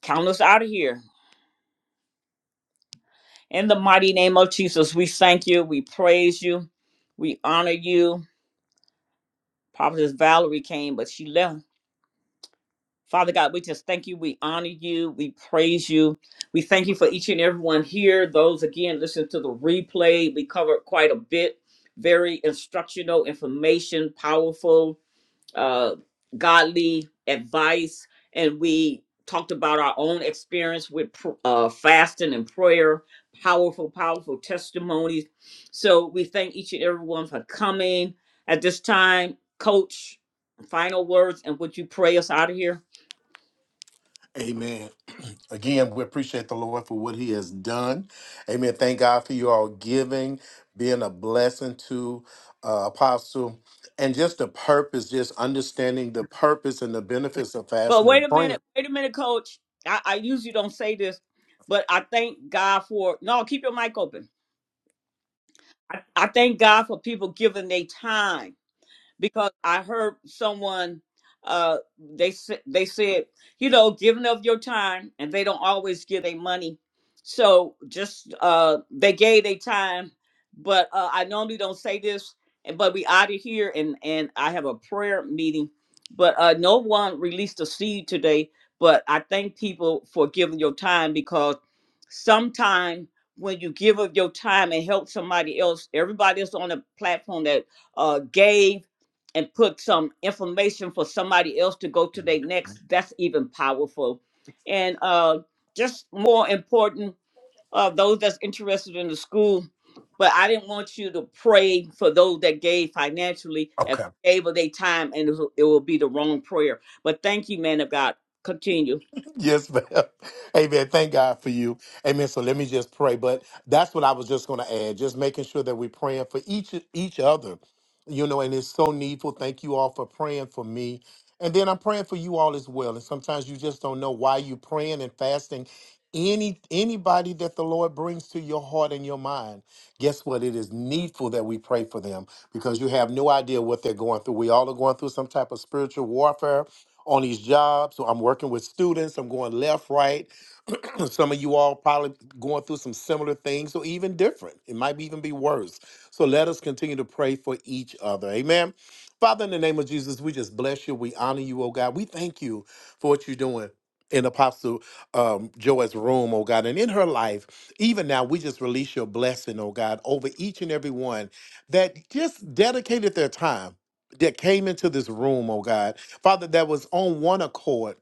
[SPEAKER 1] count us out of here. In the mighty name of Jesus, we thank you. We praise you. We honor you. Prophetess Valerie came, but she left. Father God, we just thank you. We honor you. We praise you. We thank you for each and everyone here. Those again, listen to the replay. We covered quite a bit. Very instructional information, powerful, uh, godly advice. And we talked about our own experience with pr- uh, fasting and prayer. Powerful, powerful testimonies. So we thank each and everyone for coming. At this time, Coach, final words and would you pray us out of here?
[SPEAKER 8] Amen. Again, we appreciate the Lord for what He has done. Amen. Thank God for you all giving, being a blessing to uh, Apostle, and just the purpose, just understanding the purpose and the benefits of
[SPEAKER 1] But
[SPEAKER 8] fasting
[SPEAKER 1] wait
[SPEAKER 8] and
[SPEAKER 1] a
[SPEAKER 8] praying.
[SPEAKER 1] minute, wait a minute, coach. I, I usually don't say this, but I thank God for no, keep your mic open. I, I thank God for people giving their time because I heard someone uh they said they said you know giving of your time and they don't always give their money so just uh they gave their time but uh, I normally don't say this and but we out of here and and I have a prayer meeting but uh no one released a seed today but I thank people for giving your time because sometimes when you give of your time and help somebody else everybody that's on the platform that uh gave and put some information for somebody else to go to their next, that's even powerful. And uh, just more important, uh, those that's interested in the school, but I didn't want you to pray for those that gave financially if they gave of their time and it will it will be the wrong prayer. But thank you, man of God. Continue.
[SPEAKER 8] Yes, ma'am. Amen. Thank God for you. Amen. So let me just pray. But that's what I was just going to add. Just making sure that we're praying for each each other. You know, and it's so needful. Thank you all for praying for me. And then I'm praying for you all as well. And sometimes you just don't know why you're praying and fasting. Any anybody that the Lord brings to your heart and your mind, guess what? It is needful that we pray for them because you have no idea what they're going through. We all are going through some type of spiritual warfare on these jobs. So I'm working with students. I'm going left, right, some of you all probably going through some similar things or even different. It might be even be worse. So let us continue to pray for each other. Amen. Father, in the name of Jesus, we just bless you. We honor you, oh God. We thank you for what you're doing in Apostle um, Joy's room, oh God, and in her life. Even now, we just release your blessing, oh God, over each and every one that just dedicated their time. That came into this room, oh God. Father, that was on one accord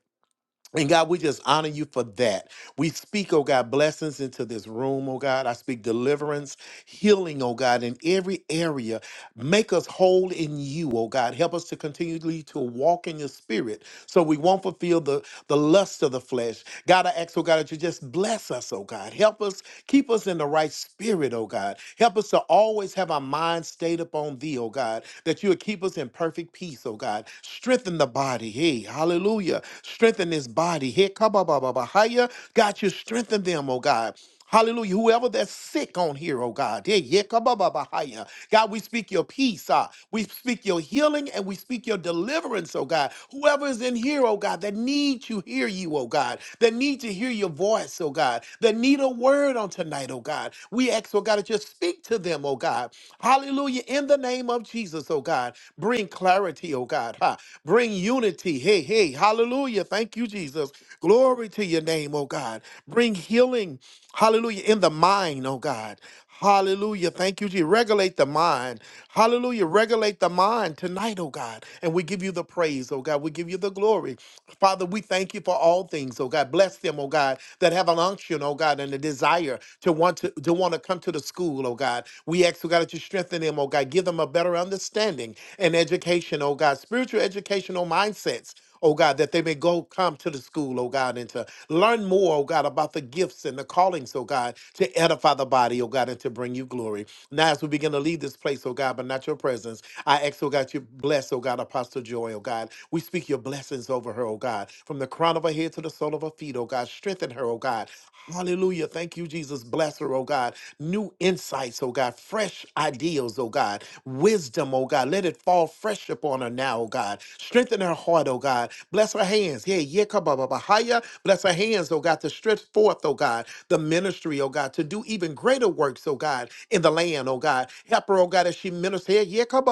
[SPEAKER 8] and God, we just honor you for that. We speak, oh God, blessings into this room, oh God. I speak deliverance, healing, oh God, in every area. Make us whole in you, oh God. Help us to continually to walk in your spirit so we won't fulfill the, the lust of the flesh. God, I ask, oh God, that you just bless us, oh God. Help us Keep us in the right spirit, oh God. Help us to always have our mind stayed upon thee, oh God, that you would keep us in perfect peace, oh God. Strengthen the body. Hey, hallelujah. Strengthen this body. Hey, kababababahaya. God, you strengthen them, oh God. Hallelujah. Whoever that's sick on here, oh God. Yeah, yeah, kabababahaya. God, we speak your peace. ah. We speak your healing and we speak your deliverance, oh God. Whoever is in here, oh God, that needs you, hear you, oh God. That need to hear your voice, oh God, that need a word on tonight, oh God. We ask, oh God, that you speak to them, oh God. Hallelujah. In the name of Jesus, oh God, bring clarity, oh God. Ha. Bring unity. Hey, hey. Hallelujah. Thank you, Jesus. Glory to your name, oh God. Bring healing. Hallelujah. In the mind, oh God. Hallelujah. Thank you, Jesus. Regulate the mind. Hallelujah. Regulate the mind tonight, oh God. And we give you the praise, oh God. We give you the glory. Father, we thank you for all things, oh God. Bless them, oh God, that have an unction, oh God, and a desire to want to, to want to come to the school, oh God. We ask, oh God, that you strengthen them, oh God. Give them a better understanding and education, oh God. Spiritual educational mindsets oh God, that they may go come to the school, oh God, and to learn more, oh God, about the gifts and the callings, oh God, to edify the body, oh God, and to bring you glory. Now, as we begin to leave this place, oh God, but not your presence, I ask, oh God, you bless, oh God, Apostle Joy, oh God. We speak your blessings over her, oh God, from the crown of her head to the sole of her feet, oh God. Strengthen her, oh God. Hallelujah. Thank you, Jesus. Bless her, oh God. New insights, oh God. God, fresh ideals, oh God, wisdom, oh God. Let it fall fresh upon her now, oh God. Strengthen her heart, oh God. Bless her hands. Yeah, yeah, come Bless her hands, oh God, to stretch forth, oh God, the ministry, oh God, to do even greater works, oh God, in the land, oh God. Help her, oh God, as she ministers. Yeah, yeah, come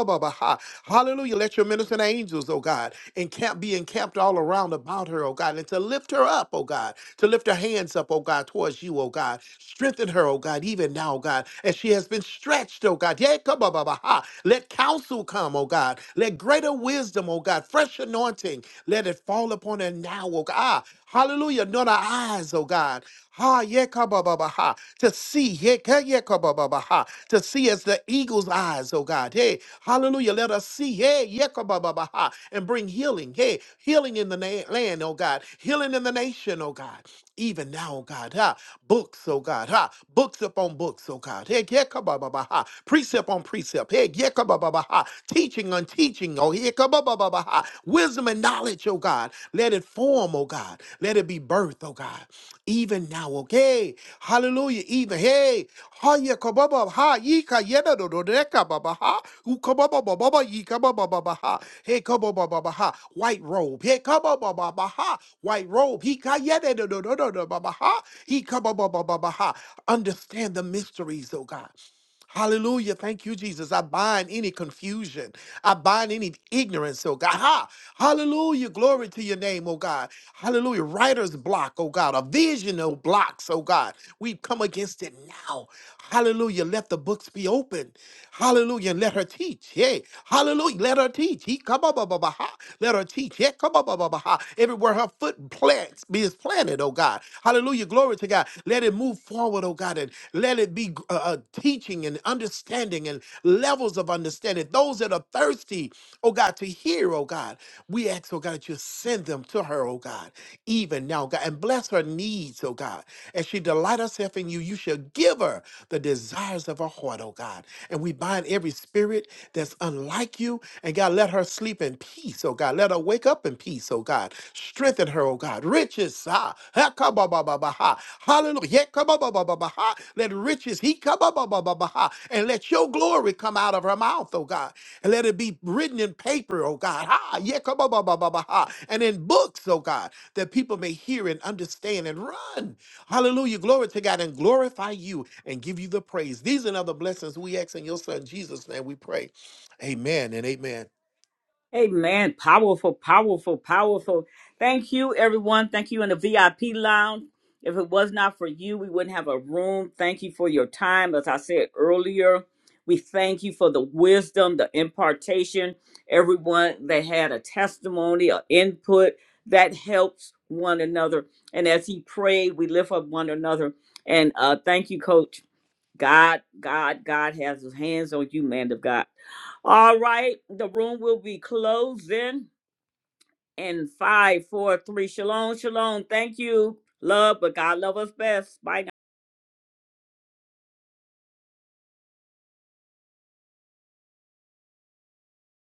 [SPEAKER 8] Hallelujah. Let your ministering angels, oh God, encamp, be encamped all around about her, oh God, and and to lift her up, oh God, to lift her hands up, oh God, towards you, oh God. Strengthen her, oh God, even now, oh God, as she has been stretched, oh God. Yeah, come on, Baba. ha. Let counsel come, oh God. Let greater wisdom, oh God, fresh anointing, let it fall upon her now, oh God. Ah, Hallelujah. Not our eyes, oh God. Ha, yeah, come on, Baba. ha. To see, yeah, yeah, come on, Baba. ha. to see as the eagle's eyes, oh oh God. Hey, hallelujah. Let us see, hey, yekabababaha, and bring healing. Hey, healing in the na- land, oh God. Healing in the nation, oh God. Even now, oh God, ha, books, oh God, ha, books upon books, oh God. Hey, yekabababaha, precept on precept. Hey, yekabababaha, teaching on teaching, oh yekabababaha, wisdom and knowledge, oh God. Let it form, oh God. Let it be birth, oh God even now, okay? Hallelujah, even, hey, ha ye kababa, ha ye ka yeda do do de ka baba ha, u kababa baba ye kababa baba ha, hey kababa baba ha, white robe, hey kababa baba ha, white robe, he ka yeda do do do do do baba ha, he kababa baba ha, understand the mysteries, oh God. Hallelujah. Thank you, Jesus. I bind any confusion. I bind any ignorance, oh God. Ha! Hallelujah. Glory to your name, oh God. Hallelujah. Writer's block, oh God. A visional blocks, oh God. We come against it now. Hallelujah. Let the books be open. Hallelujah. And let her teach. Hey. Hallelujah. Let her teach. He come up. Let her teach. Yeah. Come up. Everywhere her foot planted plants be his planet, oh God. Hallelujah. Glory to God. Let it move forward, oh God, and let it be uh, uh, teaching and understanding and levels of understanding. Those that are thirsty, oh God, to hear, oh God, we ask, oh God, that you send them to her, oh God, even now, God, and bless her needs, oh God. As she delight herself in you, you shall give her the desires of her heart, oh God. And we bind every spirit spirit that's unlike you. And God, let her sleep in peace, oh God. Let her wake up in peace, oh God. Strengthen her, oh God. Riches, ah, ha, ka, ba, ba, ba, ba, ha. hallelujah. yeah, ka, ba, ba, ba, ba, ba, ha. Let riches, he, ka, ba, ba, ba, ba, ba, ha. and let your glory come out of her mouth, oh God. And let it be written in paper, oh God. Ha, yeah, ka, ba, ba, ba, ba, ba, ha. And in books, oh God, that people may hear and understand and run. Hallelujah. Glory to God and glorify you and give you the praise. These and other blessings we ask in your son Jesus' name we pray. Amen and amen.
[SPEAKER 1] Amen. Powerful, powerful, powerful. Thank you, everyone. Thank you in the VIP lounge. If it was not for you, we wouldn't have a room. Thank you for your time. As I said earlier, we thank you for the wisdom, the impartation. Everyone that had a testimony, or input that helps one another. And as he prayed, we lift up one another. And uh, thank you, Coach. God, God, God has his hands on you, man of God. All right, the room will be closing in five, four, three. Shalom, shalom. Thank you. Love, but God love us best. Bye. now.